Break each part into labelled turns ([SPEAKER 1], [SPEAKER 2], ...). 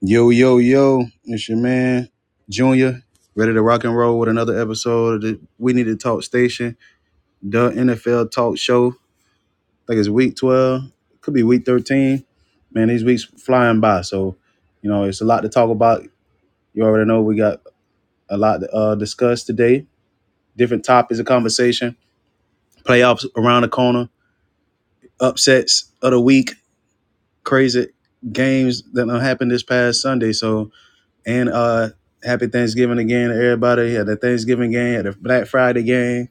[SPEAKER 1] Yo, yo, yo, it's your man, Junior, ready to rock and roll with another episode of the We Need to Talk Station, the NFL talk show. I think it's week 12, could be week 13. Man, these weeks flying by. So, you know, it's a lot to talk about. You already know we got a lot to uh, discuss today. Different topics of conversation, playoffs around the corner, upsets of the week, crazy games that done happened this past Sunday. So, And uh, happy Thanksgiving again to everybody. Had the Thanksgiving game, had the Black Friday game,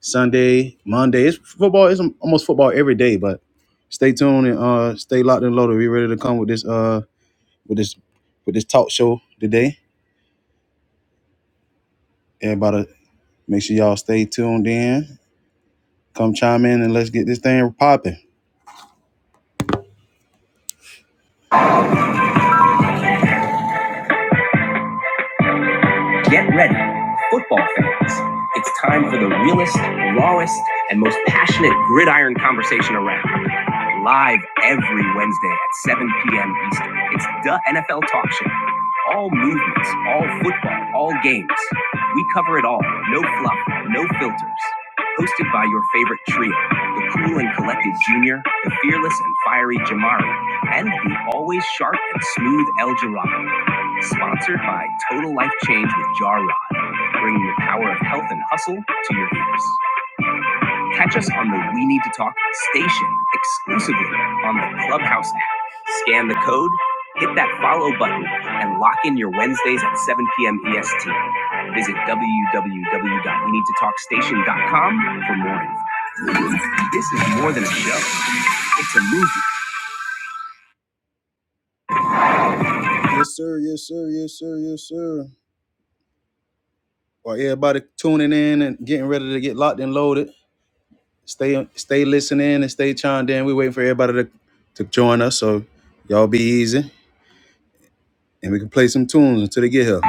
[SPEAKER 1] Sunday, Monday. It's football. It's almost football every day. But stay tuned and uh, stay locked and loaded. We ready to come with this uh with this with this talk show today. Everybody, make sure y'all stay tuned in. Come chime in and let's get this thing popping. Get ready, football fans. It's time for the realest, rawest, and most passionate gridiron conversation around. Live every Wednesday at 7 p.m. Eastern. It's the NFL Talk Show. All movements, all football, all games. We cover it all. No fluff, no filters. Hosted by your favorite trio, the cool and collected Junior, the fearless and fiery Jamari, and the always sharp and smooth El Jirado. Sponsored by Total Life Change with Jar Rod, bringing the power of health and hustle to your ears. Catch us on the We Need to Talk station exclusively on the Clubhouse app. Scan the code, hit that follow button, and lock in your Wednesdays at 7 p.m. EST. Visit www.weneedtotalkstation.com for more. info. This is more than a show, it's a movie. Yes, sir. Yes, sir. Yes, sir. Yes, sir. While everybody tuning in and getting ready to get locked and loaded, Stay stay listening and stay chimed in. We waiting for everybody to, to join us, so y'all be easy. And we can play some tunes until they get here.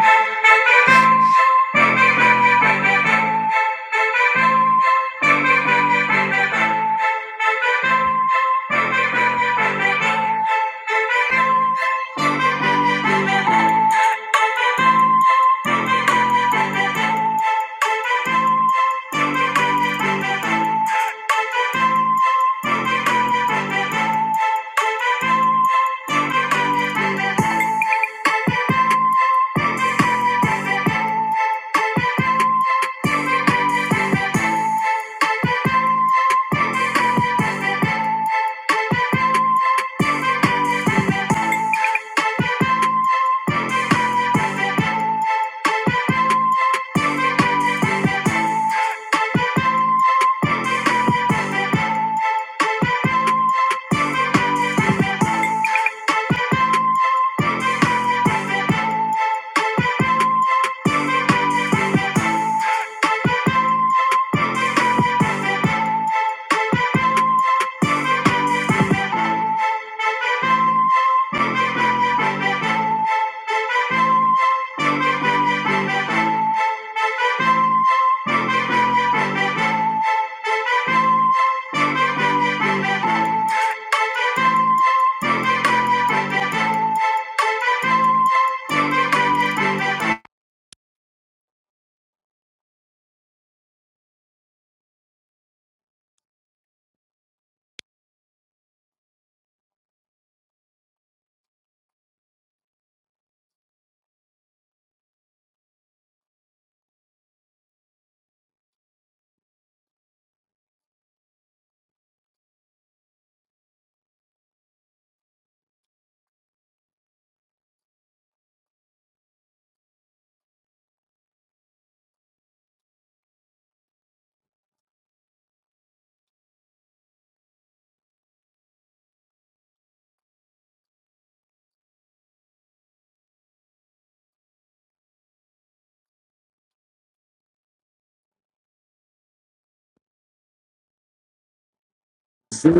[SPEAKER 1] See,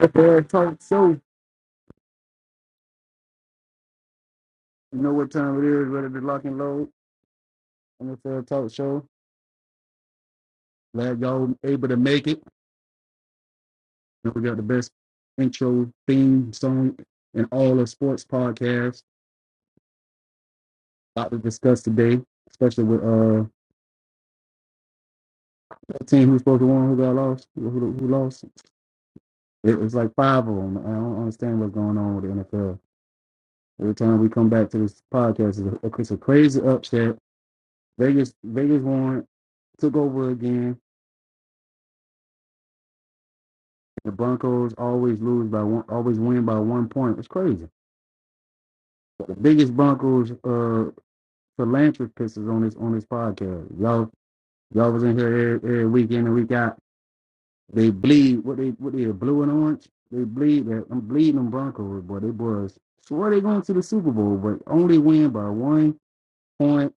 [SPEAKER 1] it's a talk show. You know what time it is, ready to lock and load on the Fair Talk Show. Glad y'all were able to make it. You know, We got the best intro theme song in all of sports podcasts. About to discuss today, especially with uh that team who's supposed to win, who got lost, who, who, who lost. It was like five of them. I don't understand what's going on with the NFL. Every time we come back to this podcast, it's a, it's a crazy upset. Vegas, Vegas won, took over again. The Broncos always lose by one, always win by one point. It's crazy. The biggest Broncos uh, philanthropists is on this on this podcast. Y'all, y'all was in here every, every week in and week out. They bleed. What they what they blue and orange. They bleed. that- I'm bleeding them Broncos, boy. They boys swear they going to the Super Bowl, but only win by one point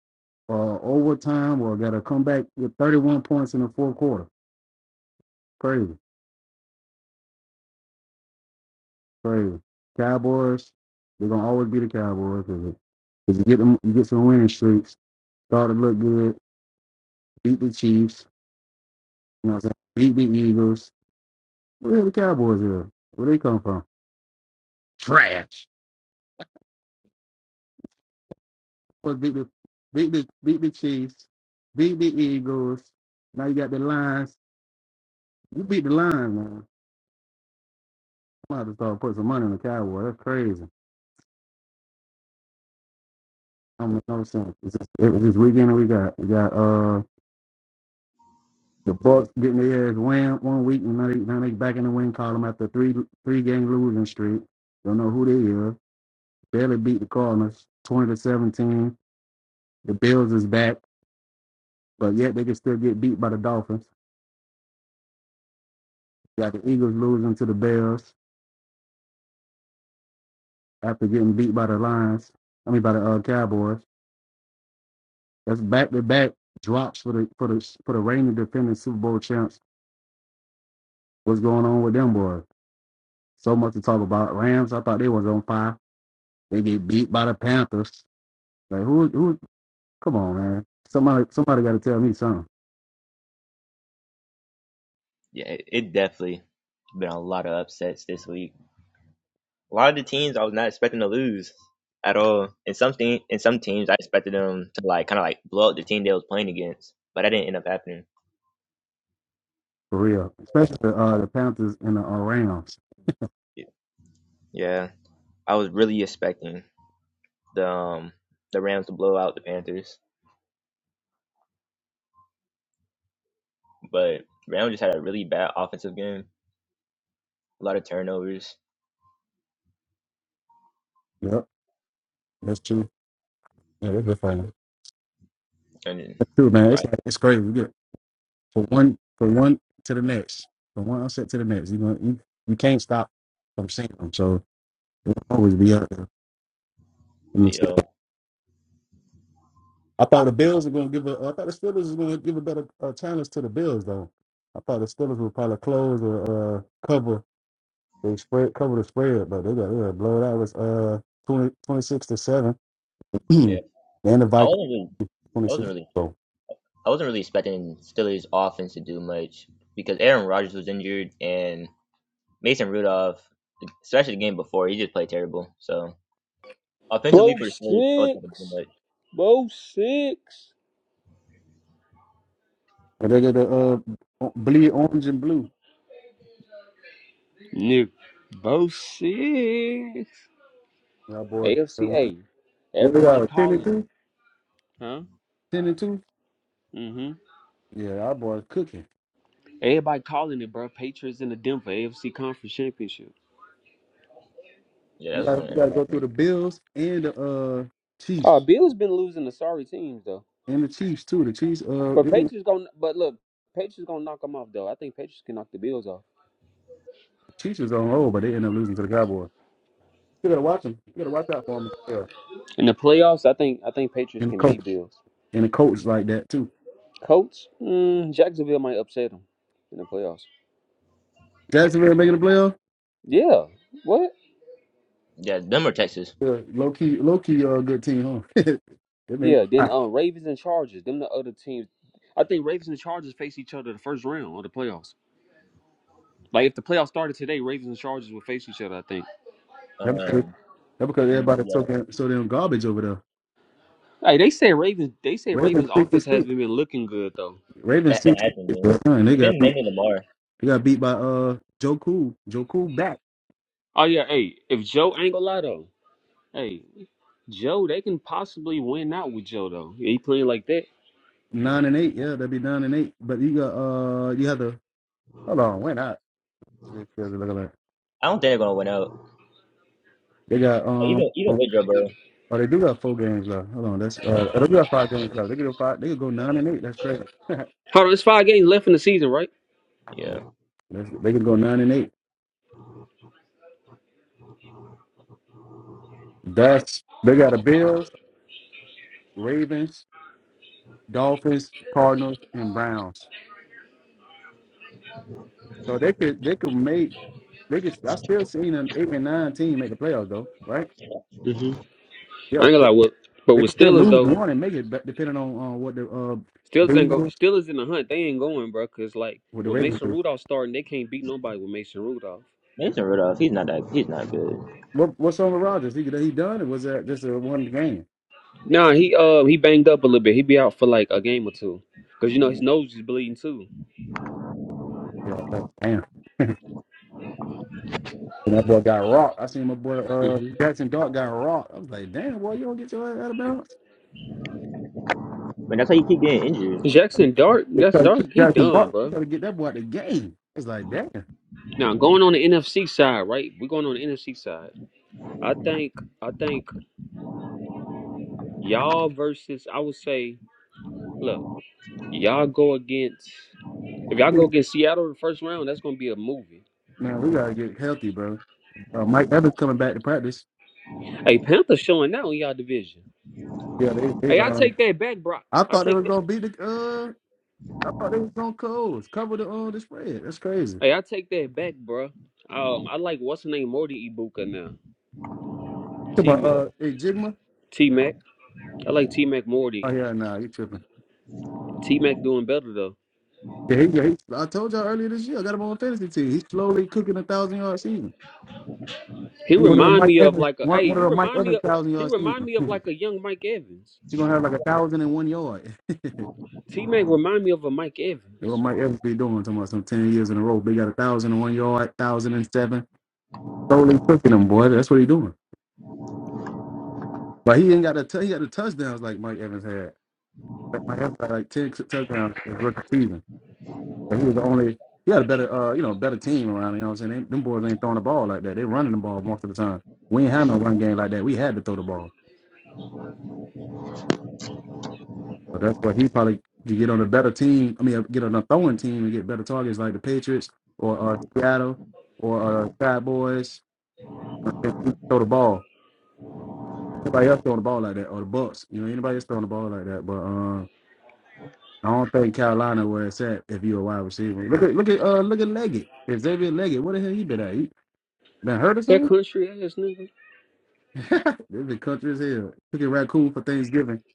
[SPEAKER 1] or overtime or got to come back with 31 points in the fourth quarter. Crazy, crazy. Cowboys, they're gonna always be the Cowboys because you get them, you get some winning streaks. Start to look good. Beat the Chiefs. You know, what I'm saying? beat the Eagles. Where the Cowboys are? Where they come from? Trash. But beat the beat the beat the Chiefs. Beat the Eagles. Now you got the Lions. You beat the Lions, man. I'm gonna have to start putting some money on the Cowboys. That's crazy. don't make no sense. It's just, it was this weekend that we got we got uh the Bucks getting their ass win one week and now they now they back in the win column after three three game losing streak. Don't know who they are. Barely beat the Cardinals twenty to seventeen. The Bills is back, but yet they can still get beat by the Dolphins. Got the Eagles losing to the Bears after getting beat by the Lions. I mean by the uh, Cowboys. That's back to back drops for the for the for the reigning defending Super Bowl champs. What's going on with them boys? So much to talk about. Rams, I thought they was on fire. They get beat by the Panthers. Like who who come on, man. Somebody somebody gotta tell me something.
[SPEAKER 2] Yeah, it, it definitely been a lot of upsets this week. A lot of the teams I was not expecting to lose at all. And some team, and some teams I expected them to like kind of like blow up the team they was playing against, but that didn't end up happening.
[SPEAKER 1] For real. Especially the uh the Panthers and the uh, Rams.
[SPEAKER 2] Yeah, I was really expecting the um, the Rams to blow out the Panthers, but Rams just had a really bad offensive game. A lot of turnovers
[SPEAKER 1] Yep, that's true. Yeah, that's a fun.
[SPEAKER 2] and
[SPEAKER 1] That's true, man. It's
[SPEAKER 2] right,
[SPEAKER 1] like it's crazy. You get from one from one to the next. From one upset to the next. You know you, you can't stop from seeing them. So it'll always be out
[SPEAKER 2] you
[SPEAKER 1] there.
[SPEAKER 2] know,
[SPEAKER 1] I thought the Bills were going to give a. I thought the Steelers were going to give a better uh, challenge to the Bills though. I thought the Steelers would probably close or uh, cover. They spread cover the spread, but they got they got blown out. It was uh 20, 26 to seven, and
[SPEAKER 2] yeah.
[SPEAKER 1] the
[SPEAKER 2] I
[SPEAKER 1] Vikings
[SPEAKER 2] wasn't really, I
[SPEAKER 1] twenty
[SPEAKER 2] wasn't
[SPEAKER 1] six.
[SPEAKER 2] really
[SPEAKER 1] So
[SPEAKER 2] I wasn't really expecting Steelers offense to do much because Aaron Rodgers was injured and Mason Rudolph, especially the game before, he just played terrible. So offensively
[SPEAKER 3] Bo
[SPEAKER 2] for the Steelers, I
[SPEAKER 3] six.
[SPEAKER 2] wasn't expecting much.
[SPEAKER 3] Bo six.
[SPEAKER 1] and they got the uh o- bleed orange and blue.
[SPEAKER 3] Nigga. Bo six.
[SPEAKER 1] Y'all boys, uh,
[SPEAKER 3] AFCA.
[SPEAKER 1] what they
[SPEAKER 3] Everybody
[SPEAKER 1] are ten and
[SPEAKER 3] calling it.
[SPEAKER 1] two,
[SPEAKER 3] Huh?
[SPEAKER 1] ten and two.
[SPEAKER 3] Mm-hmm.
[SPEAKER 1] Yeah, our boys cooking.
[SPEAKER 3] Everybody calling it, bro. Patriots in the Denver AFC Conference Championship.
[SPEAKER 2] Yeah,
[SPEAKER 1] You
[SPEAKER 2] that's what's
[SPEAKER 1] got
[SPEAKER 2] going to
[SPEAKER 1] you
[SPEAKER 2] end
[SPEAKER 1] got
[SPEAKER 2] up
[SPEAKER 1] to go through
[SPEAKER 2] happening.
[SPEAKER 1] the Bills and the uh Chiefs
[SPEAKER 3] Uh, Bills been losing to sorry teams though.
[SPEAKER 1] and the Chiefs too. The Chiefs uh
[SPEAKER 3] But
[SPEAKER 1] they
[SPEAKER 3] Patriots gonna but look, Patriots gonna knock them off though. I think Patriots can knock the Bills off.
[SPEAKER 1] Chiefs was on roll, but they ended up losing to the Cowboys. You gotta watch them. You gotta watch out for them. Yeah.
[SPEAKER 3] In the playoffs, I think I think Patriots
[SPEAKER 1] And the
[SPEAKER 3] can
[SPEAKER 1] coach
[SPEAKER 3] beat Bills.
[SPEAKER 1] and the coach like that too.
[SPEAKER 3] Colts, mm, Jacksonville might upset them in the playoffs.
[SPEAKER 1] Jacksonville making the playoff.
[SPEAKER 3] Yeah. What?
[SPEAKER 2] Yeah, them or Texas.
[SPEAKER 1] Yeah, low key, low key, uh, good team, huh? they mean
[SPEAKER 3] Yeah, then
[SPEAKER 1] ah,
[SPEAKER 3] um Ravens and Chargers, them the other teams. I think Ravens and Chargers face each other the first round of the playoffs. Like if the playoffs started today, Ravens and Chargers would face each other, I think.
[SPEAKER 1] that because,
[SPEAKER 2] Um,
[SPEAKER 1] that because everybody so
[SPEAKER 2] yeah,
[SPEAKER 1] damn, so damn garbage over there.
[SPEAKER 3] Hey, they say Ravens they say
[SPEAKER 1] Ravens
[SPEAKER 3] Ravens
[SPEAKER 1] six and
[SPEAKER 3] offense has
[SPEAKER 1] six.
[SPEAKER 3] been looking good though.
[SPEAKER 1] Ravens
[SPEAKER 2] it, it
[SPEAKER 1] six and
[SPEAKER 2] hasn't been.
[SPEAKER 1] six. Son, They
[SPEAKER 2] It's
[SPEAKER 1] got
[SPEAKER 2] been mainly
[SPEAKER 1] they
[SPEAKER 2] Lamar.
[SPEAKER 1] got beat by uh Joe Cool. Joe Cool back
[SPEAKER 3] Oh yeah, hey, if Joe ain't gonna lie though, hey, Joe, they can possibly win out with Joe though. He playing like that.
[SPEAKER 1] nine and eight. Yeah, that'd be nine and eight. But you got uh you have to hold on. Why not?
[SPEAKER 2] I don't think they're gonna win out.
[SPEAKER 1] They got
[SPEAKER 2] Like,
[SPEAKER 1] um
[SPEAKER 2] even even with Joe Burrow.
[SPEAKER 1] Oh, they do got four games left. Hold on, that's uh, they do got five games left. They could go five. They could go nine and eight. That's crazy.
[SPEAKER 3] Hold on, it's five games left in the season, right?
[SPEAKER 1] yeah,
[SPEAKER 2] Yeah,
[SPEAKER 1] that's, they could go nine and eight. That's they got the Bills, Ravens, Dolphins, Cardinals, and Browns. So they could they could make they could. I still seen an eight and nine team make the playoffs though, right?
[SPEAKER 3] hmm I
[SPEAKER 1] Yeah,
[SPEAKER 3] ain't gonna
[SPEAKER 1] they,
[SPEAKER 3] lie, what but
[SPEAKER 1] they
[SPEAKER 3] with
[SPEAKER 1] could still
[SPEAKER 3] Steelers
[SPEAKER 1] lose
[SPEAKER 3] though,
[SPEAKER 1] one and make it, but depending on uh, what the uh,
[SPEAKER 3] Steelers ain't go.
[SPEAKER 1] Bengals,
[SPEAKER 3] Steelers in the hunt. They ain't going, bro. Cause like
[SPEAKER 1] what the
[SPEAKER 3] with
[SPEAKER 1] Ravens
[SPEAKER 3] Mason
[SPEAKER 1] do.
[SPEAKER 3] Rudolph starting, they can't beat nobody with Mason Rudolph.
[SPEAKER 2] Mason Rudolph, he's not that he's not good.
[SPEAKER 1] What, what's on with Rodgers? He he done? Or was that just a one game?
[SPEAKER 3] Nah, he uh he banged up a little bit. He be out for like a game or two. Cause you know his nose is bleeding too.
[SPEAKER 1] Yeah, that- damn. And that boy got rocked. I seen my boy uh,
[SPEAKER 3] hmm
[SPEAKER 1] Jackson Dart got rocked. I was like, damn, boy, you don't get your ass out of bounds.
[SPEAKER 2] But that's how you keep getting injured.
[SPEAKER 1] Like,
[SPEAKER 3] Jackson Dart,
[SPEAKER 1] they try
[SPEAKER 3] Jackson
[SPEAKER 1] to keep
[SPEAKER 3] Dart, he
[SPEAKER 1] Jackson
[SPEAKER 3] done,
[SPEAKER 1] Dart. You
[SPEAKER 3] bro.
[SPEAKER 1] got to get that boy out of the game. It's like, damn.
[SPEAKER 3] Now going on the NFC side, right? We're going on the NFC side. I think I think y'all versus I would say, look, y'all go against if y'all go against Seattle in the first round, that's gonna be a movie.
[SPEAKER 1] Man, we got to get healthy, bro. Uh, Mike Evans coming back to practice.
[SPEAKER 3] Hey, Panthers showing out in y'all division.
[SPEAKER 1] Yeah, they, they
[SPEAKER 3] Hey, I
[SPEAKER 1] uh,
[SPEAKER 3] take that back, bro.
[SPEAKER 1] I
[SPEAKER 3] I
[SPEAKER 1] thought they were
[SPEAKER 3] take that.
[SPEAKER 1] going to beat the, uh, I thought they was going to close, cover the, uh, the spread. That's crazy.
[SPEAKER 3] Hey, I take that back, bro. Um, I like what's the name Morty Ibuka now.
[SPEAKER 1] Come
[SPEAKER 3] T
[SPEAKER 1] on,
[SPEAKER 3] Mac.
[SPEAKER 1] uh, hey, Jigma.
[SPEAKER 3] T Mac. I like T Mac
[SPEAKER 1] Oh,
[SPEAKER 3] Morty.
[SPEAKER 1] yeah, nah, you tripping.
[SPEAKER 3] T Mac doing better though.
[SPEAKER 1] Yeah, he, yeah, he, I told y'all earlier this year, I got him on fantasy team. He's slowly cooking a thousand yard season.
[SPEAKER 3] He
[SPEAKER 1] She One of the
[SPEAKER 3] remind
[SPEAKER 1] Mike
[SPEAKER 3] me of
[SPEAKER 1] Evans,
[SPEAKER 3] like a.
[SPEAKER 1] one,
[SPEAKER 3] Hey,
[SPEAKER 1] one
[SPEAKER 3] he
[SPEAKER 1] of the Mike
[SPEAKER 3] remind me
[SPEAKER 1] Evans
[SPEAKER 3] of.
[SPEAKER 1] thousand
[SPEAKER 3] He
[SPEAKER 1] yard
[SPEAKER 3] remind
[SPEAKER 1] season.
[SPEAKER 3] me of like a young Mike Evans.
[SPEAKER 1] she gonna have like a thousand and one yard. That's
[SPEAKER 3] T Mac remind me of a Mike
[SPEAKER 1] what
[SPEAKER 3] Evans.
[SPEAKER 1] Mike Evans be doing? Talking about some ten years in a row. They got a thousand and one yard, thousand and seven. Totally cooking them, boy. That's what he doing. But he ain't got a t- he got the touchdowns like Mike Evans had. Like Mike Evans had like ten touchdowns his rookie season. But he was the only. He had a better, uh, you know, better team around. You know what I'm saying? They, them boys ain't throwing the ball like that. They running the ball most of the time. We ain't had no run game like that. We had to throw the ball. So that's why he probably could get on a better team. I mean, get on a throwing team and get better targets like the Patriots or uh, Seattle or uh, Cowboys. If he Throw the ball. Anybody else throwing the ball like that or the Bucks? You know, anybody else throwing the ball like that? But uh, I don't think Carolina where it's at if you're a wide receiver. Look at look at uh, look at Leggett. Xavier Leggett. What the hell he been at? He been hurt or
[SPEAKER 3] That
[SPEAKER 1] something?
[SPEAKER 3] country ass nigga.
[SPEAKER 1] this been country as hell. Cooking raccoon for Thanksgiving.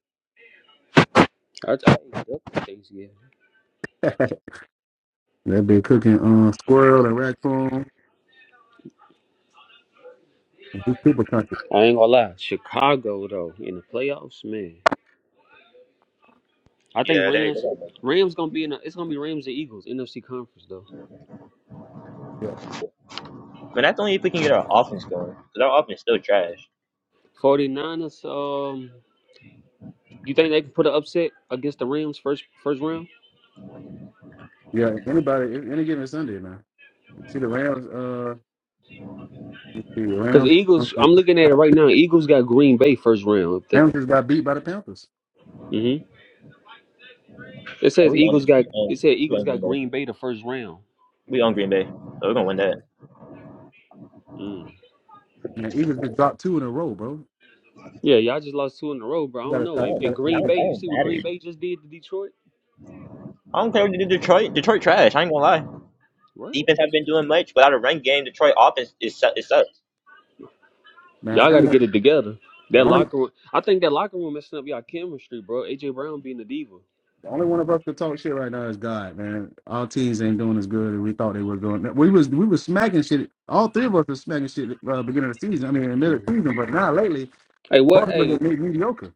[SPEAKER 3] I, I, ate up with these, yeah.
[SPEAKER 1] They've been cooking uh, squirrel and raccoon. He's super country.
[SPEAKER 3] I ain't gonna lie. Chicago though in the playoffs, man. I think
[SPEAKER 2] Yeah, there you
[SPEAKER 3] Rams.
[SPEAKER 2] go.
[SPEAKER 3] Rams gonna be in. A, it's gonna be Rams and Eagles NFC conference though.
[SPEAKER 1] Yeah.
[SPEAKER 2] But that's only if we can get our offense going because our offense is still trash.
[SPEAKER 3] 49ers, um, you think they can put an upset against the Rams first first round?
[SPEAKER 1] Yeah, anybody, any any given Sunday, man. See the Rams. Uh, let's see the
[SPEAKER 3] Because
[SPEAKER 1] Rams.
[SPEAKER 3] Eagles, I'm looking at it right now. Eagles got Green Bay first round. The,
[SPEAKER 1] Rams just got beat by the Panthers.
[SPEAKER 3] hmm It
[SPEAKER 2] Oh,
[SPEAKER 3] says
[SPEAKER 2] we
[SPEAKER 3] Eagles
[SPEAKER 2] on
[SPEAKER 3] got
[SPEAKER 2] we on
[SPEAKER 3] it said
[SPEAKER 2] we
[SPEAKER 3] Eagles
[SPEAKER 2] on
[SPEAKER 3] got
[SPEAKER 2] Green Bay.
[SPEAKER 3] Green Bay the first round.
[SPEAKER 2] We on Green Bay. So we're gonna win that.
[SPEAKER 3] Mm.
[SPEAKER 1] Man, Eagles just dropped two in a row, bro.
[SPEAKER 3] Yeah, y'all just lost two in a row, bro. I
[SPEAKER 1] You
[SPEAKER 3] don't
[SPEAKER 1] gotta,
[SPEAKER 3] know. And,
[SPEAKER 1] you
[SPEAKER 2] Oh,
[SPEAKER 3] and
[SPEAKER 1] gotta
[SPEAKER 2] that
[SPEAKER 3] Green
[SPEAKER 1] take
[SPEAKER 2] don't,
[SPEAKER 3] Bay,
[SPEAKER 1] it,
[SPEAKER 2] that
[SPEAKER 3] you
[SPEAKER 2] don't
[SPEAKER 3] see what Green
[SPEAKER 2] matter.
[SPEAKER 3] Bay just did to Detroit?
[SPEAKER 2] I don't care what you do Detroit. Detroit trash. I ain't gonna lie.
[SPEAKER 3] What?
[SPEAKER 2] Defense haven't been doing much. Without a run game, Detroit offense is su- it sucks.
[SPEAKER 1] man.
[SPEAKER 3] Y'all
[SPEAKER 1] I
[SPEAKER 3] got to get
[SPEAKER 1] don't,
[SPEAKER 3] it together.
[SPEAKER 1] the
[SPEAKER 3] That
[SPEAKER 1] only,
[SPEAKER 3] locker room, I think that locker room messing up y'all chemistry, bro. AJ Brown being a diva.
[SPEAKER 1] the only one of us could talk shit right now is God, man. Our teams ain't doing as good as we thought they were doing. We was, we was smacking shit. All three of us were smacking shit at uh, beginning of the season. I mean, in the middle of
[SPEAKER 3] Mhm.
[SPEAKER 1] the season, but now lately,
[SPEAKER 3] Hey, what?
[SPEAKER 1] Baltimore
[SPEAKER 3] Hey,
[SPEAKER 1] just made mediocre.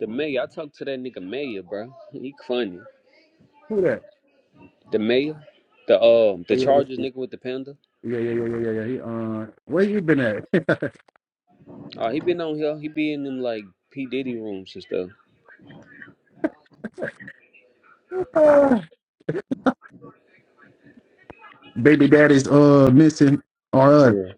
[SPEAKER 3] the mayor. I talked to that nigga mayor, bro. He funny.
[SPEAKER 1] Who that?
[SPEAKER 3] The mayor, the um, the
[SPEAKER 1] Oh yeah, yeah,
[SPEAKER 3] Chargers nigga with the panda.
[SPEAKER 1] yeah, yeah, yeah, yeah, yeah. yeah. yeah. He, uh, where you been at?
[SPEAKER 3] Uh, he been on here. He be in them like P Diddy rooms and stuff.
[SPEAKER 1] baby daddy's uh missing or us.
[SPEAKER 3] Yeah.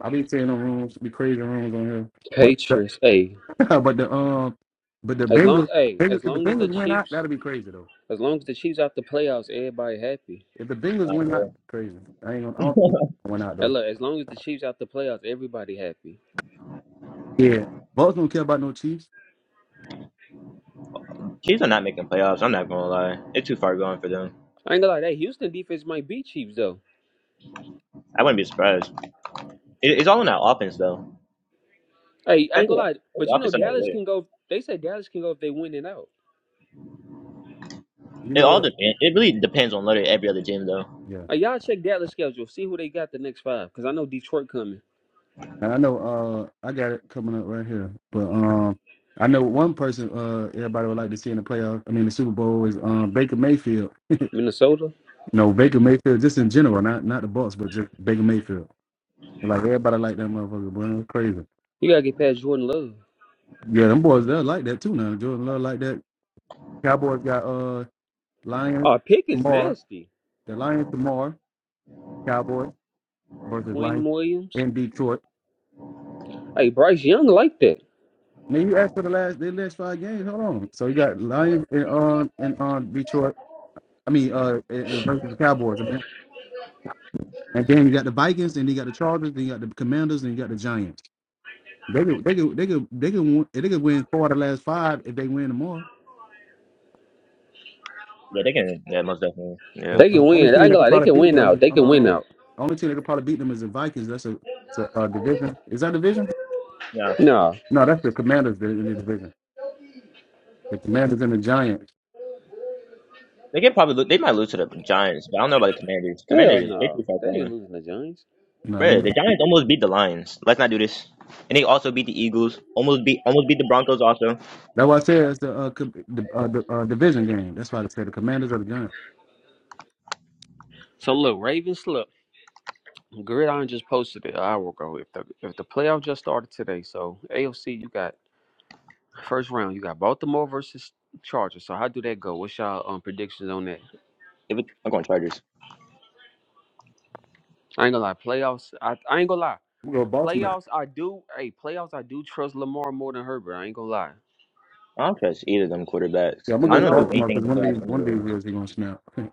[SPEAKER 1] I be saying the rooms be crazy rooms on here, but
[SPEAKER 3] Patriots. Hey,
[SPEAKER 1] the, but the um but the
[SPEAKER 3] as long
[SPEAKER 1] Bengals,
[SPEAKER 3] hey,
[SPEAKER 1] Bengals
[SPEAKER 3] as
[SPEAKER 1] if the
[SPEAKER 3] long as the
[SPEAKER 1] Bengals win out,
[SPEAKER 3] Chiefs,
[SPEAKER 1] that'll be crazy though.
[SPEAKER 3] as long as the Chiefs out the playoffs, everybody happy.
[SPEAKER 1] If the Bengals
[SPEAKER 2] Nah, for
[SPEAKER 1] win out,
[SPEAKER 2] real.
[SPEAKER 1] crazy. I ain't gonna I don't think they win out
[SPEAKER 3] Hey,
[SPEAKER 1] though.
[SPEAKER 3] look, as long as the Chiefs out the playoffs, everybody happy.
[SPEAKER 1] Yeah, Bucks don't care about no Chiefs.
[SPEAKER 2] Chiefs are not making playoffs. I'm not gonna lie. It's too far going for them.
[SPEAKER 3] I ain't gonna lie. That Houston defense might beat Chiefs though.
[SPEAKER 2] I wouldn't be surprised. It, it's all in that offense though.
[SPEAKER 3] Hey, I
[SPEAKER 2] That's
[SPEAKER 3] ain't gonna
[SPEAKER 2] what-
[SPEAKER 3] lie.
[SPEAKER 2] that's
[SPEAKER 3] But
[SPEAKER 2] the
[SPEAKER 3] you know
[SPEAKER 2] offense on that
[SPEAKER 3] Dallas
[SPEAKER 2] really.
[SPEAKER 3] can go. They say Dallas can go if they win it out.
[SPEAKER 1] You
[SPEAKER 2] It
[SPEAKER 1] know
[SPEAKER 2] all
[SPEAKER 1] what?
[SPEAKER 2] depends. It really depends on literally every other team though.
[SPEAKER 1] Yeah,
[SPEAKER 3] Uh, y'all check Dallas schedule. See who they got the next five. Cause I know Detroit coming.
[SPEAKER 1] and I know uh I got it coming up right here, but um. I know one person uh, everybody would like to see in the playoff. I mean, the Super Bowl is um, Baker Mayfield.
[SPEAKER 3] Minnesota.
[SPEAKER 1] You know, Baker Mayfield, just in general, not not the Bucks, but just Baker Mayfield. Like everybody like that motherfucker, boy. It was crazy.
[SPEAKER 3] You gotta get past Jordan Love.
[SPEAKER 1] Yeah, them boys they like that too now. Jordan Love like that. Cowboys got uh Lions
[SPEAKER 3] Oh, Pick is
[SPEAKER 1] tomorrow.
[SPEAKER 3] nasty.
[SPEAKER 1] The Lions tomorrow. Cowboys versus
[SPEAKER 3] Quinn
[SPEAKER 1] Lions
[SPEAKER 3] Williams.
[SPEAKER 1] in Detroit.
[SPEAKER 3] Hey, Bryce Young like that.
[SPEAKER 1] Now you asked for the last the last five games. Hold on. So you got Lions in um in um Detroit. I mean uh in, in versus the Cowboys. I mean, And then you got the Vikings, then you got the Chargers, then you got the Commanders, and you got the Giants. They could they could they could they could win, they could win four of the last five if they win tomorrow.
[SPEAKER 2] Yeah, they can. Yeah, most definitely. Yeah.
[SPEAKER 1] The
[SPEAKER 3] They can
[SPEAKER 1] uh, only
[SPEAKER 3] win. I
[SPEAKER 1] team
[SPEAKER 3] ain't gonna
[SPEAKER 1] that could
[SPEAKER 3] lie, they
[SPEAKER 1] probably
[SPEAKER 3] can
[SPEAKER 1] beat
[SPEAKER 3] win
[SPEAKER 1] them
[SPEAKER 3] out.
[SPEAKER 1] is
[SPEAKER 3] They can win
[SPEAKER 1] um,
[SPEAKER 3] out.
[SPEAKER 1] the only team that could probably beat them is the Vikings. That's a, it's a uh, division. Is that a division?
[SPEAKER 2] Yeah.
[SPEAKER 3] No.
[SPEAKER 1] No, that's the Commanders that- in the division. The Commanders and the Giants.
[SPEAKER 2] They can probably. Lo- they might lose to the Giants, but I don't know about the Commanders.
[SPEAKER 3] Hell
[SPEAKER 2] Commanders, they
[SPEAKER 3] no.
[SPEAKER 2] too far
[SPEAKER 3] They ain't
[SPEAKER 2] gone.
[SPEAKER 3] losing the Giants.
[SPEAKER 1] You know,
[SPEAKER 2] Bro,
[SPEAKER 1] and
[SPEAKER 2] the Giants almost beat the Lions. Let's not do this. And they also beat the Eagles. Almost beat almost beat the Broncos also.
[SPEAKER 1] that's why I said it's the uh, co- the, uh, the uh, division game. That's why I said the Commanders or the Giants.
[SPEAKER 3] So look, Ravens look. Gridiron just posted it an hour ago. If the if the playoff just started today, so AFC you got first round, you got Baltimore versus Chargers. So how do that go? What's y'all um predictions on that?
[SPEAKER 2] If it, I'm going Chargers.
[SPEAKER 3] I ain't gonna lie, playoffs I, I ain't gonna lie.
[SPEAKER 1] i go with Baltimore.
[SPEAKER 3] Playoffs I do hey, playoffs I do trust Lamar more than Herbert. I ain't gonna lie.
[SPEAKER 2] I don't trust either of them quarterbacks
[SPEAKER 1] Yeah, I'm
[SPEAKER 2] because
[SPEAKER 1] gonna
[SPEAKER 3] I
[SPEAKER 1] go
[SPEAKER 2] none
[SPEAKER 1] with
[SPEAKER 2] of them do
[SPEAKER 3] know.
[SPEAKER 1] Baltimore
[SPEAKER 2] anything in
[SPEAKER 1] because
[SPEAKER 2] the
[SPEAKER 1] one of these
[SPEAKER 2] playoffs
[SPEAKER 1] one of these
[SPEAKER 2] anyways.
[SPEAKER 1] years they're gonna snap. they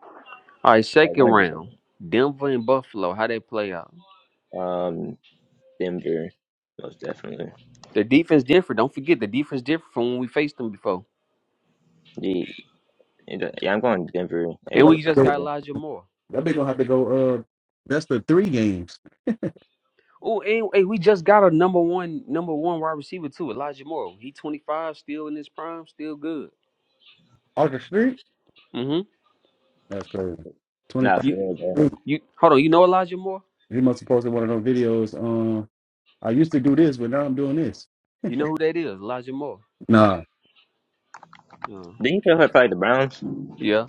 [SPEAKER 3] All right,
[SPEAKER 2] Like
[SPEAKER 3] second
[SPEAKER 2] one of
[SPEAKER 3] round, Denver and Buffalo, how they play out?
[SPEAKER 2] them. Um, Denver, most definitely.
[SPEAKER 3] The defense different. Don't forget the defense different from when we faced them before,
[SPEAKER 2] The, yeah, I'm going Denver
[SPEAKER 3] and
[SPEAKER 1] gonna
[SPEAKER 2] anyway.
[SPEAKER 3] we
[SPEAKER 1] have
[SPEAKER 3] just
[SPEAKER 1] to go-
[SPEAKER 3] got
[SPEAKER 2] Yeah.
[SPEAKER 3] Elijah Moore.
[SPEAKER 1] that big gonna have to go. Uh, that's the three games.
[SPEAKER 3] Oh, and hey, we just got a number one, number one wide receiver too, Elijah Moore. He twenty five, still in his prime, still good.
[SPEAKER 1] August three.
[SPEAKER 3] Mm-hmm.
[SPEAKER 1] That's crazy. Twenty
[SPEAKER 2] Nah, for
[SPEAKER 3] You,
[SPEAKER 2] real though.
[SPEAKER 1] five.
[SPEAKER 3] you, hold on. You know Elijah Moore?
[SPEAKER 1] He must have posted one of those videos. Um. I used to do this, but now I'm doing this.
[SPEAKER 3] You know who that is? Elijah Moore.
[SPEAKER 1] Nah.
[SPEAKER 3] Uh,
[SPEAKER 2] Didn't you tell her probably the Browns?
[SPEAKER 3] yeah.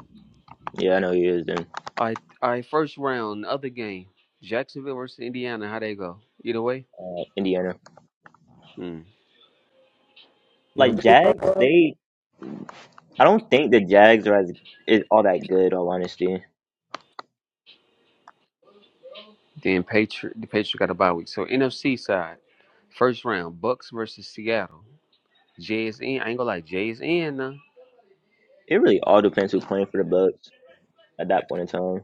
[SPEAKER 2] Yeah, I know he is then.
[SPEAKER 3] All right, all right. First round, other game, Jacksonville versus Indiana. How they go? Either way.
[SPEAKER 2] Uh, Indiana.
[SPEAKER 3] Hmm.
[SPEAKER 1] Yeah,
[SPEAKER 2] Like
[SPEAKER 1] really,
[SPEAKER 2] Jags,
[SPEAKER 1] Papa?
[SPEAKER 2] they. I don't think the Jags are as is all that good. All honesty,
[SPEAKER 3] Then Patri- the Patriots got a bye week. So NFC side, first round, Bucks versus Seattle. Jay's in. I ain't gonna lie, Jay's in now.
[SPEAKER 2] it really all depends who's playing for the Bucks. at that point in time.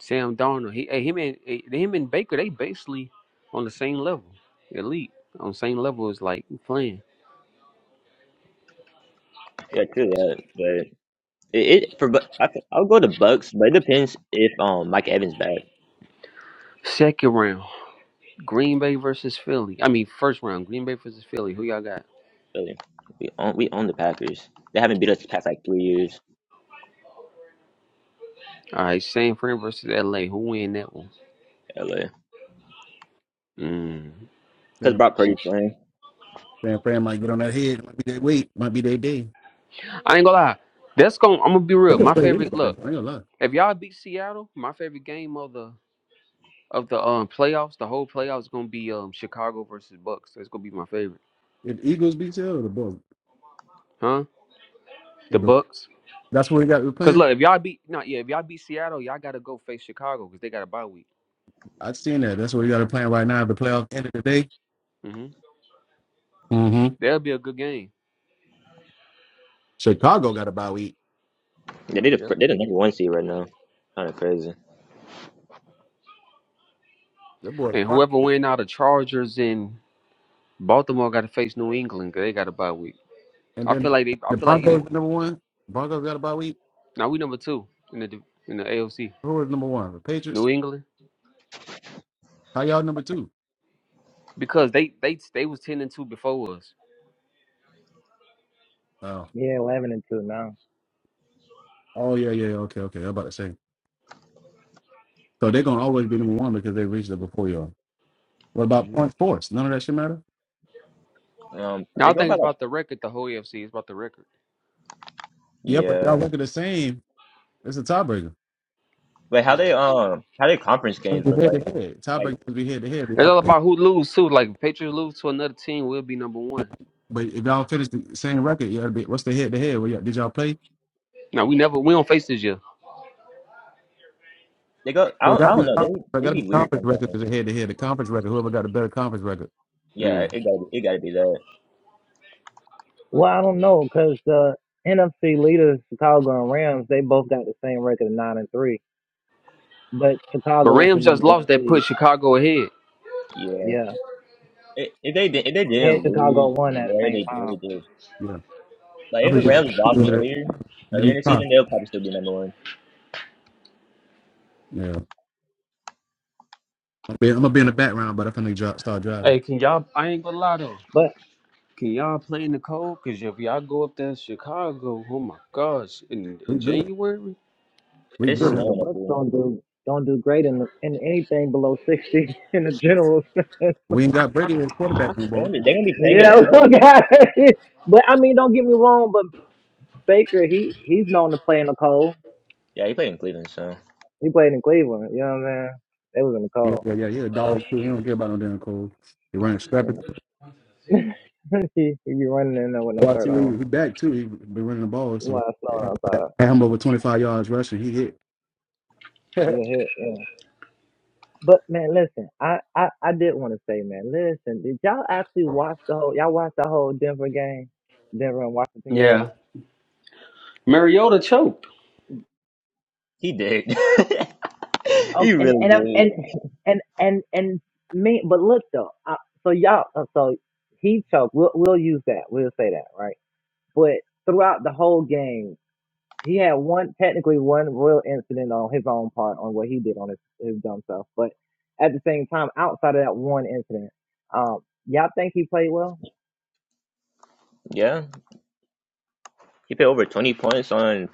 [SPEAKER 3] Sam Darnold, he, hey, him and eh, him and Baker, they basically on the same level, elite on the same level as like playing.
[SPEAKER 2] Yeah, true that. But it, it for Bu- I, could- I'll go to Bucks, but it depends if um Mike Evans back.
[SPEAKER 3] Second round, Green Bay versus Philly. I mean, first round, Green Bay versus Philly. Who y'all got?
[SPEAKER 2] Really, we own we own the Packers. They haven't beat us the past like three years.
[SPEAKER 3] All right, San Fran versus LA. Who win that one?
[SPEAKER 2] LA
[SPEAKER 3] Mm.
[SPEAKER 2] because
[SPEAKER 1] San,
[SPEAKER 2] Brock Purdy playing.
[SPEAKER 1] San Fran might get on that head. Might be their weight. Might be their day.
[SPEAKER 3] I ain't gonna lie. That's going. to I'm gonna be
[SPEAKER 1] They
[SPEAKER 3] real.
[SPEAKER 1] can
[SPEAKER 3] My
[SPEAKER 1] play
[SPEAKER 3] favorite.
[SPEAKER 1] anybody. I ain't
[SPEAKER 3] Look,
[SPEAKER 1] gonna lie.
[SPEAKER 3] if y'all beat Seattle, my favorite game of the of the um playoffs, the whole playoffs is gonna be um Chicago versus Bucks. That's gonna be my favorite,
[SPEAKER 1] If the Eagles beat you or the Bulls,
[SPEAKER 3] huh? The
[SPEAKER 1] if the,
[SPEAKER 3] Bucks.
[SPEAKER 1] that's where we got we're
[SPEAKER 3] Cause
[SPEAKER 1] playing.
[SPEAKER 3] look, if y'all beat not yeah, if y'all beat Seattle, y'all gotta go face Chicago because they got a bye week.
[SPEAKER 1] I've seen that. That's where we got to playing right now. The playoff end of the day.
[SPEAKER 3] hmm
[SPEAKER 1] Mm-hmm.
[SPEAKER 3] That'll be a good game.
[SPEAKER 1] Chicago got a bye week.
[SPEAKER 2] Yeah, they the
[SPEAKER 3] Yep.
[SPEAKER 2] fir- they the number one seed right now. Kind of crazy.
[SPEAKER 1] That boy
[SPEAKER 3] And
[SPEAKER 1] quiet.
[SPEAKER 3] whoever win out of Chargers in Baltimore got to face New England 'cause they got a bye week.
[SPEAKER 1] And
[SPEAKER 3] I
[SPEAKER 1] then
[SPEAKER 3] feel like they. I
[SPEAKER 1] the
[SPEAKER 3] feel like either.
[SPEAKER 1] Broncos number one. Broncos got a bye week.
[SPEAKER 3] Now we number two in the div- in the AOC.
[SPEAKER 1] Who is number one? The
[SPEAKER 3] New
[SPEAKER 1] Patriots.
[SPEAKER 3] England
[SPEAKER 1] How y'all number two?
[SPEAKER 3] because they they they was ten and two before us.
[SPEAKER 1] Oh,
[SPEAKER 4] Yeah, 11 and 2 now.
[SPEAKER 1] oh yeah, yeah. yeah. Okay, okay. I'm about to say. So they're gonna always be number one because they reached it before y'all. What about
[SPEAKER 3] hmm
[SPEAKER 1] point force? None of that shit matter?
[SPEAKER 2] Um,
[SPEAKER 3] Now
[SPEAKER 2] they
[SPEAKER 3] I
[SPEAKER 2] go
[SPEAKER 3] think
[SPEAKER 2] by
[SPEAKER 3] it's
[SPEAKER 2] like
[SPEAKER 3] about the record. The whole AFC It's about the record.
[SPEAKER 1] Yep, but
[SPEAKER 2] yeah,
[SPEAKER 1] y'all look at the same. It's a tiebreaker.
[SPEAKER 2] but how they um how their conference
[SPEAKER 1] Let's
[SPEAKER 2] games
[SPEAKER 1] be
[SPEAKER 2] look
[SPEAKER 1] head to
[SPEAKER 2] like
[SPEAKER 1] head.
[SPEAKER 2] like
[SPEAKER 1] Tiebreaker would be head to head. Did
[SPEAKER 3] It's
[SPEAKER 1] y'all
[SPEAKER 3] all
[SPEAKER 1] play?
[SPEAKER 3] about who lose too. Like if Patriots lose to another team, we'll be number one.
[SPEAKER 1] But if y'all finish the same record, y'all be what's the head to head? Well, y'all- Did y'all play?
[SPEAKER 3] No, we never we don't face this year.
[SPEAKER 2] they go I
[SPEAKER 1] So it
[SPEAKER 2] don't, I
[SPEAKER 1] gotta be
[SPEAKER 2] don't know they
[SPEAKER 1] conference. It
[SPEAKER 2] they
[SPEAKER 1] gotta be
[SPEAKER 2] be weird
[SPEAKER 1] conference record
[SPEAKER 2] sometimes.
[SPEAKER 1] is a head to head. The conference record, whoever got a better conference record.
[SPEAKER 2] Yeah,
[SPEAKER 3] Mm.
[SPEAKER 2] it gotta be, it gotta be that.
[SPEAKER 4] Well, I don't know because the NFC leaders, Chicago and Rams, they both got the same record of 9 and 3. But
[SPEAKER 3] But
[SPEAKER 4] Chicago is the
[SPEAKER 3] Rams just
[SPEAKER 4] number one
[SPEAKER 3] lost. That put
[SPEAKER 4] seed.
[SPEAKER 3] Chicago ahead.
[SPEAKER 2] Yeah,
[SPEAKER 4] Yeah.
[SPEAKER 2] I if they did- if they
[SPEAKER 4] And
[SPEAKER 2] didn't
[SPEAKER 4] Chicago
[SPEAKER 2] lose
[SPEAKER 4] won at the
[SPEAKER 2] where
[SPEAKER 4] same
[SPEAKER 2] they
[SPEAKER 4] time.
[SPEAKER 2] did,
[SPEAKER 1] Yeah,
[SPEAKER 2] Like if
[SPEAKER 1] I'm gonna
[SPEAKER 2] the
[SPEAKER 1] get
[SPEAKER 2] Rams
[SPEAKER 1] I'm
[SPEAKER 2] lost
[SPEAKER 1] gonna get it.
[SPEAKER 2] earlier,
[SPEAKER 1] Get
[SPEAKER 2] earlier
[SPEAKER 1] in
[SPEAKER 2] in
[SPEAKER 1] the
[SPEAKER 2] the
[SPEAKER 1] car.
[SPEAKER 2] season, they'll probably still be number one.
[SPEAKER 1] Yeah, I'm, be, I'm gonna be in the background, but I'm gonna dri- start driving.
[SPEAKER 3] Hey, can y'all? I ain't gonna lie though.
[SPEAKER 4] But,
[SPEAKER 3] Can y'all play in the cold? Cause if y'all go up there in Chicago, oh my gosh, in,
[SPEAKER 1] We
[SPEAKER 3] in
[SPEAKER 1] good.
[SPEAKER 3] January,
[SPEAKER 1] We
[SPEAKER 2] It's
[SPEAKER 4] you
[SPEAKER 1] good.
[SPEAKER 4] know, the
[SPEAKER 2] snowing up
[SPEAKER 4] Bucks
[SPEAKER 2] here.
[SPEAKER 4] don't do. Don't do great in the, in anything below sixty in the general sense.
[SPEAKER 1] We ain't got Brady as quarterback no
[SPEAKER 2] They're gonna
[SPEAKER 1] more.
[SPEAKER 2] be they're gonna be playing in
[SPEAKER 4] Yeah,
[SPEAKER 2] the snow.
[SPEAKER 4] look at it. But I mean, don't get me wrong. But Baker, he he's known to play in the cold.
[SPEAKER 2] Yeah, he played in Cleveland, so
[SPEAKER 4] He played in Cleveland. You know what i mean? They was in the
[SPEAKER 1] Yeah,
[SPEAKER 4] cold.
[SPEAKER 1] yeah, yeah. He a dog too. He don't care about no damn cold. He running
[SPEAKER 4] Yeah.
[SPEAKER 1] strapping.
[SPEAKER 4] he, he be running in there with no
[SPEAKER 1] Well, I
[SPEAKER 4] shirt
[SPEAKER 1] see he
[SPEAKER 4] on
[SPEAKER 1] he back too. He been running the ball, so
[SPEAKER 4] while it's snowing outside.
[SPEAKER 1] had him over twenty five yards rushing. He hit.
[SPEAKER 4] Yeah, hell, yeah. But man, listen, I, I, I did want to say, man, listen, did y'all actually watch the whole? Y'all watch the whole Denver game, Denver and Washington game.
[SPEAKER 3] Yeah. Mariota choked.
[SPEAKER 2] he did.
[SPEAKER 4] Oh,
[SPEAKER 2] he
[SPEAKER 4] and
[SPEAKER 2] really
[SPEAKER 4] and I'm- and
[SPEAKER 2] did.
[SPEAKER 4] And and and me, but look though, I, so y'all, uh, so he choked. We'll we'll use that. We'll say that, right? But throughout the whole game. he had one technically one real incident on his own part on what he did on his, his dumb self. But at the same time, outside of that one incident, um, y'all think he played well?
[SPEAKER 2] Yeah, he played over twenty points on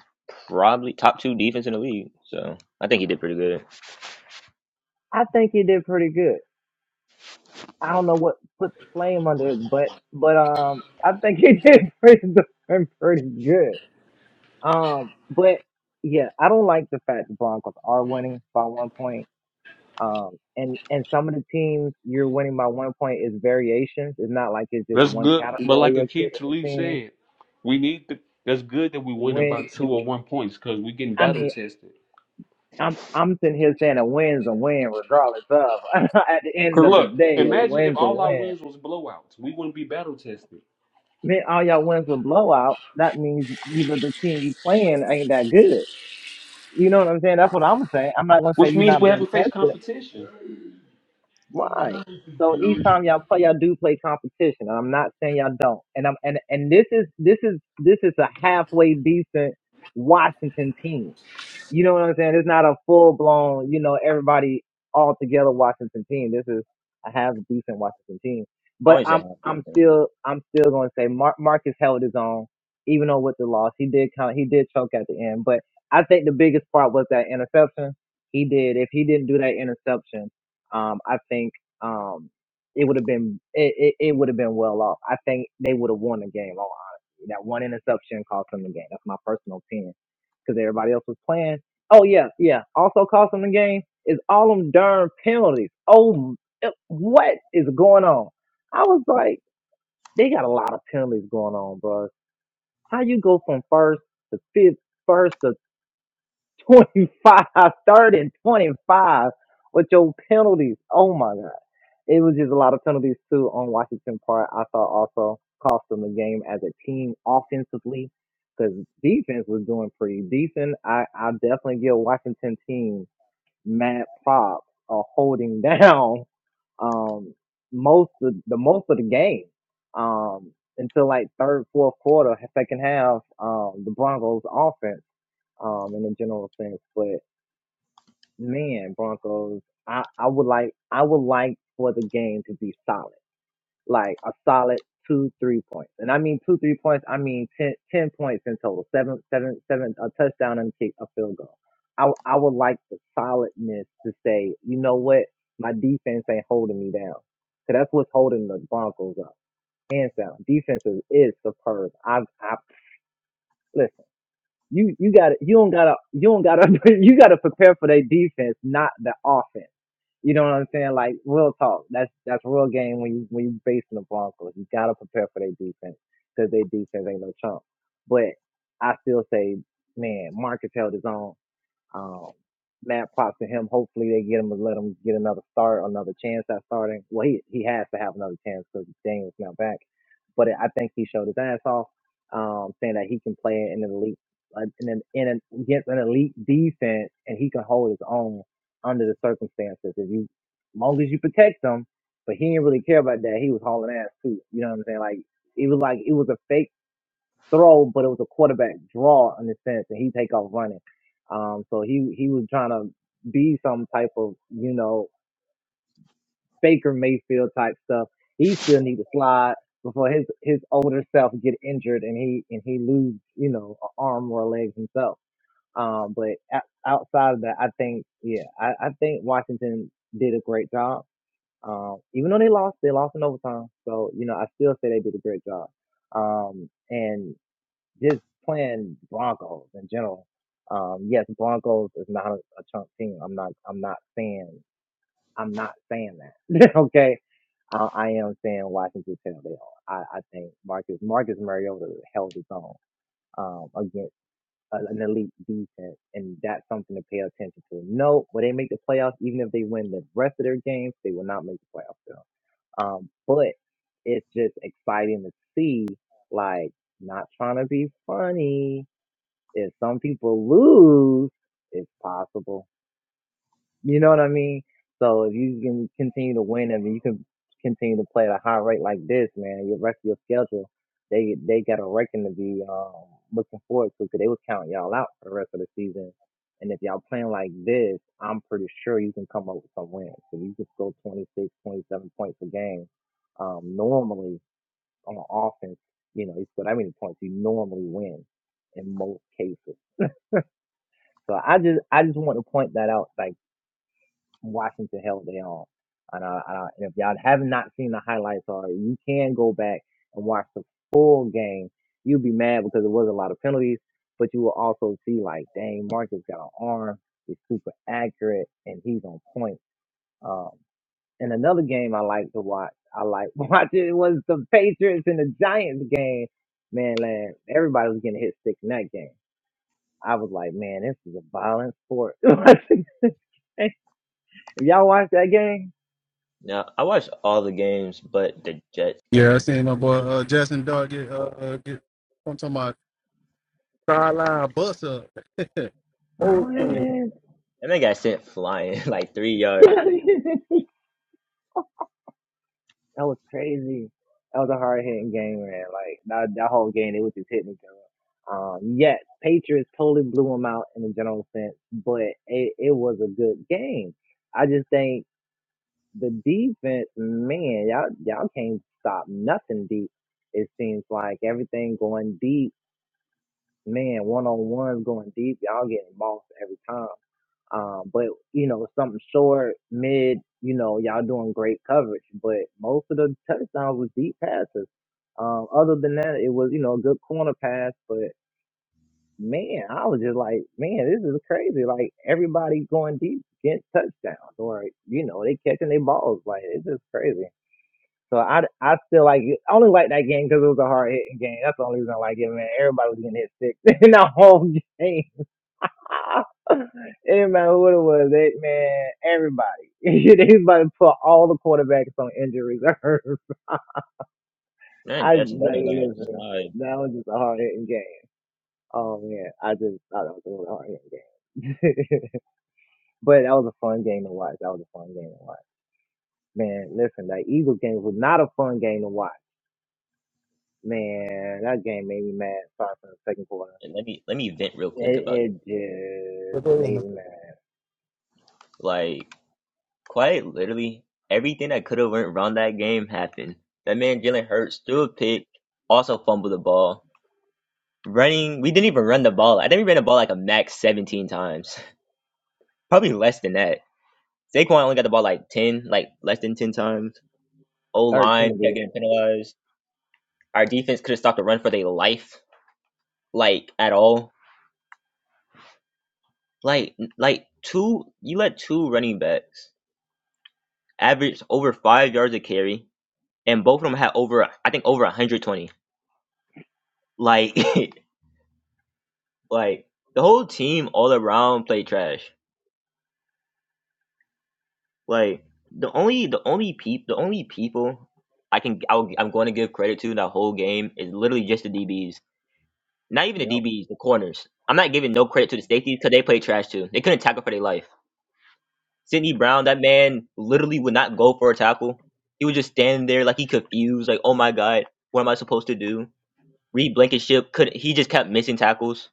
[SPEAKER 2] probably top two defense in the league. So I think he did pretty good.
[SPEAKER 4] I think he did pretty good. I don't know what put the flame under his butt, but um, I think he did pretty darn pretty good. Um, but yeah, I don't like the fact the Broncos are winning by one point. Um, and and some of the teams you're winning by one point is variations. It's not like it's just
[SPEAKER 3] That's
[SPEAKER 4] one
[SPEAKER 3] good. But like
[SPEAKER 4] category of ki-
[SPEAKER 3] Akeem Talib
[SPEAKER 4] teams
[SPEAKER 3] said, we need to. That's good that we winning by
[SPEAKER 4] When
[SPEAKER 3] two
[SPEAKER 4] do
[SPEAKER 3] or one points because we getting
[SPEAKER 4] I
[SPEAKER 3] battle
[SPEAKER 4] mean
[SPEAKER 3] tested.
[SPEAKER 4] I'm I'm sitting here saying a win's a win regardless of at the end
[SPEAKER 3] Cause
[SPEAKER 4] of the
[SPEAKER 3] look,
[SPEAKER 4] day a
[SPEAKER 3] imagine if
[SPEAKER 4] win's a
[SPEAKER 3] all our
[SPEAKER 4] win.
[SPEAKER 3] wins was blowouts, we wouldn't be battle tested.
[SPEAKER 4] Man, all y'all wins with blowout. That means either the team you playing ain't that good. You know what I'm saying? That's what I'm saying. I'm not gonna say
[SPEAKER 3] which
[SPEAKER 4] you're
[SPEAKER 3] means
[SPEAKER 4] not
[SPEAKER 3] we
[SPEAKER 4] being
[SPEAKER 3] haven't faced
[SPEAKER 4] tested.
[SPEAKER 3] competition.
[SPEAKER 4] Right. So each time y'all play, y'all do play competition, and I'm not saying y'all don't. And I'm and and this is this is this is a halfway decent Washington team. You know what I'm saying? It's not a full blown, you know, everybody all together Washington team. This is a half decent Washington team.
[SPEAKER 2] I
[SPEAKER 4] But
[SPEAKER 2] wouldn't say
[SPEAKER 4] I'm
[SPEAKER 2] half
[SPEAKER 4] I'm
[SPEAKER 2] decent.
[SPEAKER 4] still I'm still going to say Mar- Marcus held his own, even though with the loss he did kind of, he did choke at the end. But I think the biggest part was that interception he did. If he didn't do that interception um, I think um, it would have been it, it, it would have been well off. I think they would have won the game. All honesty, that one interception cost them the game. That's my personal opinion because everybody else was playing. Oh yeah, yeah. Also cost them the game is all them darn penalties. Oh, m- what is going on? I was like, they got a lot of penalties going on, bro. How you go from first to fifth, first to 25, third and 25 with your penalties. Oh my God. It was just a lot of penalties too on Washington part. I thought also cost them the game as a team offensively because defense was doing pretty decent. I, I definitely give Washington team mad props of holding down, um, most of the most of the game. Um, until like third, fourth quarter, second half, um, the Broncos offense um, in a general sense man, Broncos, I, I would like I would like for the game to be solid, like a solid two three points, and I mean two three points. I mean ten ten points in total, seven seven seven a touchdown and kick a field goal. I w- I would like the solidness to say, you know what, my defense ain't holding me down, cause that's what's holding the Broncos up. Hands down, defense is, is superb. I I listen. You you got to you don't gotta you don't gotta you gotta prepare for their defense, not the offense you know what I'm saying? Like real talk. That's that's real game when you when you facing the Broncos. You gotta prepare for their defense because their defense ain't no chump. But I still say, man, Marcus held his own. Um, mad props to him. Hopefully they get him and let him get another start, another chance at starting. Well, he he has to have another chance because Daniel's now back. But I think he showed his ass off, um, saying that he can play in an elite, uh, in an in an against an elite defense, and he can hold his own under the circumstances. If you, as long as you protect him, but he didn't really care about that. He was hauling ass too. You know what I'm saying? Like it was like it was a fake throw, but it was a quarterback draw in a sense, and he take off running. Um, so he he was trying to be some type of you know Baker Mayfield type stuff. He still need to slide before his his older self get injured and he and he lose you know an arm or a leg himself. Um, but o- outside of that, I think yeah, I, I think Washington did a great job. Um, even though they lost, they lost in overtime. So you know, I still say they did a great job. Um, and just playing Broncos in general. Um, yes, Broncos is not a, a chunk team. I'm not. I'm not saying. I'm not saying that. okay, I, I am saying Washington Taylor. They are. I, I think Marcus Marcus Mariota held his own um, against an elite defense, and that's something to pay attention to. No, will they make the playoffs? Even if they win the rest of their games, they will not make the playoffs. Still. Um, but it's just exciting to see. Like, not trying to be funny, if some people lose, it's possible. You know what I mean? So if you can continue to win and you can continue to play at a high rate like this, man, your rest of your schedule, they they got a reckon to be um, looking forward to because they was counting y'all out for the rest of the season. And if y'all playing like this, I'm pretty sure you can come up with some wins. If you can score 26, 27 points a game, um, normally on offense, you know, you score that many points, you normally win in most cases. So I just I just want to point that out. Like Washington held their own, and, I, I, and if y'all have not seen the highlights already, you can go back and watch the full game. You'll be mad because it was a lot of penalties, but you will also see like, dang, Marcus got an arm. He's super accurate and he's on point. Um, and another game I like to watch, I like watching was the Patriots and the Giants game. Man, man, everybody was getting hit stick in that game. I was like, man, this is a violent sport. If y'all watch that game,
[SPEAKER 2] Now I watched all the games but the Jets
[SPEAKER 1] yeah, I
[SPEAKER 2] game.
[SPEAKER 1] seen my boy uh, Justin Dart get uh uh, get. I'm talking about sideline bust up. Old
[SPEAKER 4] what?
[SPEAKER 2] That man,
[SPEAKER 1] school.
[SPEAKER 2] that man got sent flying like three yards.
[SPEAKER 4] that was crazy. That was a hard hitting game, man. Like that, that whole game, they was just hitting each other. Um, yes, Patriots totally blew them out in the general sense, but it, it was a good game. I just think the defense, man, y'all y'all can't stop nothing deep. It seems like everything going deep, man. One on ones going deep, y'all getting bossed every time. Um, but you know, something short, mid, you know, y'all doing great coverage. But most of the touchdowns was deep passes. Um, other than that, it was you know a good corner pass. But man, I was just like, man, this is crazy. Like everybody going deep getting touchdowns, or you know, they catching their balls. Like it's just crazy. So I, I feel like I only like that game because it was a hard hitting game. That's the only reason I like it, man. Everybody was getting hit six in the whole game. It didn't matter who it was, that man, everybody. they was about to put all the quarterbacks on injury reserve.
[SPEAKER 2] Man,
[SPEAKER 4] I just,
[SPEAKER 2] Jets and
[SPEAKER 4] like
[SPEAKER 2] Daniel
[SPEAKER 4] listen,
[SPEAKER 2] slide.
[SPEAKER 4] that was just a hard hitting game. Oh man, I just I don't think it was a hard hitting game. but that was a fun game to watch. That was a fun game to watch. Man, listen, that Eagles game was not a fun game to watch. Man, that game made me mad starting from the second quarter.
[SPEAKER 2] And let me let me vent real quick about
[SPEAKER 4] It, it
[SPEAKER 2] that.
[SPEAKER 1] but
[SPEAKER 4] just
[SPEAKER 1] they in
[SPEAKER 4] made
[SPEAKER 1] the-
[SPEAKER 4] me mad.
[SPEAKER 2] Like. Quite literally, everything that could have went wrong that game happened. That man Jalen Hurts threw a pick, also fumbled the ball. Running, we didn't even run the ball. I think we ran the ball like a max 17 times, probably less than that. Saquon only got the ball like 10, like less than 10 times. O
[SPEAKER 4] Thirteen
[SPEAKER 2] line
[SPEAKER 4] to be
[SPEAKER 2] kept getting
[SPEAKER 4] exact.
[SPEAKER 2] penalized. Our defense could have stopped the run for their life, like at all. Like, like two, you let two running backs average over five yards a carry, and both of them had over, I think, over 120. Like Like the whole team all around played trash. Like the only the only peop the only people I can I'll, I'm going to give credit to in that whole game is literally just the DBs. Not even
[SPEAKER 4] Yep.
[SPEAKER 2] the DBs, the corners. I'm not giving no credit to the safeties because they played trash too. They couldn't tackle for their life. Sidney Brown, that man literally would not go for a tackle. He would just stand there like he confused, like oh my god, what am I supposed to do? Reed Blankenship couldn't. He just kept missing tackles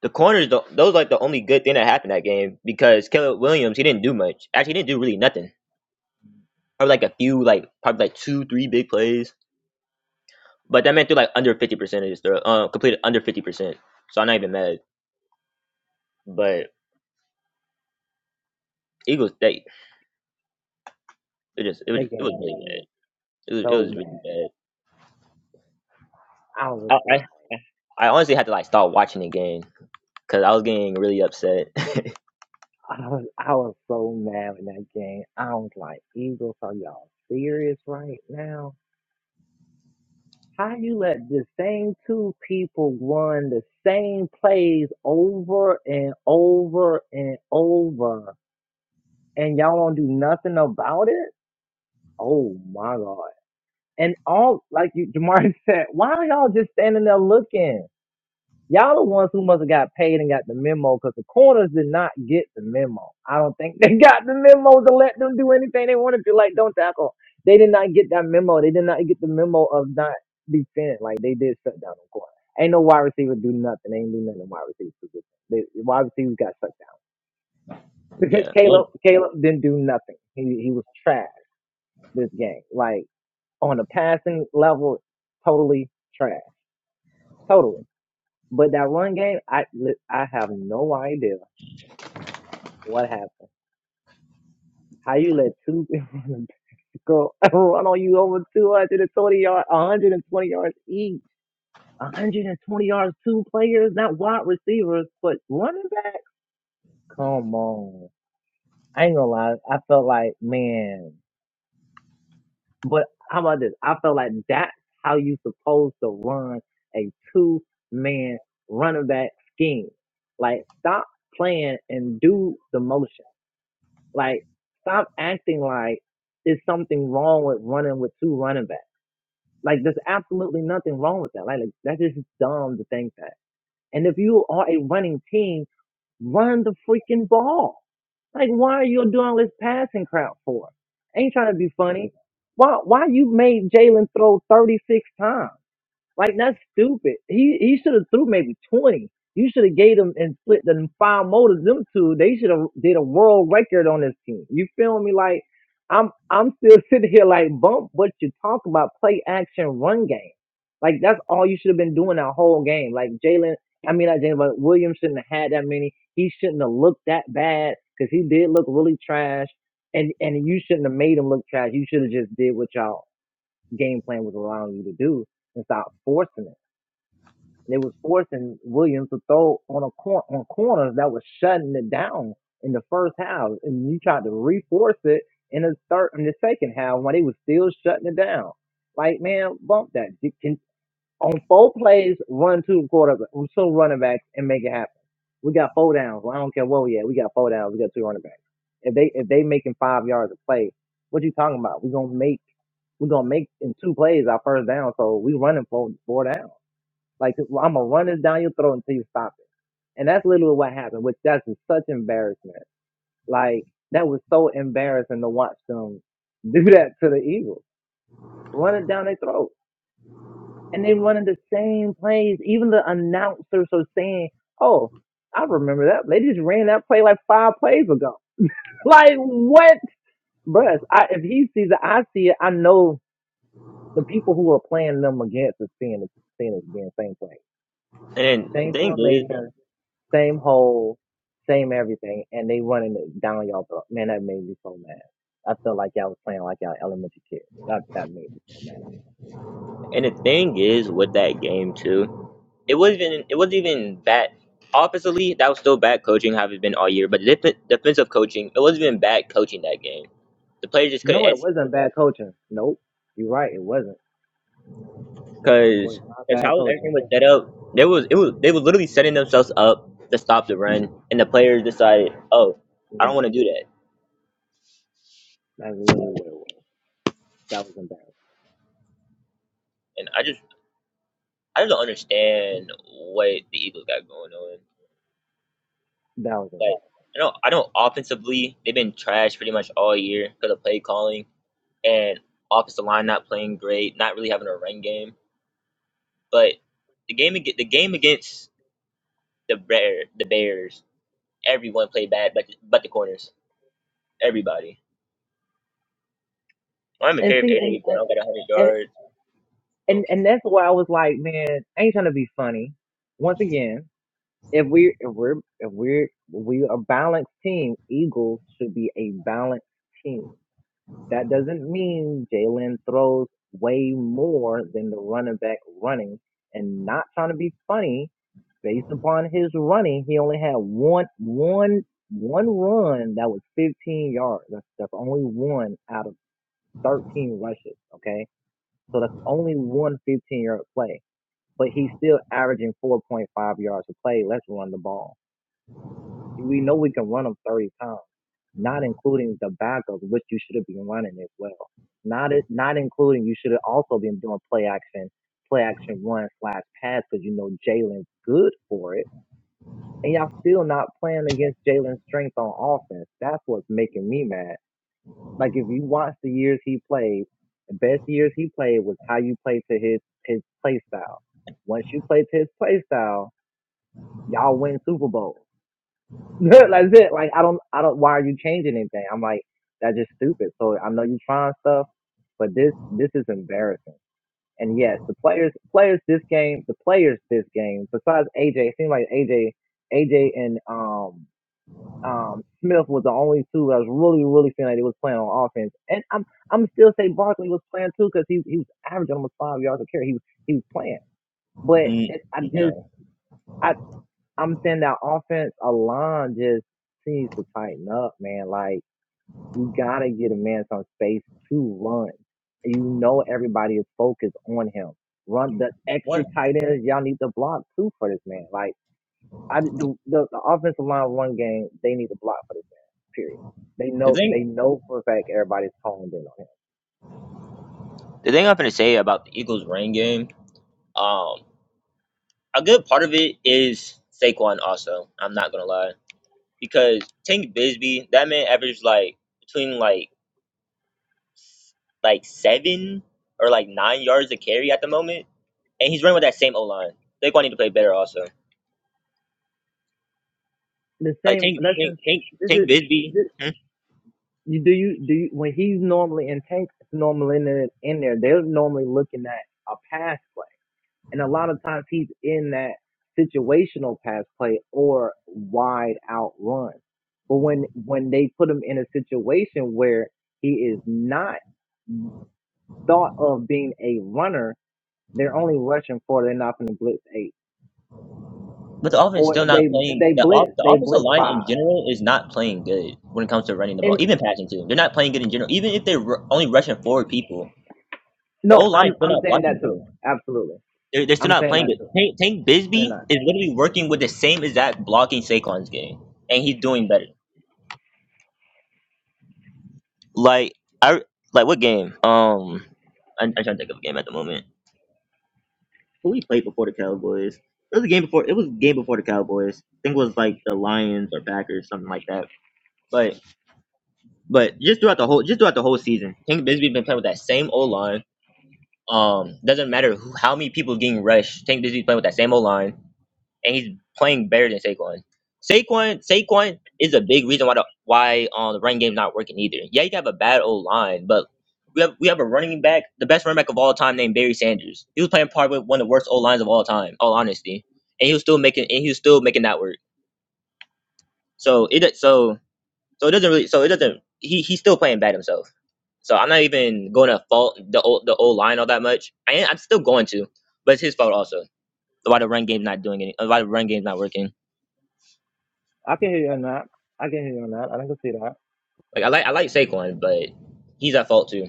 [SPEAKER 2] The corners, tho- those like the only good thing that happened that game because Caleb Williams he didn't do much. Actually, he didn't do really nothing. Probably like a few, like probably like two, three big plays. But that man threw like under fifty percent of his throw, uh, completed under fifty percent. So I'm not even mad. But Eagles, they it just it was
[SPEAKER 4] That
[SPEAKER 2] it was
[SPEAKER 4] game
[SPEAKER 2] really
[SPEAKER 4] made
[SPEAKER 2] bad.
[SPEAKER 4] me
[SPEAKER 2] It was, it was
[SPEAKER 4] so mad.
[SPEAKER 2] really
[SPEAKER 4] I was
[SPEAKER 2] bad.
[SPEAKER 4] like,
[SPEAKER 2] I, I I honestly had to like stop watching the game because I was getting really upset.
[SPEAKER 4] I was, I was so mad in that game. I was like, Eagles, are y'all serious right now? How you let the same two people run the same plays over and over and over, and y'all don't do nothing about it? Oh my god! And all like you, Jamar said, why are y'all just standing there looking? Y'all the ones who must have got paid and got the memo because the corners did not get the memo. I don't think they got the memo to let them do anything they wanted to, like don't tackle. They did not get that memo. They did not get the memo of not defend. Like they did shut down the corner. Ain't no wide receiver do nothing. They ain't do nothing in wide receiver position. They, wide receivers got shut down.
[SPEAKER 2] yeah, and,
[SPEAKER 4] Caleb Caleb didn't do nothing. He he was trash this game. Like on the passing level, totally trash. Totally. But that run game, I li- I have no idea What happened? How you let two go run on you over 220 yards, 120 yards each, 120 yards, two players, not wide receivers, but running backs? Come on. I ain't gonna lie. I felt like, man, but how about this? I felt like that's how you supposed to run a two man running back scheme. Like, stop playing and do the motion. Like, stop acting like there's something wrong with running with two running backs. Like, there's absolutely nothing wrong with that. Like, like that's just dumb to think that. And if you are a running team, run the freaking ball. Like, why are you doing this passing crap for? Ain't trying to be funny. Why, why you made Jalen throw 36 times? Like that's stupid. He he should have threw maybe twenty. You should have gave them and split them five motors. Them two, they should have did a world record on this team. You feel me? Like I'm I'm still sitting here like bump what you talk about play action run game. Like that's all you should have been doing that whole game. Like Jalen, I mean not Jalen, but Williams shouldn't have had that many. He shouldn't have looked that bad because he did look really trash. And and you shouldn't have made him look trash. You should have just did what y'all game plan was allowing you to do and stop forcing it. And it was forcing Williams to throw on a cor- on corners that was shutting it down in the first half, and you tried to reforce it in the third in the second half when they was still shutting it down. Like man, bump that. You can on four plays, run two quarterbacks, two running backs, and make it happen. We got four downs. Well, I don't care what we at. We got four downs. We got two running backs. If they if they making five yards a play, what you talking about? We gonna make we gonna make in two plays our first down. So we running for four downs. Like I'm gonna run this down your throat until you stop it. And that's literally what happened. Which that's just such embarrassment. Like that was so embarrassing to watch them do that to the Eagles. Run it down their throat and they running the same plays. Even the announcers are saying, "Oh, I remember that. They just ran that play like five plays ago." Like what, bruh? I, if he sees it, I see it. I know the people who are playing them against is seeing it, seeing it again. Same play,
[SPEAKER 2] and the
[SPEAKER 4] same
[SPEAKER 2] thing is,
[SPEAKER 4] formation, same hole, same everything, and they running it down y'all throat. Man, that made me so mad. I felt like y'all was playing like y'all elementary kids. That that made me so mad.
[SPEAKER 2] and the thing is with that game too. It wasn't even it wasn't even bad. Offensively, that was still bad coaching, how it's been all year. But def- defensive coaching, it wasn't even bad coaching that game. The players just couldn't
[SPEAKER 4] No, it
[SPEAKER 2] ex
[SPEAKER 4] wasn't bad coaching. Nope, you're right. It wasn't. It
[SPEAKER 2] because
[SPEAKER 4] was not
[SPEAKER 2] as
[SPEAKER 4] bad
[SPEAKER 2] how
[SPEAKER 4] coaching.
[SPEAKER 2] everything was set up, there was it was they were literally setting themselves up to stop the run, and the players decided, oh, I don't
[SPEAKER 4] Mm,
[SPEAKER 2] want to do that.
[SPEAKER 4] That's literally what it was. That was embarrassing.
[SPEAKER 2] And I just I just don't understand what the Eagles got going on.
[SPEAKER 4] That was embarrassing.
[SPEAKER 2] Like I don't I don't offensively they've been trash pretty much all year because of play calling and offensive line not playing great, not really having a run game But the game ag- the game against the bear the Bears, everyone played bad, but but the corners, everybody. I don't even
[SPEAKER 4] And
[SPEAKER 2] care if
[SPEAKER 4] see, and
[SPEAKER 2] AJ Brown got hundred
[SPEAKER 4] and
[SPEAKER 2] yards. I
[SPEAKER 4] and
[SPEAKER 2] don't care.
[SPEAKER 4] and that's why I was like, man, I ain't trying to be funny. Once again, if we if we're if we're we are a balanced team, Eagles should be a balanced team. That doesn't mean Jalen throws way more than the running back running. And not trying to be funny, Based upon his running, he only had one one one run that was 15 yards. That's that's only one out of 13 rushes. Okay, so that's only one 15 yard play, but he's still averaging 4.5 yards a play. Let's run the ball. We know we can run them 30 times not including the backups, which you should have been running as well. Not it- not including you should have also been doing play action, play action run slash pass because you know Jalen's good for it and y'all still not playing against Jalen's strength on offense. That's what's making me mad. Like if you watch the years he played, the best years he played was how you played to his his play style. Once you play to his play style, y'all win Super Bowls. That's it. Like I don't I don't why are you changing anything? I'm like, that's just stupid. So I know you are trying stuff, but this this is embarrassing. And yes, the players players this game, the players this game, besides AJ, it seemed like AJ AJ and um um, Smith was the only two that I was really, really feeling like they was playing on offense. And I'm I'm still say Barkley was playing too because he he was averaging almost five yards a carry. He was he was playing, but
[SPEAKER 2] Mm,
[SPEAKER 4] it, I just
[SPEAKER 2] no.
[SPEAKER 4] I I'm saying that offense line just seems to tighten up, man. Like you gotta get a man some space to run. You know everybody is focused on him. Run the extra
[SPEAKER 2] What
[SPEAKER 4] tight ends. Y'all need to block too for this man. Like I the, the the offensive line of one game they need to block for this man. Period. They
[SPEAKER 2] the
[SPEAKER 4] know they
[SPEAKER 2] thing?
[SPEAKER 4] know for a fact everybody's honed in on him.
[SPEAKER 2] The thing I'm gonna say about the Eagles' rain game, um, a good part of it is Saquon. Also, I'm not gonna lie because Tank Bisbee, that man averaged like between like like seven or like nine yards a carry at the moment, and he's running with that same O line. Saquon need to play better also.
[SPEAKER 4] The
[SPEAKER 2] Like
[SPEAKER 4] same.
[SPEAKER 2] take
[SPEAKER 4] That's
[SPEAKER 2] take
[SPEAKER 4] just
[SPEAKER 2] take
[SPEAKER 4] this
[SPEAKER 2] take
[SPEAKER 4] is
[SPEAKER 2] Bisbee.
[SPEAKER 4] this.
[SPEAKER 2] Hmm?
[SPEAKER 4] You, do you do you, when he's normally in tank, it's normally in there, in there. They're normally looking at a pass play, and a lot of times he's in that situational pass play or wide out run. But when when they put him in a situation where he is not thought of being a runner They're only rushing four. They're not going to blitz eight.
[SPEAKER 2] But the offense
[SPEAKER 4] Or
[SPEAKER 2] still
[SPEAKER 4] if
[SPEAKER 2] not
[SPEAKER 4] they if
[SPEAKER 2] playing.
[SPEAKER 4] they
[SPEAKER 2] The off
[SPEAKER 4] blitz,
[SPEAKER 2] the
[SPEAKER 4] they
[SPEAKER 2] offensive
[SPEAKER 4] blitz
[SPEAKER 2] line
[SPEAKER 4] five.
[SPEAKER 2] in general is not playing good when it comes to running the ball,
[SPEAKER 4] And
[SPEAKER 2] even passing too. They're not playing good in general. Even if they're ru- only rushing forward people, the
[SPEAKER 4] no,
[SPEAKER 2] old line
[SPEAKER 4] I'm
[SPEAKER 2] still
[SPEAKER 4] I'm
[SPEAKER 2] not
[SPEAKER 4] saying
[SPEAKER 2] blocking
[SPEAKER 4] that too.
[SPEAKER 2] good.
[SPEAKER 4] Absolutely,
[SPEAKER 2] They're, they're still
[SPEAKER 4] I'm
[SPEAKER 2] not
[SPEAKER 4] saying
[SPEAKER 2] playing
[SPEAKER 4] that
[SPEAKER 2] good.
[SPEAKER 4] too.
[SPEAKER 2] Tank, Tank
[SPEAKER 4] They're
[SPEAKER 2] Bisbee
[SPEAKER 4] not.
[SPEAKER 2] is literally working with the same exact blocking Saquon's game, and he's doing better. Like I like what game? Um, I, I trying to think of a game at the moment. who we played before the Cowboys. It was a game before. It was a game before the Cowboys. I think it was like the Lions or Packers, something like that. But but just throughout the whole just throughout the whole season, Tank Bisbee's been playing with that same O line. Um, doesn't matter who, how many people getting rushed. Tank Bisbee's playing with that same O line and he's playing better than Saquon. Saquon Saquon is a big reason why the why um, the running game's not working either. Yeah, you have a bad old line, but we have we have a running back, the best running back of all time named Barry Sanders. He was playing part with one of the worst old lines of all time, all honesty, and he was still making and he was still making that work. So it so so it doesn't really so it doesn't he he's still playing bad himself. So I'm not even going to fault the old the old line all that much. I am, I'm still going to, but it's his fault also. Why the run game's not doing any? Why the run game's not working?
[SPEAKER 4] I can hear you on that. I can hear you on that. I can see that.
[SPEAKER 2] Like I like I like Saquon, but he's at fault too.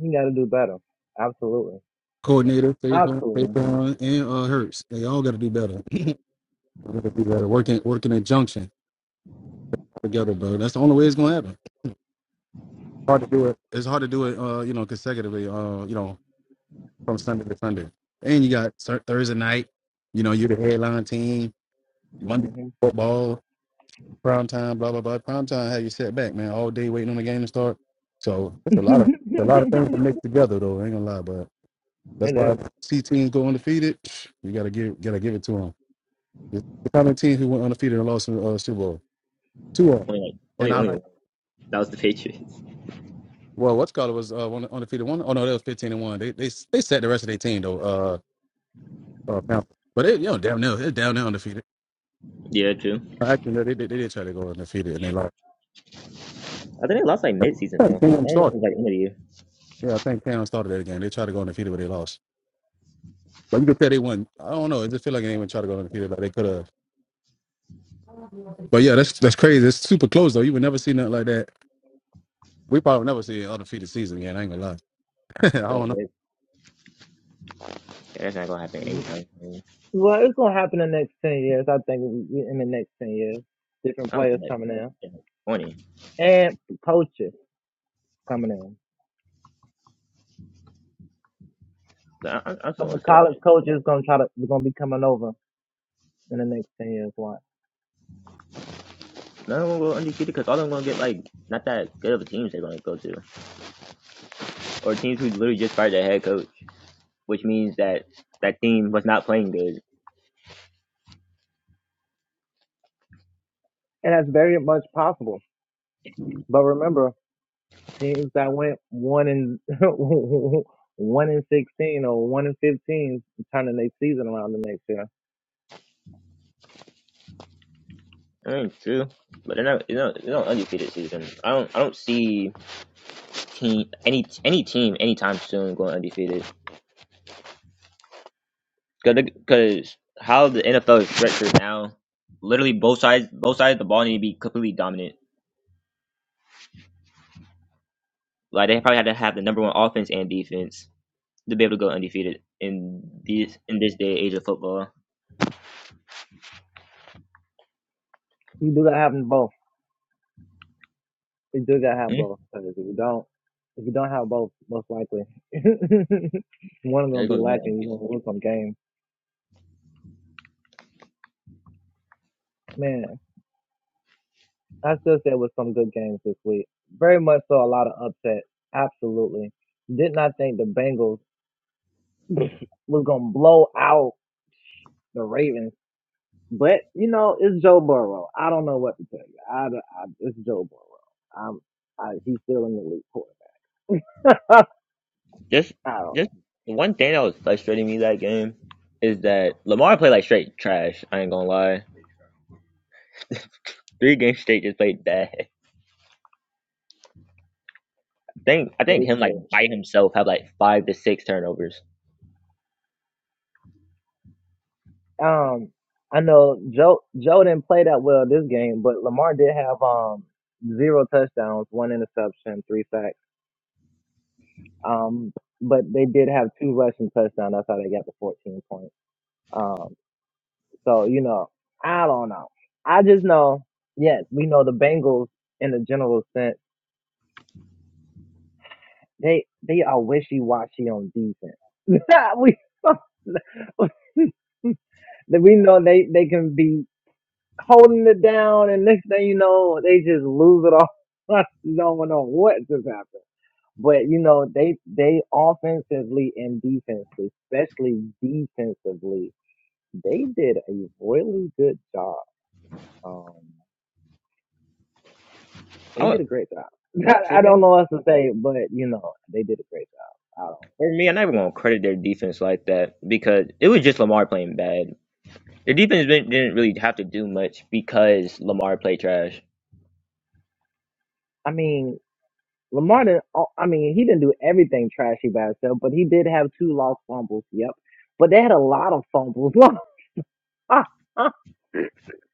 [SPEAKER 4] You got to do better. Absolutely.
[SPEAKER 1] Coordinator, Faithful,
[SPEAKER 4] Absolutely.
[SPEAKER 1] Faithful, and uh, Hurts. They all got to do better. gotta do better. Working, working in junction together, bro. That's the only way it's gonna happen. Hard to do it. It's hard to do it. Uh, you know, consecutively. Uh, you know, from Sunday to Sunday. And you got Thur- Thursday night. You know, you're the headline team. Monday
[SPEAKER 4] hmm
[SPEAKER 1] football. prime time, blah blah blah. Prime time had you set back, man, all day waiting on the game to start. So it's a lot of it's a lot of things to mix together, though. I ain't gonna lie, but that's
[SPEAKER 4] It
[SPEAKER 1] why
[SPEAKER 4] is.
[SPEAKER 1] if C teams go undefeated. You gotta give gotta give it to them. The kind of team who went undefeated and lost in the uh, Super Bowl, two of them.
[SPEAKER 2] Only like
[SPEAKER 1] And
[SPEAKER 2] only
[SPEAKER 1] I
[SPEAKER 2] only
[SPEAKER 1] like
[SPEAKER 2] one. that was the Patriots.
[SPEAKER 1] well, what's called it was uh, one undefeated one. Oh no, that was fifteen and one. They they they set the rest of their team though. Uh, uh Panthers. but they you know down there they're down there undefeated.
[SPEAKER 2] Yeah, true.
[SPEAKER 1] Actually, no, they, they they did try to go undefeated and they lost.
[SPEAKER 2] I think they lost like mid season
[SPEAKER 1] I
[SPEAKER 2] though. I
[SPEAKER 1] think Cam
[SPEAKER 2] don't know if it
[SPEAKER 1] started.
[SPEAKER 2] was like end of the year.
[SPEAKER 1] Yeah, I think Cam started that game. They tried to go undefeated, but they lost. Like you could say they won. I don't know. It just feel like they didn't even try to go undefeated like they could have. But yeah, that's that's crazy. It's super close though. You would never see nothing like that. We probably never see an undefeated season again. I ain't gonna lie. I
[SPEAKER 2] Yeah,
[SPEAKER 1] don't know.
[SPEAKER 2] but- yeah, that's not gonna happen
[SPEAKER 4] Yeah.
[SPEAKER 2] anytime soon.
[SPEAKER 4] Well, it's gonna happen in the next ten years. I think we- in the next ten years, different
[SPEAKER 2] I don't
[SPEAKER 4] players
[SPEAKER 2] think like
[SPEAKER 4] coming in
[SPEAKER 2] in like, twenty.
[SPEAKER 4] and coaches coming in.
[SPEAKER 2] But I, I, I'm still
[SPEAKER 4] Some of
[SPEAKER 2] gonna
[SPEAKER 4] the
[SPEAKER 2] say like
[SPEAKER 4] college
[SPEAKER 2] that.
[SPEAKER 4] coaches gonna try to gonna be coming over. in the next 10 years. Why?
[SPEAKER 2] None of them will go undefeated because all of them gonna get like not that good of a teams they're gonna go to, or teams who literally just fired their head coach, which means that that team was not playing good.
[SPEAKER 4] And that's very much possible. But remember, teams that went one in one in 16 or one in 15 turning their season around the next year.
[SPEAKER 2] I mean, true, but they're not. You know, it's not undefeated season. I don't. I don't see team, any any team, anytime soon going undefeated. Because how the NFL is structured now, literally both sides both sides of the ball need to be completely dominant. Like they probably had to have the number one offense and defense to be able to go undefeated in these in this day and age of football.
[SPEAKER 4] You do gotta have them both. You do gotta have
[SPEAKER 2] Hmm?
[SPEAKER 4] both. 'Cause if you don't, if you don't have both, most likely one of them
[SPEAKER 2] There
[SPEAKER 4] be
[SPEAKER 2] goes about
[SPEAKER 4] lacking.
[SPEAKER 2] undefeated.
[SPEAKER 4] You're gonna lose some games. Man, I still said with some good games this week. Very much so, a lot of upset. Absolutely. Did not think the Bengals was gonna blow out the Ravens But you know, it's Joe Burrow. I don't know what to tell you. I, I it's Joe Burrow. I'm, I, he's still in the league quarterback.
[SPEAKER 2] Just
[SPEAKER 4] I don't know.
[SPEAKER 2] just one thing that was frustrating me that game is that Lamar played like straight trash. I ain't gonna lie. Three games straight just played bad. I think I think
[SPEAKER 4] It's
[SPEAKER 2] him like
[SPEAKER 4] just,
[SPEAKER 2] by himself have like five to six turnovers.
[SPEAKER 4] um, I know Joe Joe didn't play that well this game, but Lamar did have um zero touchdowns, one interception, three sacks. Um, but they did have two rushing touchdowns. That's how they got the 14 points. Um, so you know, I don't know. I just know. Yes, we know the Bengals in a general sense They they are wishy washy on defense. we we know they they can be holding it down, and next thing you know, they just lose it all. no one know what just happened. But you know they they offensively and defensively, especially defensively, they did a really good job. Um, they
[SPEAKER 2] I
[SPEAKER 4] did a great job.
[SPEAKER 2] For
[SPEAKER 4] I
[SPEAKER 2] me,
[SPEAKER 4] don't know what else to say, but you know they did a great job. I don't.
[SPEAKER 2] for me, I'm not even gonna credit their defense like that because it was just Lamar playing bad. Their defense didn't didn't really have to do much because Lamar played trash.
[SPEAKER 4] I mean, Lamar didn't. oh, I mean, he didn't do everything trashy by himself, but he did have two lost fumbles. Yep, but they had a lot of fumbles. oh,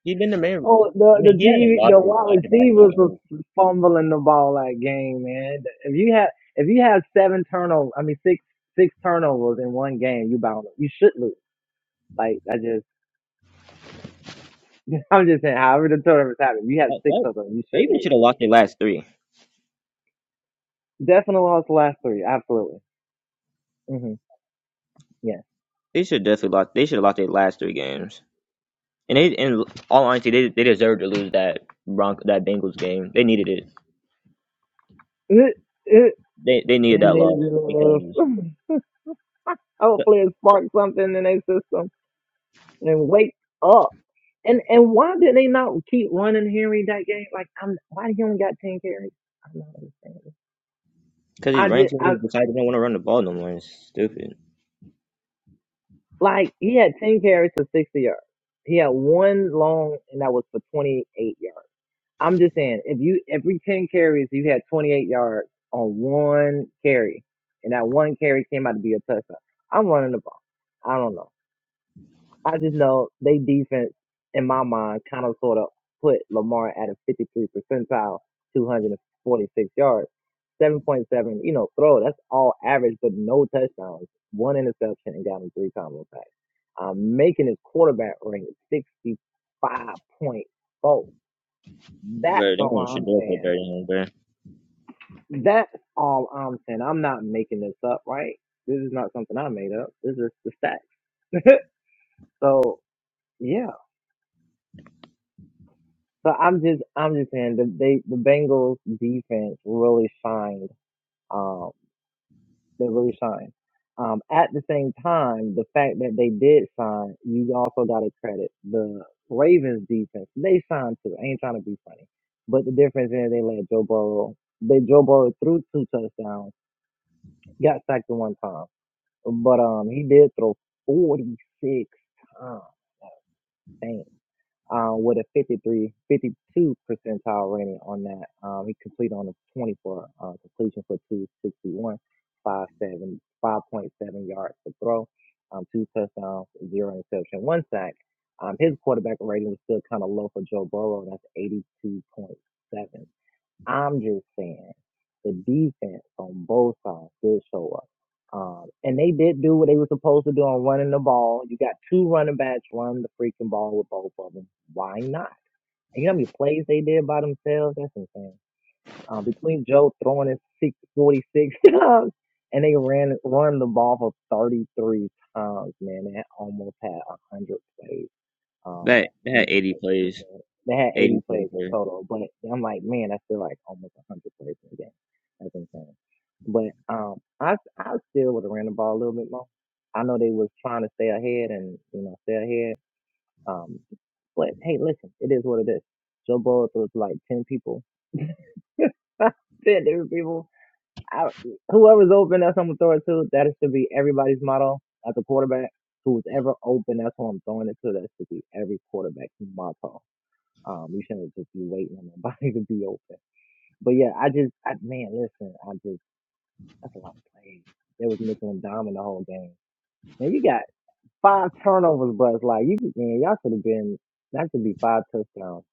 [SPEAKER 2] He's been the man. I
[SPEAKER 4] the
[SPEAKER 2] mean,
[SPEAKER 4] the
[SPEAKER 2] he hasn't
[SPEAKER 4] TV,
[SPEAKER 2] lost
[SPEAKER 4] the
[SPEAKER 2] his, like
[SPEAKER 4] wide
[SPEAKER 2] the last few
[SPEAKER 4] receivers was
[SPEAKER 2] games.
[SPEAKER 4] fumbling the ball that game, man. If you have if you have seven turnovers, I mean six six turnovers in one game, you bound you should lose. Like I just, I'm just saying, however the turnovers happening, if you have
[SPEAKER 2] Like,
[SPEAKER 4] six
[SPEAKER 2] what?
[SPEAKER 4] of them, you
[SPEAKER 2] They
[SPEAKER 4] should
[SPEAKER 2] even
[SPEAKER 4] lose.
[SPEAKER 2] should have lost their last three.
[SPEAKER 4] Definitely lost the last three, absolutely. hmm Yeah.
[SPEAKER 2] They should definitely lost. They should have lost their last three games. And they, in all honesty, they they deserved to lose that Bronco that Bengals game. They needed it. They they needed
[SPEAKER 4] And
[SPEAKER 2] that
[SPEAKER 4] it
[SPEAKER 2] loss because
[SPEAKER 4] is. Hopefully it sparked something in their system and wake up. And and why did they not keep running Henry that game? Like I'm why he only got ten carries? I'm not understanding.
[SPEAKER 2] because these
[SPEAKER 4] I
[SPEAKER 2] running
[SPEAKER 4] did
[SPEAKER 2] teams
[SPEAKER 4] I
[SPEAKER 2] decided they don't want to run the ball no more. It's stupid.
[SPEAKER 4] like he had ten carries for sixty yards. He had one long and that was for twenty eight yards. I'm just saying if you every ten carries you had twenty eight yards on one carry and that one carry came out to be a touchdown. I'm running the ball. I don't know. I just know they defense in my mind kind of sort of put Lamar at a 53 percentile, 246 yards, 7.7. You know, throw that's all average, but no touchdowns, one interception, and got him three combo sacks. Um, making his quarterback ring 65.4. That's
[SPEAKER 2] Bro,
[SPEAKER 4] all
[SPEAKER 2] they should
[SPEAKER 4] I'm
[SPEAKER 2] do it for
[SPEAKER 4] saying.
[SPEAKER 2] better than him, bro.
[SPEAKER 4] That's all I'm saying. I'm not making this up, right? This is not something I made up. This is the stats. so yeah, So I'm just I'm just saying the they the Bengals defense really shined. Um, they really shined. Um, at the same time, the fact that they did sign, you also got to credit the Ravens defense. They signed too. I ain't trying to be funny, but the difference is they let Joe Burrow. They Joe Burrow threw two touchdowns, got sacked the one time, but um he did throw 46 times. Dang. uh, with a 53, 52 percentile rating on that. Um, he completed on a 24 uh, completion for 261, 5.7, yards per throw, um, two touchdowns, zero interception, one sack. Um, his quarterback rating was still kind of low for Joe Burrow, and that's 82.7. I'm just saying the defense on both sides did show up. Um, and they did do what they were supposed to do on running the ball. You got two running backs run the freaking ball with both of them. Why not? And you know how many plays they did by themselves? That's insane. Um, between Joe throwing his six forty six times and they ran run the ball for 33 times, man. They almost had 100 plays. Um,
[SPEAKER 2] That they
[SPEAKER 4] and
[SPEAKER 2] had
[SPEAKER 4] it
[SPEAKER 2] eighty
[SPEAKER 4] was- it was,
[SPEAKER 2] plays,
[SPEAKER 4] uh, they had
[SPEAKER 2] eighty
[SPEAKER 4] 80
[SPEAKER 2] total
[SPEAKER 4] plays in
[SPEAKER 2] plays.
[SPEAKER 4] total, but I'm like, man, that's still like almost 100 plays in a game. That's insane. But um, I I still would have ran the ball a little bit more. I know they was trying to stay ahead and you know stay ahead. Um, but hey, listen, it is what it is. Joe Burrow threw it to like 10 people, 10 different people. I, whoever's open, that's who I'm gonna throw it to. That should be everybody's motto as a quarterback. Who's ever open, that's who I'm throwing it to. That should be every quarterback's motto um, you shouldn't just be waiting on nobody to be open. But yeah, I just, I, man, listen, I just, that's a lot of plays. They was mixing and doming the whole game. Man, you got five turnovers, but it's like, you, man, y'all should have been, that should be five touchdowns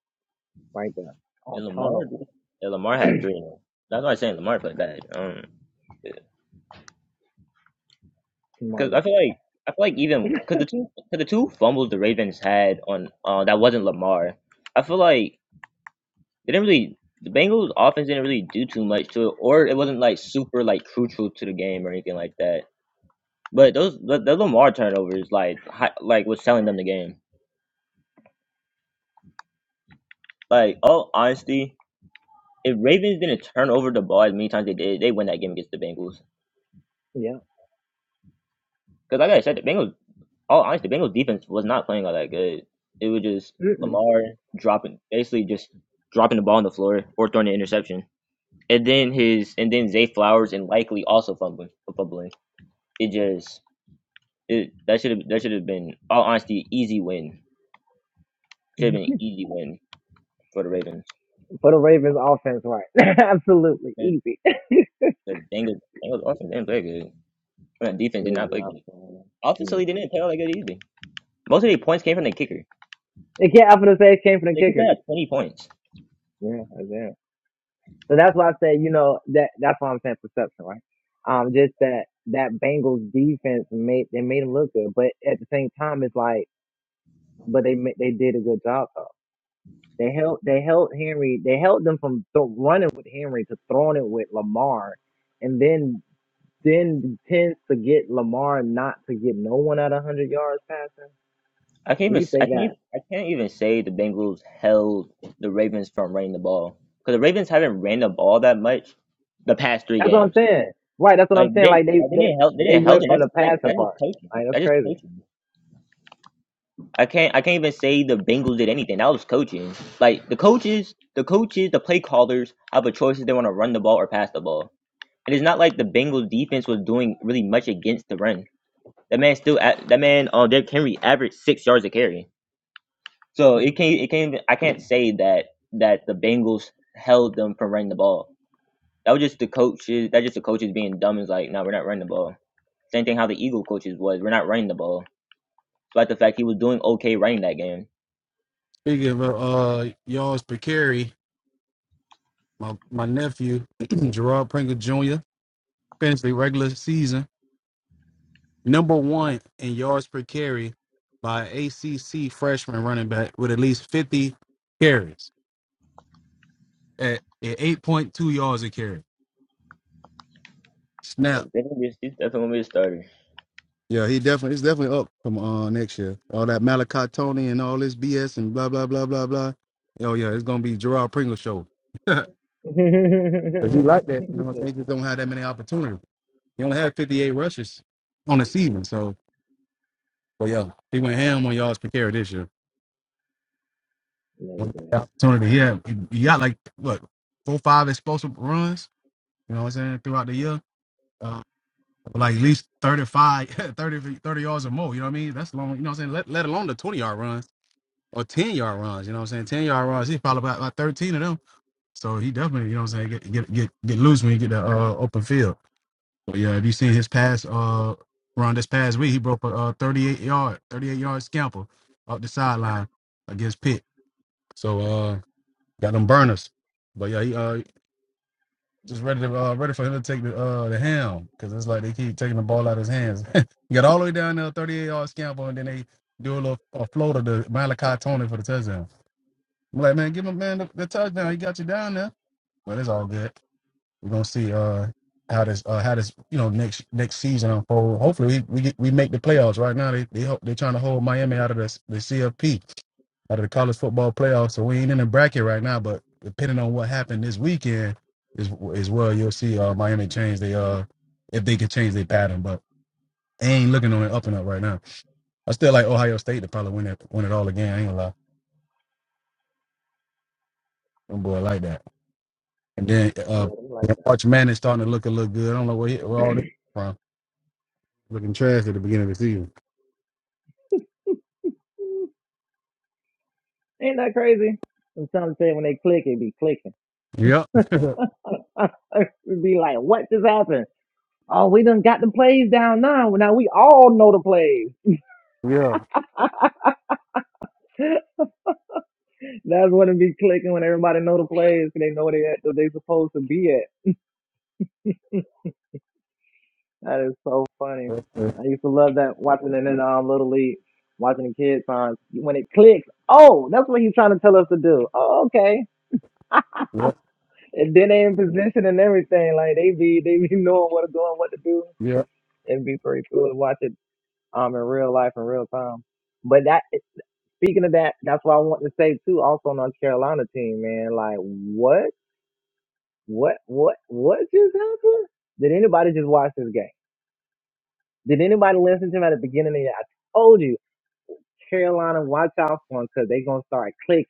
[SPEAKER 4] right there on
[SPEAKER 2] And Lamar,
[SPEAKER 4] turnovers.
[SPEAKER 2] dude. yeah, Lamar had three. That's why I'm saying Lamar played bad. Um,
[SPEAKER 4] Tomorrow
[SPEAKER 2] because I
[SPEAKER 4] did
[SPEAKER 2] feel
[SPEAKER 4] take that.
[SPEAKER 2] like I feel like even because the two cause the two fumbles the Ravens had on uh that wasn't Lamar. I feel like they didn't really the Bengals offense didn't really do too much to it, or it wasn't like super like crucial to the game or anything like that. But those the, the Lamar turnovers like hi, like was selling them the game. Like all honesty, if Ravens didn't turn over the ball as many times they did, they win that game against the Bengals.
[SPEAKER 4] Yeah.
[SPEAKER 2] Because like I said, the Bengals, all honest, the Bengals defense was not playing all that good. It was just
[SPEAKER 4] Mm-mm.
[SPEAKER 2] Lamar dropping, basically just dropping the ball on the floor or throwing an interception, and then his and then Zay Flowers and likely also fumbling. fumbling. It just it that should have that should have been all honesty easy win. Should have been an easy win for the Ravens.
[SPEAKER 4] For the Ravens offense, right. Absolutely.
[SPEAKER 2] The
[SPEAKER 4] Easy.
[SPEAKER 2] the Bengals Bengals offense didn't play good. I mean, defense
[SPEAKER 4] They
[SPEAKER 2] did
[SPEAKER 4] was
[SPEAKER 2] not play
[SPEAKER 4] not
[SPEAKER 2] good.
[SPEAKER 4] playing.
[SPEAKER 2] Offensively, they
[SPEAKER 4] Mm-mm.
[SPEAKER 2] didn't play all that good either. Most of their points came from the kicker.
[SPEAKER 4] It can't, I'm going to say it came from the
[SPEAKER 2] They could have
[SPEAKER 4] kicker.
[SPEAKER 2] had twenty points.
[SPEAKER 4] Yeah, that's it. So that's why I say, you know, that that's why I'm saying perception, right? Um, just that that Bengals defense made they made them look good, but at the same time, it's like, but they ma- they did a good job though. They held they held Henry, they held them from th- running with Henry to throwing it with Lamar, and then then tends to get Lamar not to get no one at hundred yards passing.
[SPEAKER 2] I can't
[SPEAKER 4] At
[SPEAKER 2] even
[SPEAKER 4] least
[SPEAKER 2] s- I
[SPEAKER 4] they
[SPEAKER 2] can't
[SPEAKER 4] got.
[SPEAKER 2] even- I can't even say the Bengals held the Ravens from running the ball because the Ravens haven't ran the ball that much the past three
[SPEAKER 4] That's what I'm
[SPEAKER 2] games.
[SPEAKER 4] saying. Right, that's what
[SPEAKER 2] Like
[SPEAKER 4] I'm saying.
[SPEAKER 2] they
[SPEAKER 4] Like they
[SPEAKER 2] like, they
[SPEAKER 4] they
[SPEAKER 2] didn't help they
[SPEAKER 4] they
[SPEAKER 2] didn't help
[SPEAKER 4] went
[SPEAKER 2] it.
[SPEAKER 4] from
[SPEAKER 2] That's
[SPEAKER 4] the
[SPEAKER 2] straight
[SPEAKER 4] passing
[SPEAKER 2] that's just
[SPEAKER 4] part.
[SPEAKER 2] coaching.
[SPEAKER 4] Like that's
[SPEAKER 2] That's just
[SPEAKER 4] crazy.
[SPEAKER 2] coaching. I can't I can't even say the Bengals did anything. That was coaching. Like the coaches the coaches the play callers have a choice if they want to run the ball or pass the ball. And it's not like the Bengals defense was doing really much against the run. That man still a- that man uh Derrick Henry averaged six yards a carry So it can't it can't even, I can't say that that the Bengals held them from running the ball. That was just the coaches that just the coaches being dumb is like, no, we're not running the ball. Same thing how the Eagle coaches was, we're not running the ball. Despite the fact he was doing okay running that game.
[SPEAKER 1] Speaking of uh yards per carry, my my nephew Gerard Pringle Jr. finished the regular season number one in yards per carry by ACC freshman running back with at least 50 carries at, at 8.2 yards a carry.
[SPEAKER 2] Yeah,
[SPEAKER 1] Snap.
[SPEAKER 2] He's definitely gonna be a starter.
[SPEAKER 1] Yeah, he definitely it's definitely up from uh next year. All that Malachi Tony and all this BS and blah blah blah blah blah. Oh yeah, it's gonna be Gerard Pringle show. Cause he like that, you know what I'm saying? He just don't have that many opportunities. He only had 58 rushes on the season. So, but yeah, he went ham on yards per carry this year.
[SPEAKER 4] Lay
[SPEAKER 1] One
[SPEAKER 4] back.
[SPEAKER 1] Opportunity, yeah, he had- he got like what four five explosive runs. You know what I'm saying throughout the year. Uh, like at least 35, 30, 30 yards or more. You know what I mean? That's long. You know what I'm saying? Let, let alone the 20 yard runs. or 10 yard runs. You know what I'm saying? 10 yard runs. He followed by about 13 of them. So he definitely, you know what I'm saying, get get get, get loose when you get the uh, open field. But yeah, if you seen his pass uh run this past week, he broke a uh, 38 yard, 38 yard scamper up the sideline against Pitt. So uh got them burners. But yeah, he uh just ready to uh, ready for him to take the uh the ham because it's like they keep taking the ball out of his hands. He got all the way down there, 38 yard scamper, and then they do a little a floater to Malachi Tony for the touchdown. I'm Like, man, give him man the, the touchdown. He got you down there. But it's all good. We're gonna see uh how this uh how this you know next next season unfold. Hopefully we we, get, we make the playoffs. Right now they they hope they're trying to hold Miami out of the the CFP out of the college football playoffs. So we ain't in the bracket right now. But depending on what happened this weekend is is well you'll see uh Miami change their uh if they can change their pattern. But they ain't looking on it up and up right now. I still like Ohio State to probably win it win it all again. I ain't gonna lie. Them boy like that. And then uh,
[SPEAKER 4] Yeah, they like that.
[SPEAKER 1] Arch Manning starting to look a little good. I don't know where, he, where all this from. Looking trash at the beginning of the season.
[SPEAKER 4] Ain't that crazy? I'm trying when they click, it be clicking.
[SPEAKER 1] Yep.
[SPEAKER 4] it be like, what just happened? Oh, we done got the plays down now. Well, Now we all know the plays.
[SPEAKER 1] Yeah.
[SPEAKER 4] That's when it be clicking when everybody know the plays. 'cause They know they at they supposed to be at. That is so funny.
[SPEAKER 1] Uh, uh,
[SPEAKER 4] I used to love that watching it in um, Little League, watching the kids on when it clicks. Oh, that's what he's trying to tell us to do. Oh, okay.
[SPEAKER 1] Yep.
[SPEAKER 4] And then they in position and everything. Like they be they be knowing what to do and what to do
[SPEAKER 1] Yeah.
[SPEAKER 4] It'd be pretty cool to watch it um in real life in real time. But that eh, speaking of that, that's what I want to say too. Also, North Carolina team, man, like what, what, what, what just happened? Did anybody just watch this game? Did anybody listen to me at the beginning of the year? I told you, Carolina, watch out for them because they're gonna start click.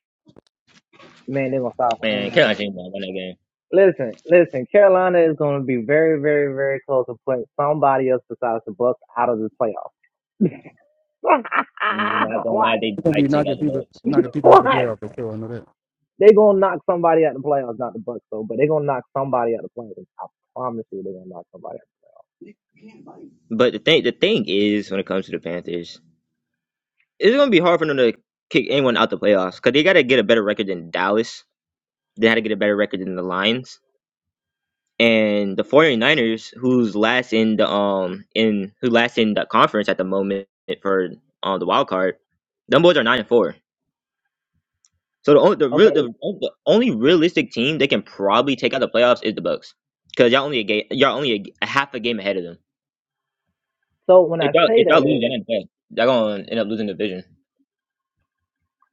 [SPEAKER 4] Man, they're gonna start winning
[SPEAKER 2] Man, Carolina
[SPEAKER 4] games.
[SPEAKER 2] James not won that game.
[SPEAKER 4] Listen, listen. Carolina is going to be very, very, very close to putting somebody else besides the Bucks out of the playoffs.
[SPEAKER 2] Not gonna lie,
[SPEAKER 4] Watch.
[SPEAKER 2] they
[SPEAKER 1] We're gonna
[SPEAKER 2] might
[SPEAKER 1] be
[SPEAKER 2] take out
[SPEAKER 1] knocking
[SPEAKER 2] the
[SPEAKER 1] people,
[SPEAKER 2] Bucks.
[SPEAKER 1] knocking people out of the
[SPEAKER 4] Watch.
[SPEAKER 1] playoff for sure. I know that.
[SPEAKER 4] They gonna knock somebody out the playoffs, not the Bucks though, but they gonna knock somebody out the playoffs. I promise you, they gonna knock somebody
[SPEAKER 2] But the thing the thing is when it comes to the Panthers, it's gonna be hard for them to kick anyone out the playoffs because they gotta get a better record than Dallas. They had to get a better record than the Lions and the 49ers who's last in the um in who last in the conference at the moment for uh, the wild card them boys are 9 and 4 so the only the,
[SPEAKER 4] out.
[SPEAKER 2] real,
[SPEAKER 4] Okay,
[SPEAKER 2] the, the only realistic team they can probably take out the playoffs is the bucks because y'all only a game y'all only a, g- a half a game ahead of them
[SPEAKER 4] so when
[SPEAKER 2] if
[SPEAKER 4] I
[SPEAKER 2] y'all,
[SPEAKER 4] say
[SPEAKER 2] if y'all
[SPEAKER 4] that
[SPEAKER 2] lose that
[SPEAKER 4] is
[SPEAKER 2] in the playoffs, y'all gonna end up losing the division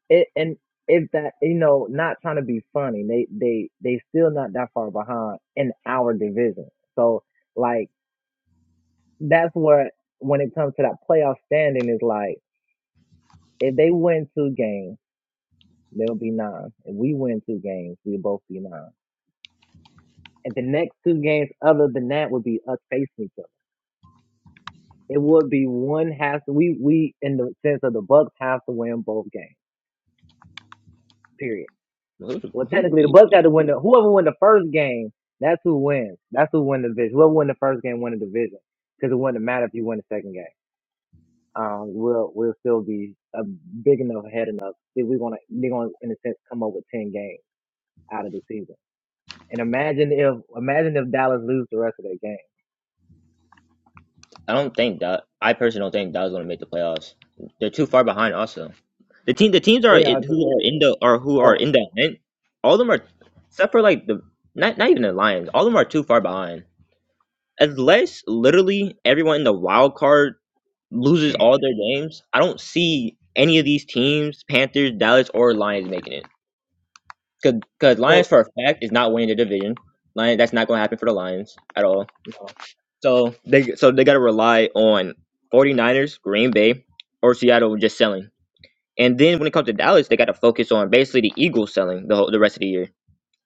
[SPEAKER 4] it, and if that you know, not trying to be funny, they they they still not that far behind in our division. So like that's where when it comes to that playoff standing is like if they win two games, they'll be nine. If we win two games, we'll both be nine. And the next two games, other than that, would be us facing each other. It would be one has to we we in the sense of the Bucks have to win both games. Period.
[SPEAKER 2] who,
[SPEAKER 4] Well, technically, the
[SPEAKER 2] who,
[SPEAKER 4] Bucks have to win the whoever won the first game. That's who wins. That's who win the division. Whoever won the first game won the division because it wouldn't matter if you win the second game. Um, we'll we'll still be a big enough head enough. If we're gonna they're gonna in a sense come up with ten games out of the season. And imagine if imagine if Dallas lose the rest of their game.
[SPEAKER 2] I don't think that I personally don't think Dallas is going to make the playoffs. They're too far behind. Also, the team the teams are
[SPEAKER 4] They
[SPEAKER 2] it-
[SPEAKER 4] are too.
[SPEAKER 2] who are in the or who are
[SPEAKER 4] Oh,
[SPEAKER 2] in the hunt. All of them are except for like the not not even the Lions. All of them are too far behind. Unless literally everyone in the wild card loses all their games, I don't see any of these teams, Panthers, Dallas, or Lions making it. Because Lions
[SPEAKER 4] so
[SPEAKER 2] for a fact is not winning the division. Lions that's not going to happen for the Lions at all.
[SPEAKER 4] no.
[SPEAKER 2] So they so they got to rely on 49ers, Green Bay, or Seattle just selling. And then when it comes to Dallas, they got to focus on basically the Eagles selling the whole, the rest of the year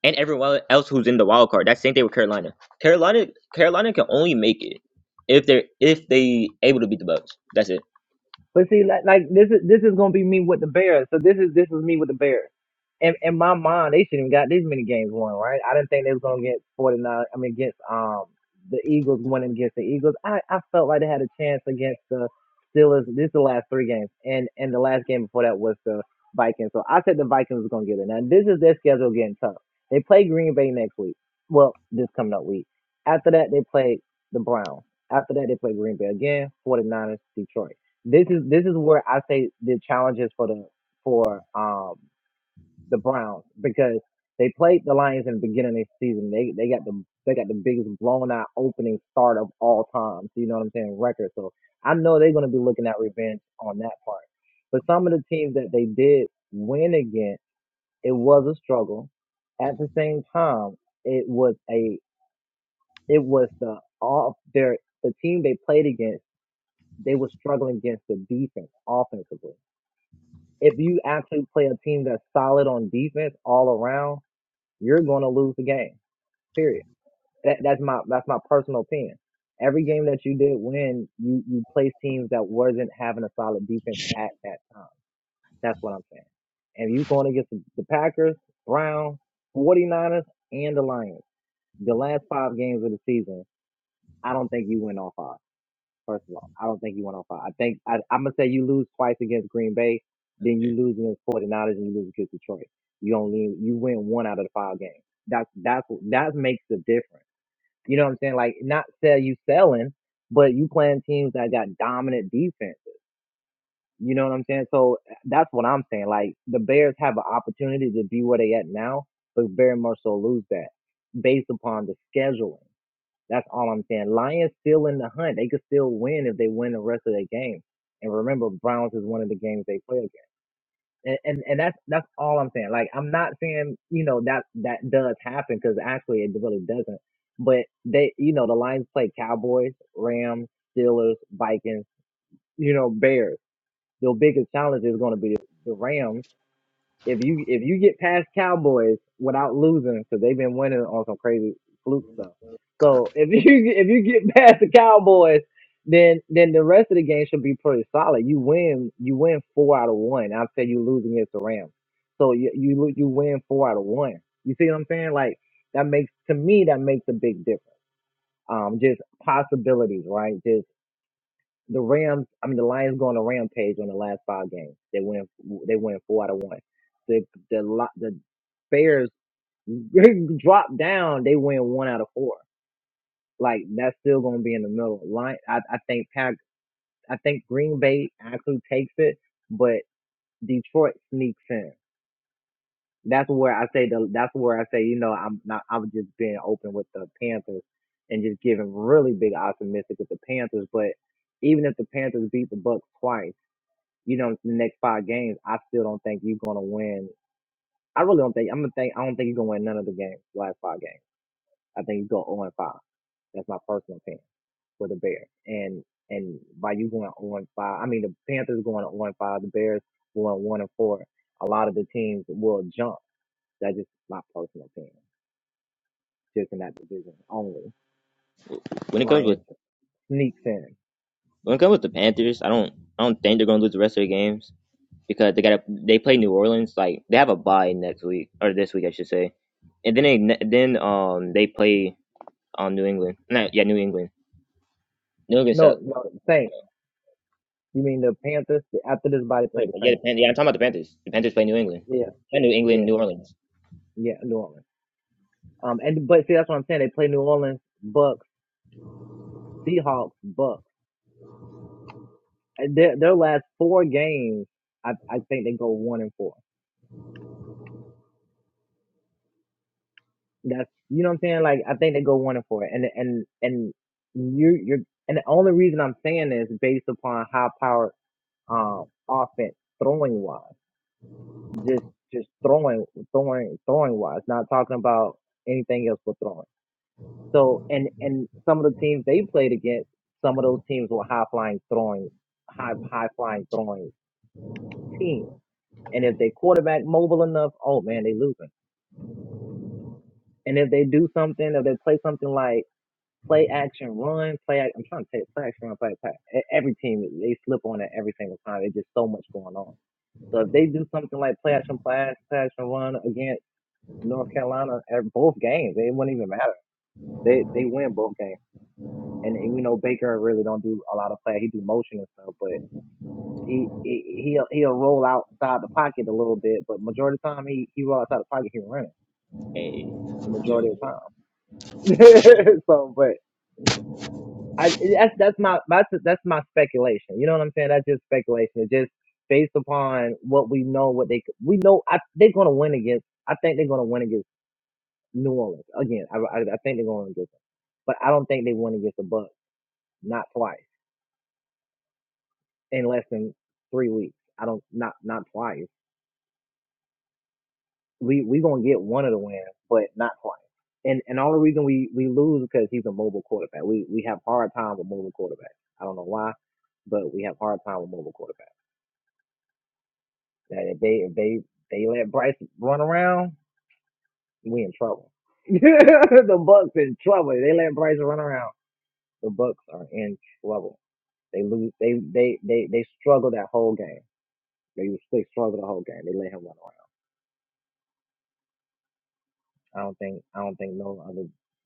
[SPEAKER 2] and everyone else who's in the wild card. That's the same thing with Carolina. Carolina Carolina can only make it if they're if they able to beat the Bucks. That's it.
[SPEAKER 4] But see, like, like this is this is gonna be me with the Bears. So this is this is me with the Bears in, in my mind, they shouldn't have got this many games won, right? I didn't think they was gonna get 49. I mean, against um the Eagles winning against the Eagles, I, I felt like they had a chance against the Steelers. This is the last three games, and and the last game before that was the Vikings. So I said the Vikings was gonna get it. Now this is their schedule getting tough. They play Green Bay next week. Well, this coming up week. After that, they play the Browns. After that, they play Green Bay again. 49ers, Detroit. This is this is where I say the challenges for the for um the Browns because they played the Lions in the beginning of the season. They they got the they got the biggest blown out opening start of all time. So you know what I'm saying? Record. So I know they're gonna be looking at revenge on that part. But some of the teams that they did win against, it was a struggle. At the same time, it was a it was the off their the team they played against, they were struggling against the defense offensively. If you actually play a team that's solid on defense all around, you're going to lose the game. Period. That, that's my that's my personal opinion. Every game that you did win, you you placed teams that wasn't having a solid defense at that time. That's what I'm saying. And you're going against the, the Packers, Browns, Forty Niners, and the Lions. The last five games of the season, I don't think you win all five. First of all, I don't think you went on five. I think I, I'm gonna say you lose twice against Green Bay, then you lose against 49ers, and you lose against Detroit. You only you win one out of the five games. That's that's that makes the difference. You know what I'm saying? Like not sell you selling, but you playing teams that got dominant defenses. You know what I'm saying? So eh, that's what I'm saying. Like the Bears have an opportunity to be where they at now, but very much so lose that based upon the scheduling. That's all I'm saying. Lions still in the hunt. They could still win if they win the rest of their games. And remember, Browns is one of the games they play against. And, and and that's that's all I'm saying. Like I'm not saying you know that that does happen because actually it really doesn't. But they you know the Lions play Cowboys, Rams, Steelers, Vikings, you know Bears. Their biggest challenge is going to be the Rams if you if you get past Cowboys without losing, because they've been winning on some crazy fluke stuff. So if you if you get past the Cowboys, then then the rest of the game should be pretty solid. You win you win four out of one. I'd say you lose against the Rams, so you you lo- you win four out of one. You see what I'm saying? Like that makes to me that makes a big difference. Um, just possibilities, right? Just. The Rams, I mean, the Lions go on a rampage on the last five games. They win, they win four out of one. The the Lo- the Bears drop down. They win one out of four. Like that's still going to be in the middle. Line, I, I think Pack, I think Green Bay actually takes it, but Detroit sneaks in. That's where I say the. That's where I say you know I'm not. I'm just being open with the Panthers and just giving really big optimistic with the Panthers, but even if the Panthers beat the Bucks twice. you know, the next five games, I still don't think you're gonna win. I really don't think I'm gonna think I don't think you're gonna win none of the games, the last five games. I think you go 0 and 5. That's my personal opinion for the Bears. And and by you going 0 and 5, I mean the Panthers going 0 and 5, the Bears going 1 and 4. A lot of the teams will jump. That's just my personal opinion, just in that division only.
[SPEAKER 2] When it comes with
[SPEAKER 4] Lions sneaks in.
[SPEAKER 2] when it comes with the Panthers, I don't I don't think they're gonna lose the rest of their games because they got to they play New Orleans like they have a bye next week or this week I should say, and then they then um they play Um, New England. No, yeah, New England. New England suck.
[SPEAKER 4] No, no, Saints. You mean the Panthers? After this body play
[SPEAKER 2] Wait,
[SPEAKER 4] the
[SPEAKER 2] Yeah, the
[SPEAKER 4] Saints.
[SPEAKER 2] Pan- yeah, I'm talking about the Panthers. The Panthers play New England.
[SPEAKER 4] Yeah,
[SPEAKER 2] Yeah, New England,
[SPEAKER 4] yeah,
[SPEAKER 2] New Orleans.
[SPEAKER 4] yeah. New Orleans. Um, and but see, that's what I'm saying. They play New Orleans, Bucks, Seahawks, Bucks. Their their last four games, I I think they go one and four. That's you know what I'm saying. Like I think they go one and four. And and and you you're and the only reason I'm saying this is based upon high powered um offense throwing wise, just just throwing throwing throwing wise. Not talking about anything else but throwing. So and and some of the teams they played against, some of those teams were high flying throwing, high high flying throwing teams. And if they quarterback mobile enough, oh man, they losing. And if they do something, if they play something like play action run, play ac- I'm trying to say play action run, play play. e- Every team they slip on it every single time. There's just so much going on. So if they do something like play action play, action- play action run against North Carolina at both games, it wouldn't even matter. They they win both games. and, and we know Baker really don't do a lot of play. He do motion and stuff, but he he he'll, he'll roll outside the pocket a little bit, but majority of the time he he roll outside the pocket, he running
[SPEAKER 2] Hey.
[SPEAKER 4] majority of the time. so, but I that's that's my that's that's my speculation. You know what I'm saying? That's just speculation. It's just based upon what we know, what they we know. I, they're gonna win against. I think they're gonna win against New Orleans again. I I, I think they're going to win against them, but I don't think they win against the Bucks. Not twice. in less than three weeks. I don't not not twice. We we gonna get one of the wins, but not twice. And and all the reason we we lose because he's a mobile quarterback. We we have hard time with mobile quarterbacks. I don't know why, but we have hard time with mobile quarterbacks. That if they if they they let Bryce run around, we in trouble. the Bucks in trouble. If they let Bryce run around. The Bucks are in trouble. They lose. They they they they struggle that whole game. They they struggle the whole game. They let him run around. I don't think I don't think no other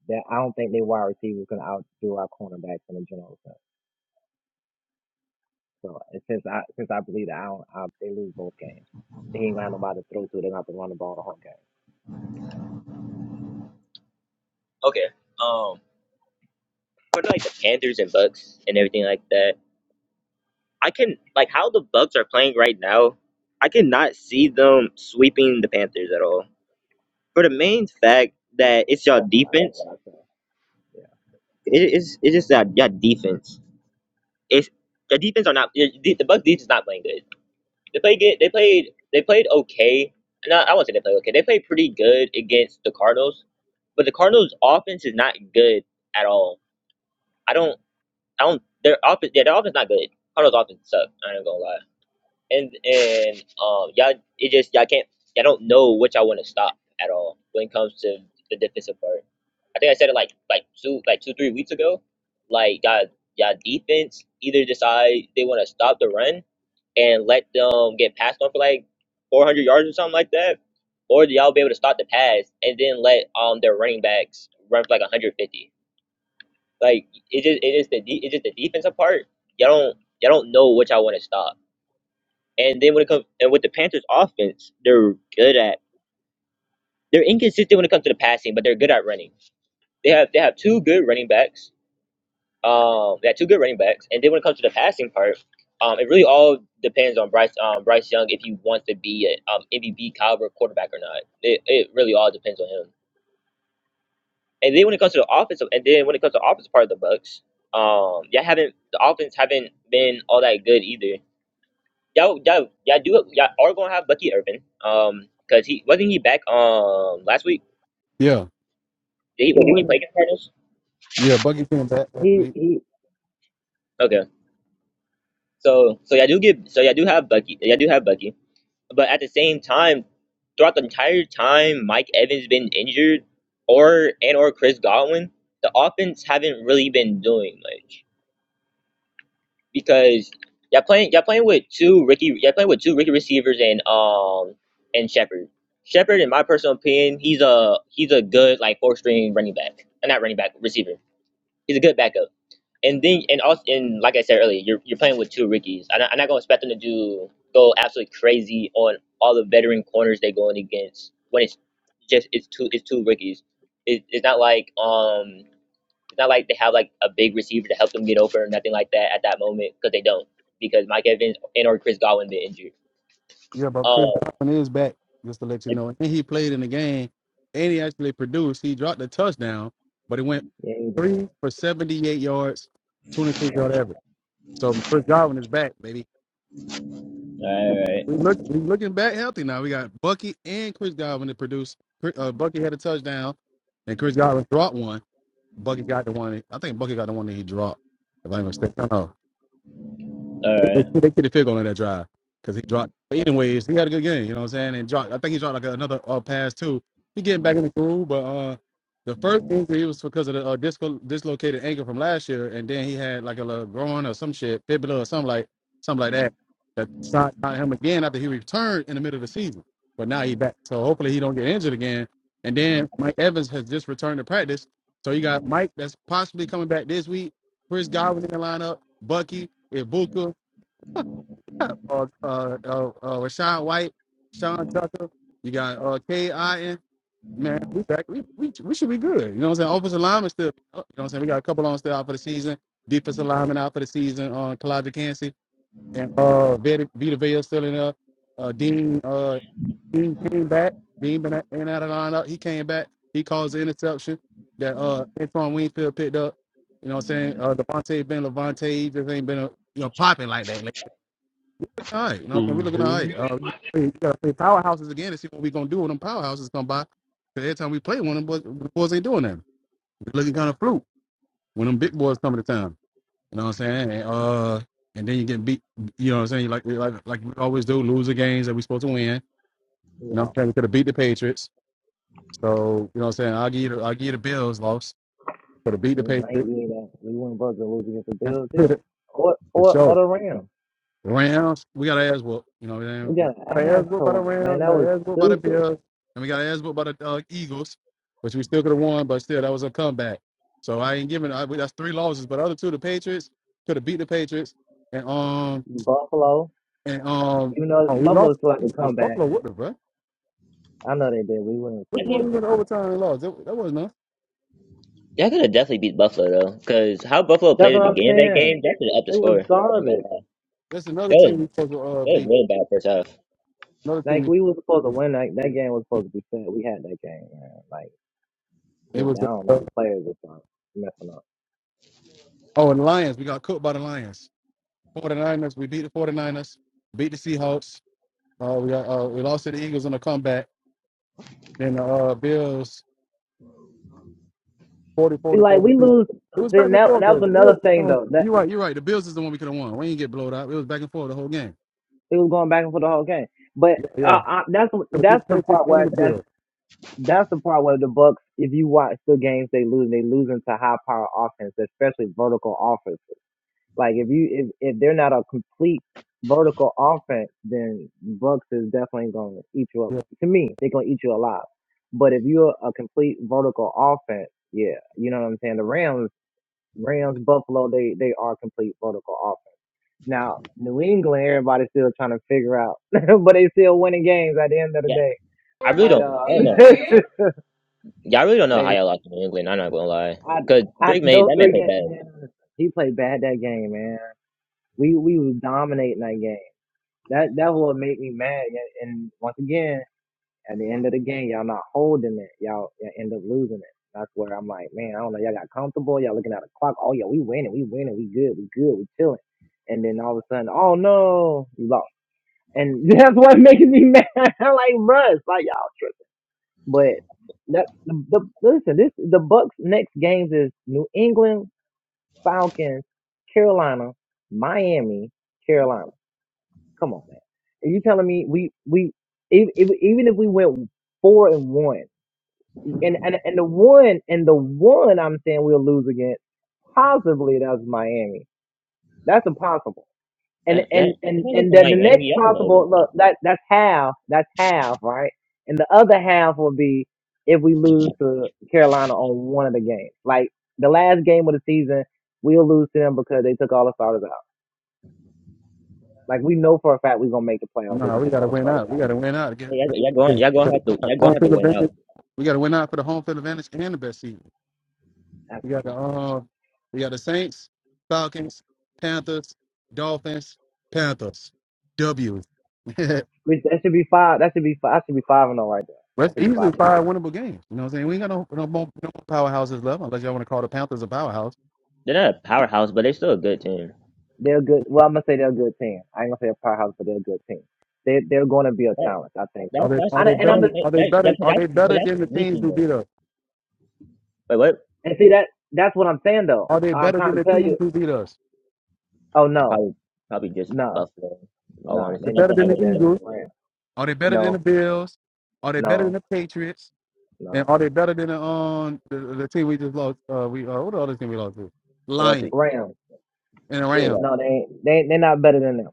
[SPEAKER 4] that I don't think they wide receivers can outdo our cornerbacks in a general sense. So and since I since I believe that I don't I, they lose both games. He ain't got nobody to throw to. They're gonna have to run the ball the whole game.
[SPEAKER 2] Okay. Um, for like the Panthers and Bucks and everything like that, I can like how the Bucks are playing right now. I cannot see them sweeping the Panthers at all. For the main fact that it's your
[SPEAKER 4] That's what I
[SPEAKER 2] defense.
[SPEAKER 4] said. I said, yeah.
[SPEAKER 2] It is. It's just that your defense. It's the defense are not. The the Bucks defense is not playing good. They played good. They played. They played okay. No, I I won't say they played okay. They played pretty good against the Cardinals, but the Cardinals' offense is not good at all. I don't. I don't. Their offense. Yeah, their offense not good. Cardinals' offense suck. I ain't gonna lie. And and um, y'all. It just y'all can't. Y'all don't know what y'all want to stop at all when it comes to the defensive part. I think I said it like like two like two three weeks ago. Like y'all y'all defense either decide they want to stop the run and let them get passed on for like 400 yards or something like that? Or do y'all be able to stop the pass and then let um their running backs run for like 150? Like it just it is the de- it's just the defensive part. Y'all don't y'all don't know what y'all want to stop. And then when it comes and with the Panthers offense, they're good at they're inconsistent when it comes to the passing, but they're good at running. They have they have two good running backs Um, they had two good running backs, and then when it comes to the passing part, um, it really all depends on Bryce um, Bryce Young if he wants to be an um, MVP caliber quarterback or not. It it really all depends on him. And then when it comes to the offensive, and then when it comes to the offensive part of the Bucks, um, y'all haven't the offense haven't been all that good either. Y'all y'all, y'all do y'all are gonna have Bucky Irvin, um, cause he wasn't he back um last week.
[SPEAKER 1] Yeah.
[SPEAKER 2] Did he,
[SPEAKER 4] He
[SPEAKER 2] did he play
[SPEAKER 4] wasn't.
[SPEAKER 2] against Cardinals?
[SPEAKER 1] Yeah. Buggy came back last
[SPEAKER 4] He
[SPEAKER 1] week.
[SPEAKER 4] he.
[SPEAKER 2] Okay, so so y'all do get so y'all do have Bucky y'all do have Bucky. But at the same time, throughout the entire time Mike Evans been injured, or and or Chris Godwin, the offense haven't really been doing much because y'all playing y'all playing with two Ricky y'all playing with two Ricky receivers and um and Shepard. Shepard, in my personal opinion, he's a he's a good like four string running back, Uh, not running back receiver. He's a good backup and then and also and like I said earlier, you're you're playing with two rookies. I'm not, I'm not gonna expect them to do go absolutely crazy on all the veteran corners they're going against when it's just it's two it's two rookies. It, it's not like um it's not like they have like a big receiver to help them get over or nothing like that at that moment because they don't because Mike Evans and or Chris Godwin been injured.
[SPEAKER 1] Yeah, but Chris
[SPEAKER 2] Oh, all
[SPEAKER 1] Godwin is back. Just to let you know, and he played in the game, and he actually produced. He dropped a touchdown, but it went
[SPEAKER 4] Yeah, he did.
[SPEAKER 1] three for seventy-eight yards, twenty-six yard average. So Chris Godwin is back, baby.
[SPEAKER 2] right,
[SPEAKER 1] We look, we looking back healthy now. We got Bucky and Chris Godwin to produce. Uh, Bucky had a touchdown, and Chris Godwin dropped one. Bucky got the one. I think Bucky got the one that he dropped. If I'm mistaken, I don't know.
[SPEAKER 2] all
[SPEAKER 1] They
[SPEAKER 2] right.
[SPEAKER 1] they get a field goal on that drive because he dropped. But anyways, he had a good game. You know what I'm saying? And dropped. I think he dropped like another uh, pass too. He getting back in the groove, but uh, the first injury was because of the uh, disco, dislocated ankle from last year, and then he had like a little groin or some shit, fibula or something like something like that. That shot shot him again after he returned in the middle of the season. But now he back, so hopefully he don't get injured again. And then Mike Evans has just returned to practice, so you got Mike that's possibly coming back this week. Chris Godwin in the lineup, Bucky, Ibuka, uh, uh, uh, uh, Rashawn White, Sean Tucker. You got uh, K.I.N. Man, we back. We, we we should be good. You know what I'm saying? Offensive lineman still. oh, You know what I'm saying? We got a couple on still out for the season. Defensive lineman out for the season. On uh, Kalajdzic Kansey and uh, Vita, Vita Vea still in there. Uh, Dean uh, Dean came back. Dean been in and out of the lineup. He came back. He caused the interception that uh Antoine Winfield picked up. You know what I'm saying? Uh, Devontae been Levante just ain't been a, you know popping like that. All right, no, we're looking all right.
[SPEAKER 3] hmm
[SPEAKER 1] Uh, we gotta play powerhouses again to see what we're gonna do when them powerhouses come by. 'Cause every time we play one, them boys, the boys ain't doing that. We're looking kind of fluke when them big boys come to town. You know what I'm saying? And, uh, and then you get beat. You know what I'm saying? Like like like we always do, lose the games that we supposed to win. You
[SPEAKER 4] You
[SPEAKER 1] know what I'm
[SPEAKER 4] know,
[SPEAKER 1] saying? We could have beat the Patriots. So you know what I'm saying? I'll give you the, I'll give you the Bills loss. Could have beat the
[SPEAKER 4] I ain't
[SPEAKER 1] Patriots
[SPEAKER 4] doing that. We wouldn't buzz to lose against the Bills either,
[SPEAKER 1] for
[SPEAKER 4] or or or
[SPEAKER 1] sure.
[SPEAKER 4] the Rams.
[SPEAKER 1] Rams. We got to ask what you know. What I'm saying?
[SPEAKER 4] We
[SPEAKER 1] We
[SPEAKER 4] got an
[SPEAKER 1] got to ask what by the
[SPEAKER 4] asshole, man.
[SPEAKER 1] Rams. We
[SPEAKER 4] That
[SPEAKER 1] got
[SPEAKER 4] was
[SPEAKER 1] to ask what by the
[SPEAKER 4] stupid.
[SPEAKER 1] Bills, and we got to ask what by the uh, Eagles, which we still could have won, but still that was a comeback. So I ain't giving. I, we, that's three losses, but other two, the Patriots could have beat the Patriots, and um
[SPEAKER 4] Buffalo,
[SPEAKER 1] and um
[SPEAKER 4] even though
[SPEAKER 1] oh we
[SPEAKER 4] Buffalo
[SPEAKER 1] lost
[SPEAKER 4] selected to
[SPEAKER 1] the
[SPEAKER 4] come back.
[SPEAKER 1] Buffalo with them, bro.
[SPEAKER 4] I know they did. We wouldn't have
[SPEAKER 2] I
[SPEAKER 1] Which one
[SPEAKER 2] think
[SPEAKER 1] we
[SPEAKER 4] still
[SPEAKER 1] went to overtime and lost? That, that wasn't us.
[SPEAKER 2] that could have definitely beat Buffalo though, because how Buffalo
[SPEAKER 4] That's
[SPEAKER 2] played at
[SPEAKER 4] what
[SPEAKER 2] the
[SPEAKER 4] I'm
[SPEAKER 2] beginning of that
[SPEAKER 4] saying.
[SPEAKER 2] game, that could have upped the
[SPEAKER 4] It
[SPEAKER 2] score.
[SPEAKER 4] was
[SPEAKER 2] I ain't gonna
[SPEAKER 4] garbage.
[SPEAKER 2] lie.
[SPEAKER 1] That's another
[SPEAKER 2] That
[SPEAKER 1] team
[SPEAKER 2] was.
[SPEAKER 1] we supposed to uh,
[SPEAKER 2] They're
[SPEAKER 1] beat.
[SPEAKER 2] really bad first half.
[SPEAKER 1] Another
[SPEAKER 4] Like
[SPEAKER 1] team.
[SPEAKER 4] we was supposed to
[SPEAKER 1] We,
[SPEAKER 4] win. Like that game was supposed to be fair. We had that game, man. Like
[SPEAKER 1] it
[SPEAKER 4] went
[SPEAKER 1] was
[SPEAKER 4] down on
[SPEAKER 1] uh,
[SPEAKER 4] the players or something messing up.
[SPEAKER 1] oh and the Lions. We got cooked by the Lions. 49ers. We beat the 49ers. Beat the Seahawks Uh, we got uh, we lost to the Eagles in a comeback. Then the uh, Bills, forty-four
[SPEAKER 4] See,
[SPEAKER 1] to
[SPEAKER 4] like we
[SPEAKER 1] thirty-two.
[SPEAKER 4] lose.
[SPEAKER 1] It was back
[SPEAKER 4] Then
[SPEAKER 1] and
[SPEAKER 4] that
[SPEAKER 1] forth
[SPEAKER 4] that
[SPEAKER 1] though.
[SPEAKER 4] was
[SPEAKER 1] The Bills,
[SPEAKER 4] another thing
[SPEAKER 1] won.
[SPEAKER 4] though. That
[SPEAKER 1] you're right, you're right. The Bills is the one we could have won. We didn't get blown out. It was back and forth the whole game.
[SPEAKER 4] it was going back and forth the whole game. But
[SPEAKER 1] Yeah,
[SPEAKER 4] uh,
[SPEAKER 1] yeah.
[SPEAKER 4] I, that's
[SPEAKER 1] So the
[SPEAKER 4] that's the
[SPEAKER 1] Patriots
[SPEAKER 4] part
[SPEAKER 1] and
[SPEAKER 4] where
[SPEAKER 1] the
[SPEAKER 4] that's
[SPEAKER 1] Bills.
[SPEAKER 4] that's the part where the Bucks. If you watch the games they lose, they losing to high power offense, especially vertical offense. Like if you if, if they're not a complete vertical offense, then Bucks is definitely gonna eat you up.
[SPEAKER 1] Yeah.
[SPEAKER 4] To me, they're gonna eat you alive. But if you're a complete vertical offense, yeah, you know what I'm saying. The Rams, Rams, Buffalo, they they are complete vertical offense. Now New England, everybody's still trying to figure out, but they still winning games at the end of the
[SPEAKER 2] Yeah,
[SPEAKER 4] day.
[SPEAKER 2] I really
[SPEAKER 4] But
[SPEAKER 2] don't. I don't
[SPEAKER 4] uh,
[SPEAKER 2] know. Yeah, I really don't know how
[SPEAKER 4] they
[SPEAKER 2] y'all lost to New England. I'm not gonna lie,
[SPEAKER 4] I
[SPEAKER 2] cause
[SPEAKER 4] I
[SPEAKER 2] Drake made
[SPEAKER 4] those
[SPEAKER 2] that man
[SPEAKER 4] three
[SPEAKER 2] play
[SPEAKER 4] games.
[SPEAKER 2] bad.
[SPEAKER 4] Man, he played bad that game, man. We we was dominating that game. That that what made me mad. yeah, And once again, at the end of the game, y'all not holding it. Y'all, y'all end up losing it. That's where I'm like, man, I don't know. Y'all got comfortable. Y'all looking at the clock. Oh yeah, we winning. We winning. We good. We good. We chilling. And then all of a sudden, oh no, you lost. And that's what making me mad. like, bruh, it's like y'all tripping. But that the, the listen, this the Bucks next games is New England Falcons, Carolina, Miami, Carolina. Come on, man. Are you telling me we we if, if, even if we went four and one, and, and and the one and the one I'm saying we'll lose against, possibly that's Miami. That's impossible. And
[SPEAKER 2] That, yeah,
[SPEAKER 4] and
[SPEAKER 2] you
[SPEAKER 4] and
[SPEAKER 2] can't look
[SPEAKER 4] and
[SPEAKER 2] at
[SPEAKER 4] then the next
[SPEAKER 2] Miami. Y'all can
[SPEAKER 4] possible
[SPEAKER 2] overrate it.
[SPEAKER 4] look that that's half. That's half, right? And the other half will be if we lose to Carolina on one of the games, like the last game of the season, we'll lose to them because they took all the starters out. Like we know for a fact we're gonna make the playoffs. They're
[SPEAKER 1] Nah,
[SPEAKER 4] gonna
[SPEAKER 1] we
[SPEAKER 4] take
[SPEAKER 1] gotta
[SPEAKER 4] all the
[SPEAKER 1] win
[SPEAKER 4] starters
[SPEAKER 1] out. We
[SPEAKER 4] out.
[SPEAKER 1] gotta win out. Get,
[SPEAKER 2] Hey, Y'all, y'all going, y'all going
[SPEAKER 1] get
[SPEAKER 2] have to, y'all going
[SPEAKER 1] home
[SPEAKER 2] have to
[SPEAKER 1] field
[SPEAKER 2] win out.
[SPEAKER 1] advantage. We gotta win out for the home field advantage and the best seed. We
[SPEAKER 4] That's
[SPEAKER 1] got the uh, we got the Saints, Falcons, Panthers, Dolphins, Panthers. W.
[SPEAKER 4] Which that should be five. That should be five. That should be five and all right there. That
[SPEAKER 1] Let's
[SPEAKER 4] should be
[SPEAKER 1] easily
[SPEAKER 4] five and all.
[SPEAKER 1] five winnable games. You know what I'm saying? We ain't got no no more, no more powerhouses left unless y'all want to call the Panthers a powerhouse.
[SPEAKER 2] They're not a powerhouse, but they're still a good team.
[SPEAKER 4] They're a good. Well, I'm gonna say they're a good team. I ain't gonna say a powerhouse, but they're a good team. They they're going to be a
[SPEAKER 2] That,
[SPEAKER 4] challenge. I think
[SPEAKER 1] Are
[SPEAKER 2] that's
[SPEAKER 4] so.
[SPEAKER 1] they
[SPEAKER 2] that's
[SPEAKER 1] are
[SPEAKER 4] I,
[SPEAKER 1] they
[SPEAKER 2] that's
[SPEAKER 4] and
[SPEAKER 2] why
[SPEAKER 1] better
[SPEAKER 4] I'm
[SPEAKER 2] I'm
[SPEAKER 1] than-
[SPEAKER 4] just-
[SPEAKER 2] saying.
[SPEAKER 1] are they
[SPEAKER 2] That, yeah,
[SPEAKER 1] better
[SPEAKER 2] cause
[SPEAKER 1] are they
[SPEAKER 2] that's cause
[SPEAKER 1] better
[SPEAKER 2] that's
[SPEAKER 1] than the teams
[SPEAKER 2] leaking
[SPEAKER 1] who
[SPEAKER 2] them.
[SPEAKER 1] beat us?
[SPEAKER 2] Wait what?
[SPEAKER 4] and see that that's what I'm saying though.
[SPEAKER 1] Are they
[SPEAKER 4] I'm
[SPEAKER 1] better
[SPEAKER 4] trying
[SPEAKER 1] than
[SPEAKER 4] to
[SPEAKER 1] the
[SPEAKER 4] tell
[SPEAKER 1] teams
[SPEAKER 4] you.
[SPEAKER 1] who beat us?
[SPEAKER 4] Oh no,
[SPEAKER 2] Probably probably just
[SPEAKER 4] no,
[SPEAKER 2] Buffalo. in All
[SPEAKER 4] no.
[SPEAKER 1] Are
[SPEAKER 2] honesty,
[SPEAKER 1] they
[SPEAKER 4] They're
[SPEAKER 2] that's
[SPEAKER 1] better
[SPEAKER 4] not
[SPEAKER 2] what
[SPEAKER 1] than
[SPEAKER 4] better
[SPEAKER 2] happened
[SPEAKER 1] the
[SPEAKER 2] to play on
[SPEAKER 4] than
[SPEAKER 2] the
[SPEAKER 1] Eagles?
[SPEAKER 4] Rams.
[SPEAKER 2] division.
[SPEAKER 1] Are they better than the
[SPEAKER 4] No,
[SPEAKER 1] Bills? Are they better than
[SPEAKER 4] no,
[SPEAKER 1] the Patriots? And
[SPEAKER 4] no.
[SPEAKER 1] are they better than the um the, the team we just lost? Uh, we uh, what the other team we lost to?
[SPEAKER 2] They lost to
[SPEAKER 1] Lions
[SPEAKER 2] Eagles.
[SPEAKER 4] Rams.
[SPEAKER 1] and the
[SPEAKER 2] But
[SPEAKER 4] too.
[SPEAKER 1] Rams.
[SPEAKER 2] yeah,
[SPEAKER 4] No, they
[SPEAKER 2] so, I
[SPEAKER 4] ain't. They they're not better than them.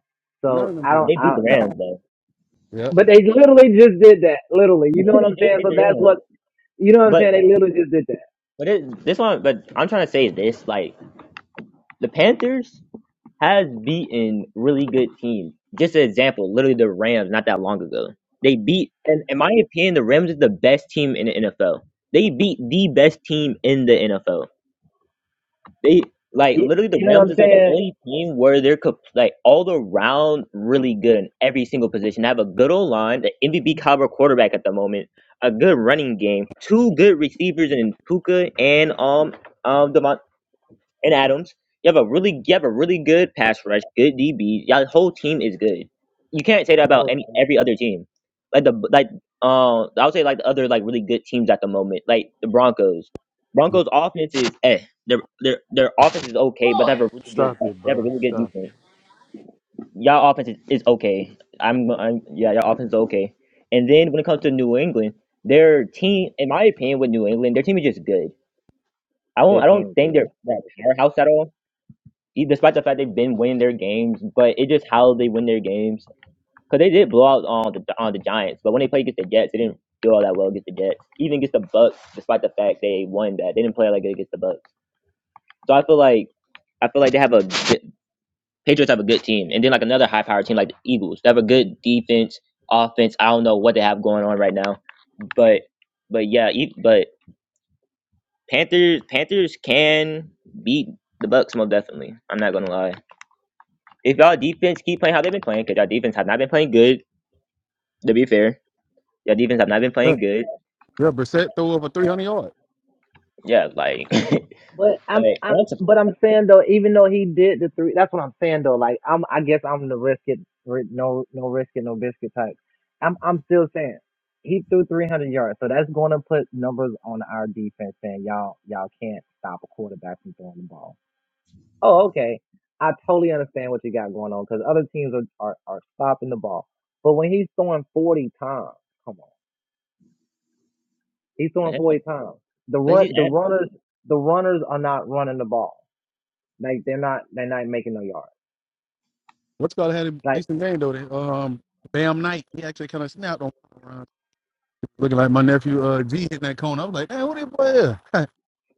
[SPEAKER 1] None
[SPEAKER 4] So
[SPEAKER 1] of them.
[SPEAKER 4] I
[SPEAKER 2] mean,
[SPEAKER 4] don't.
[SPEAKER 1] Niggas.
[SPEAKER 2] they beat
[SPEAKER 4] I
[SPEAKER 2] the
[SPEAKER 4] don't know.
[SPEAKER 2] Rams though.
[SPEAKER 1] Yeah,
[SPEAKER 4] But they literally just did that. Literally, you know what
[SPEAKER 2] they
[SPEAKER 4] I'm
[SPEAKER 2] did
[SPEAKER 4] saying.
[SPEAKER 2] beat
[SPEAKER 4] So
[SPEAKER 2] the
[SPEAKER 4] that's
[SPEAKER 2] Rams.
[SPEAKER 4] what you know what I'm
[SPEAKER 2] but.
[SPEAKER 4] saying. They literally just did
[SPEAKER 2] But it, this one, but I'm trying to say this: like the Panthers has beaten really good teams. Just an example, literally the Rams not that long ago. They beat,
[SPEAKER 4] that.
[SPEAKER 2] in my opinion, the Rams is the best team in the NFL. They beat the best team in the NFL. They like
[SPEAKER 4] You,
[SPEAKER 2] literally the
[SPEAKER 4] you know what
[SPEAKER 2] Rams
[SPEAKER 4] I'm
[SPEAKER 2] is like the
[SPEAKER 4] saying?
[SPEAKER 2] only team where they're co- like all around really good in every single position. They have a good old line, the MVP caliber quarterback at the moment, a good running game, two good receivers in Puka and um um Devon- and Adams. You have a really you have a really good pass rush, good DB. Your whole team is good. You can't say that
[SPEAKER 4] The
[SPEAKER 2] about
[SPEAKER 4] whole
[SPEAKER 2] any
[SPEAKER 4] thing.
[SPEAKER 2] every other team. Like the like uh, I would say like the other like really good teams at the moment, like the Broncos. Broncos offense is eh. Their their their offense is okay, but they have a really good
[SPEAKER 3] Stop it,
[SPEAKER 2] they have a
[SPEAKER 3] bro.
[SPEAKER 2] really good
[SPEAKER 3] Stop
[SPEAKER 2] defense. Y'all offense is, is okay. I'm, I'm yeah, your offense is okay. And then when it comes to New England, their team, in my opinion, with New England, their team is just good. I don't
[SPEAKER 4] They
[SPEAKER 2] I don't
[SPEAKER 4] team
[SPEAKER 2] think they're
[SPEAKER 4] good.
[SPEAKER 2] that powerhouse at all e- despite the fact they've been winning their games, but it's just how they win their games. Because they did blow out on the on the Giants, but when they played against the Jets, they didn't do all that well against the Jets. Even against the Bucks, despite the fact they won that, they didn't play like good against the Bucks. So I feel like I feel like they have a good, Patriots have a good team, and then like another high power team like the Eagles, they have a good defense, offense. I don't know what they have going on right now, but but yeah, e- but Panthers Panthers can beat the Bucks most definitely. I'm not gonna lie. If y'all defense keep playing how they've been playing, because y'all defense have not been playing good. To be fair, y'all defense have not been
[SPEAKER 1] yeah.
[SPEAKER 2] playing good.
[SPEAKER 1] yeah, Brissett threw over 300 yards.
[SPEAKER 2] Yeah, like like
[SPEAKER 4] But I'm, I'm,
[SPEAKER 2] that's a,
[SPEAKER 4] but I'm saying though, even though he did the three, that's what I'm saying though. Like I'm, I guess I'm the risk it, ri- no, no risk it, no biscuit type. I'm, I'm still saying he threw 300 yards, so that's going to put numbers on our defense saying y'all, y'all can't stop a quarterback from throwing the ball. Oh, okay, I totally understand what you got going on because other teams are, are, are stopping the ball, but when he's throwing 40 times, come on. He's throwing
[SPEAKER 2] that's
[SPEAKER 4] for
[SPEAKER 2] a-
[SPEAKER 4] eight times. The
[SPEAKER 2] but
[SPEAKER 4] run, the runners, the runners are not running the ball. Like they're not, they're not making no yards.
[SPEAKER 1] What's got had a
[SPEAKER 4] Like
[SPEAKER 1] decent game though? They, Um, Bam Knight he actually kind of snapped on. Looking like my nephew uh, G hitting that cone. I was like, man, who that boy is?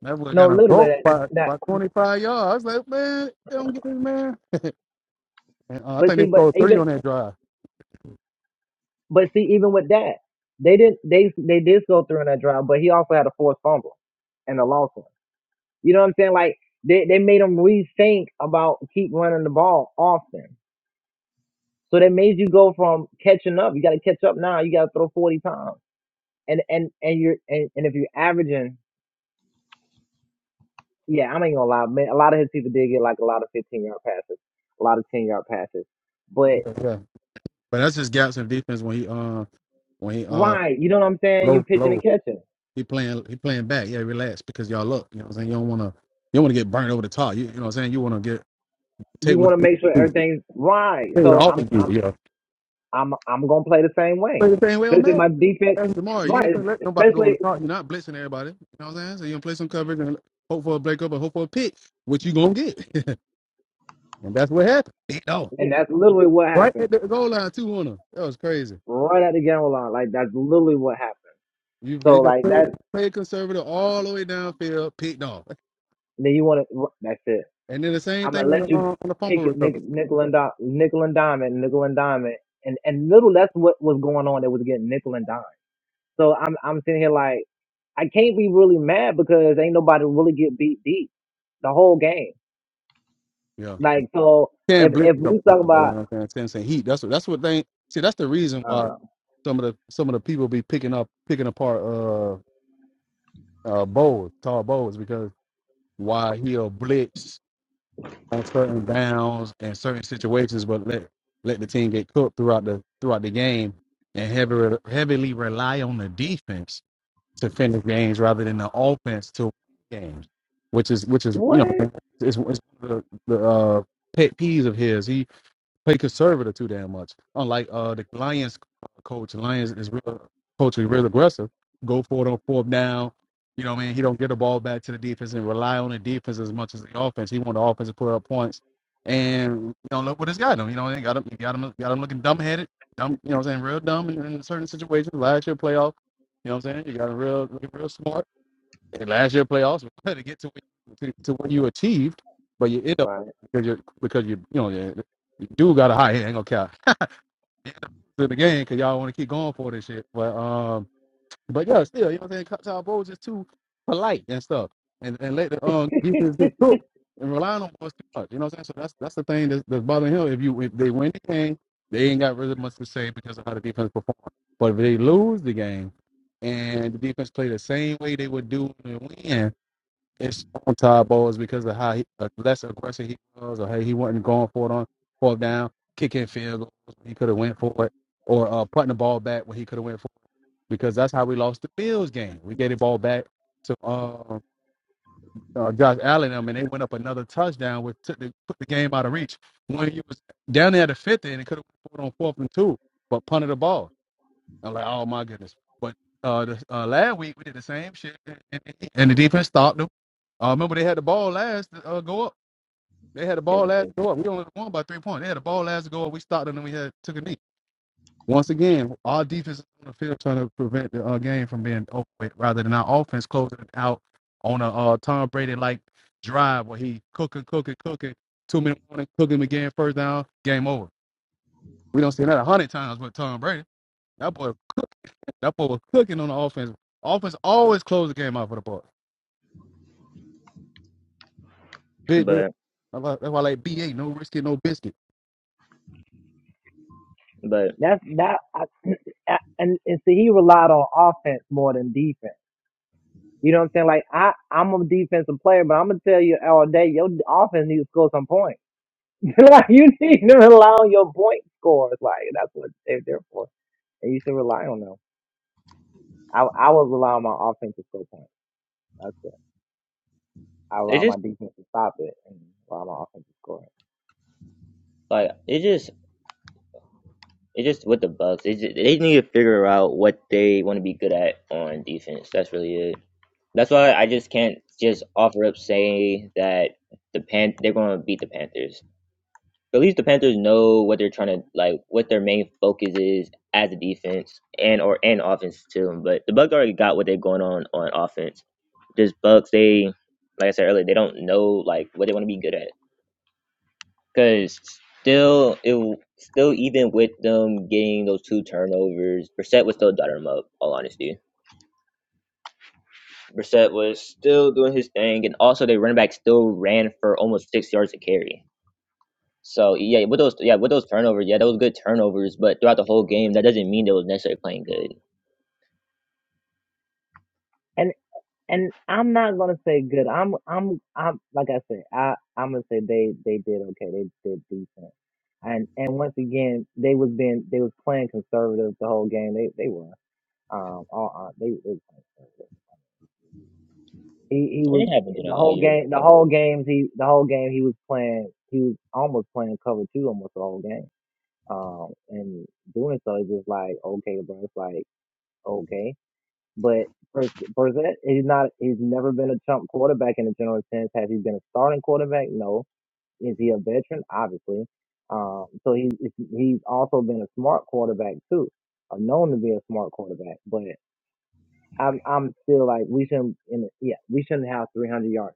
[SPEAKER 1] That boy
[SPEAKER 4] no,
[SPEAKER 1] got a
[SPEAKER 4] literally
[SPEAKER 1] broke
[SPEAKER 4] that.
[SPEAKER 1] by,
[SPEAKER 4] that-
[SPEAKER 1] by 25 yards. I was like, man, they don't get this man. And uh, I
[SPEAKER 4] But
[SPEAKER 1] think
[SPEAKER 4] see,
[SPEAKER 1] they
[SPEAKER 4] but
[SPEAKER 1] scored three
[SPEAKER 4] even,
[SPEAKER 1] on that drive.
[SPEAKER 4] but see, even with that, they didn't, they they did go through in that drive, but he also had a forced fumble and a lost one. You know what I'm saying? Like they they made him rethink about keep running the ball often. So that made you go from catching up. You got to catch up now. You got to throw 40 times. And and and you're and, and if you're averaging Yeah, I ain't gonna lie. Man, a lot of his people did get like a lot of 15 yard passes, a lot of 10 yard passes. But
[SPEAKER 1] Yeah, yeah. But that's just gaps in defense when he uh when he uh
[SPEAKER 4] right, you know what I'm saying? You
[SPEAKER 1] low
[SPEAKER 4] pitching
[SPEAKER 1] low.
[SPEAKER 4] and catching.
[SPEAKER 1] He playing he playing back. Yeah, relax because y'all look. You know what I'm saying? You don't wanna you don't wanna get burned over the top. You, you know what I'm saying? You wanna get take
[SPEAKER 4] You
[SPEAKER 1] what
[SPEAKER 4] want to make sure
[SPEAKER 1] you
[SPEAKER 4] everything's right.
[SPEAKER 1] take what the
[SPEAKER 4] So I'm
[SPEAKER 1] offense give
[SPEAKER 4] I'm
[SPEAKER 1] you. Yeah.
[SPEAKER 4] I'm I'm gonna play the same way.
[SPEAKER 1] Play the same way on
[SPEAKER 4] Especially
[SPEAKER 1] Madden.
[SPEAKER 4] my defense,
[SPEAKER 1] That's tomorrow. You
[SPEAKER 4] right?
[SPEAKER 1] ain't gonna let nobody go on the
[SPEAKER 4] Especially,
[SPEAKER 1] clock. You're not blitzing everybody. You know what I'm saying? So you're gonna play some coverage and hope for a break up and hope for a pick, which you gonna get. and that's what happened. You know,
[SPEAKER 4] and
[SPEAKER 2] you-
[SPEAKER 4] that's literally what
[SPEAKER 1] right
[SPEAKER 4] happened
[SPEAKER 1] at the goal line too on them. That was crazy.
[SPEAKER 4] right at the game line. Like that's literally what happened.
[SPEAKER 1] You they
[SPEAKER 4] So
[SPEAKER 1] just
[SPEAKER 4] like
[SPEAKER 1] play,
[SPEAKER 4] that.
[SPEAKER 1] play conservative all the way downfield, picked off.
[SPEAKER 4] Then you want to. That's it.
[SPEAKER 1] And then the same
[SPEAKER 4] I'm gonna
[SPEAKER 1] thing on
[SPEAKER 4] let
[SPEAKER 1] the
[SPEAKER 4] you
[SPEAKER 1] um, on the
[SPEAKER 4] pick
[SPEAKER 1] fumble
[SPEAKER 4] it nick,
[SPEAKER 1] recovery.
[SPEAKER 4] nickel and dime, nickel and diamond, nickel and diamond, and and little that's what was going on. That was getting nickel and dime. So I'm I'm sitting here like I can't be really mad because ain't nobody really get beat deep the whole game.
[SPEAKER 1] Yeah.
[SPEAKER 4] Like so,
[SPEAKER 1] Can't
[SPEAKER 4] if
[SPEAKER 1] blitz
[SPEAKER 4] if
[SPEAKER 1] a couple
[SPEAKER 4] we talk
[SPEAKER 1] times though, you
[SPEAKER 4] about
[SPEAKER 1] know what I'm saying? Ten cent heat. That's what that's what they see, that's the reason
[SPEAKER 4] I don't
[SPEAKER 1] why
[SPEAKER 4] know
[SPEAKER 1] some of the some of the people be picking up picking apart uh uh bowls, tall bowls because why he'll blitz on certain downs and certain situations, but let let the team get cooked throughout the throughout the game and heavily heavily rely on the defense to finish games rather than the offense to win games, which is which is you know
[SPEAKER 4] what
[SPEAKER 1] it's, it's one of the, the uh, pet peeves of his. He play conservative too damn much. Unlike uh the Lions coach, Lions is real coach is real aggressive. Go for it on fourth down. You know what I mean? He don't get the ball back to the defense and rely on the defense as much as the offense. He want the offense to put up points. And you know, look what it's got him. You know, they got him got him got him looking dumb headed, dumb you know what I'm saying, real dumb in, in certain situations. Last year playoff, you know what I'm saying? You got him real real smart and last year playoffs to get to when, to, to when you achieved, but you end up
[SPEAKER 4] Right.
[SPEAKER 1] because you because you you know you, you do got a high hand. Ain't gonna count to the game because y'all want to keep going for this shit. But um, but yeah, still you know what I'm saying. Kyle Bowles is too polite and stuff, and and let the um defense get cooked and relying on boys too much. You know what I'm saying. So that's that's the thing that's, that's bothering him. If you if they win the game, they ain't got really much to say because of how the defense performed. But if they lose the game and the defense play the same way they would do in the win in on Todd Bowles because of how he, uh, less aggressive he was, or hey, he wasn't going for it on fourth down, kicking field goals when he could have went for it, or uh, putting the ball back when he could have went for it, because that's how we lost the Bills game. We gave the ball back to uh, uh, Josh Allen, I mean, they went up another touchdown, which took the, put the game out of reach when he was down there at the fifth, and it could have went for it on fourth and two, but punted the ball. I'm like, oh my goodness. But uh, the, uh last week we did the same shit, and, and the defense stopped them. Uh, remember they had the ball last to uh, go up. They had the ball last to go up. We only won by three points. They had the ball last to go up. We stopped them, and we had took a knee. Once again, our defense is on the field trying to prevent the uh, game from being over with, rather than our offense closing it out on a uh, Tom Brady like drive where he cooking, cooking, cooking. Two minute warning, cook again, first down, game over. We don't see that a hundred times with Tom Brady. That boy that boy was cooking on the offense. Offense always closed the game out for the Bucks. Big difference.
[SPEAKER 2] but
[SPEAKER 1] That's why that's why I like BA, no risk no biscuit.
[SPEAKER 2] but
[SPEAKER 4] that's that I, I- and and see he relied on offense more than defense. You know what I'm saying? Like I I'm a defensive player, but I'm gonna tell you all day your offense needs to score some points. like you need to rely on your point scores. Like that's what they're there for, and you should rely on them. I I would rely on my offense to score points. That's it. I
[SPEAKER 2] it
[SPEAKER 4] rely on my
[SPEAKER 2] just
[SPEAKER 4] defense to stop it, and rely on my offense to score.
[SPEAKER 2] like it just it just with the Bucks. It just, they need to figure out what they want to be good at on defense. That's really it. That's why I just can't just offer up say that the pan they're gonna beat the Panthers. at least the Panthers know what they're trying to like, what their main focus is as a defense and or and offense too. But the Bucks already got what they're going on on offense. Just Bucks, they like I said earlier, they don't know like what they want to be good at. Cause still, it still even with them getting those two turnovers, Brissett was still dotting them up. All honesty, Brissett was still doing his thing, and also their running back still ran for almost six yards a carry So yeah, with those yeah with those turnovers, yeah, those good turnovers. But throughout the whole game, that doesn't mean they was necessarily playing good.
[SPEAKER 4] And and I'm not gonna say good. I'm I'm I'm like I said. I I'm gonna say they they did okay. They did decent. And and once again, they was being they was playing conservative the whole game. They they were um all uh, they, they were playing conservative. He he
[SPEAKER 2] I
[SPEAKER 4] was
[SPEAKER 2] mean, it happened to
[SPEAKER 4] the
[SPEAKER 2] all
[SPEAKER 4] whole
[SPEAKER 2] year.
[SPEAKER 4] game. The whole games he the whole game he was playing. He was almost playing cover two almost the whole game. Um, and doing so is just like okay, bro. It's like okay, but Burs- Burzett he's not. He's never been a chump quarterback in a general sense. Has he been a starting quarterback? No. Is he a veteran? Obviously. Um, so he's he's also been a smart quarterback too, or known to be a smart quarterback. but. I'm I'm still like we shouldn't in yeah we shouldn't have 300 yards.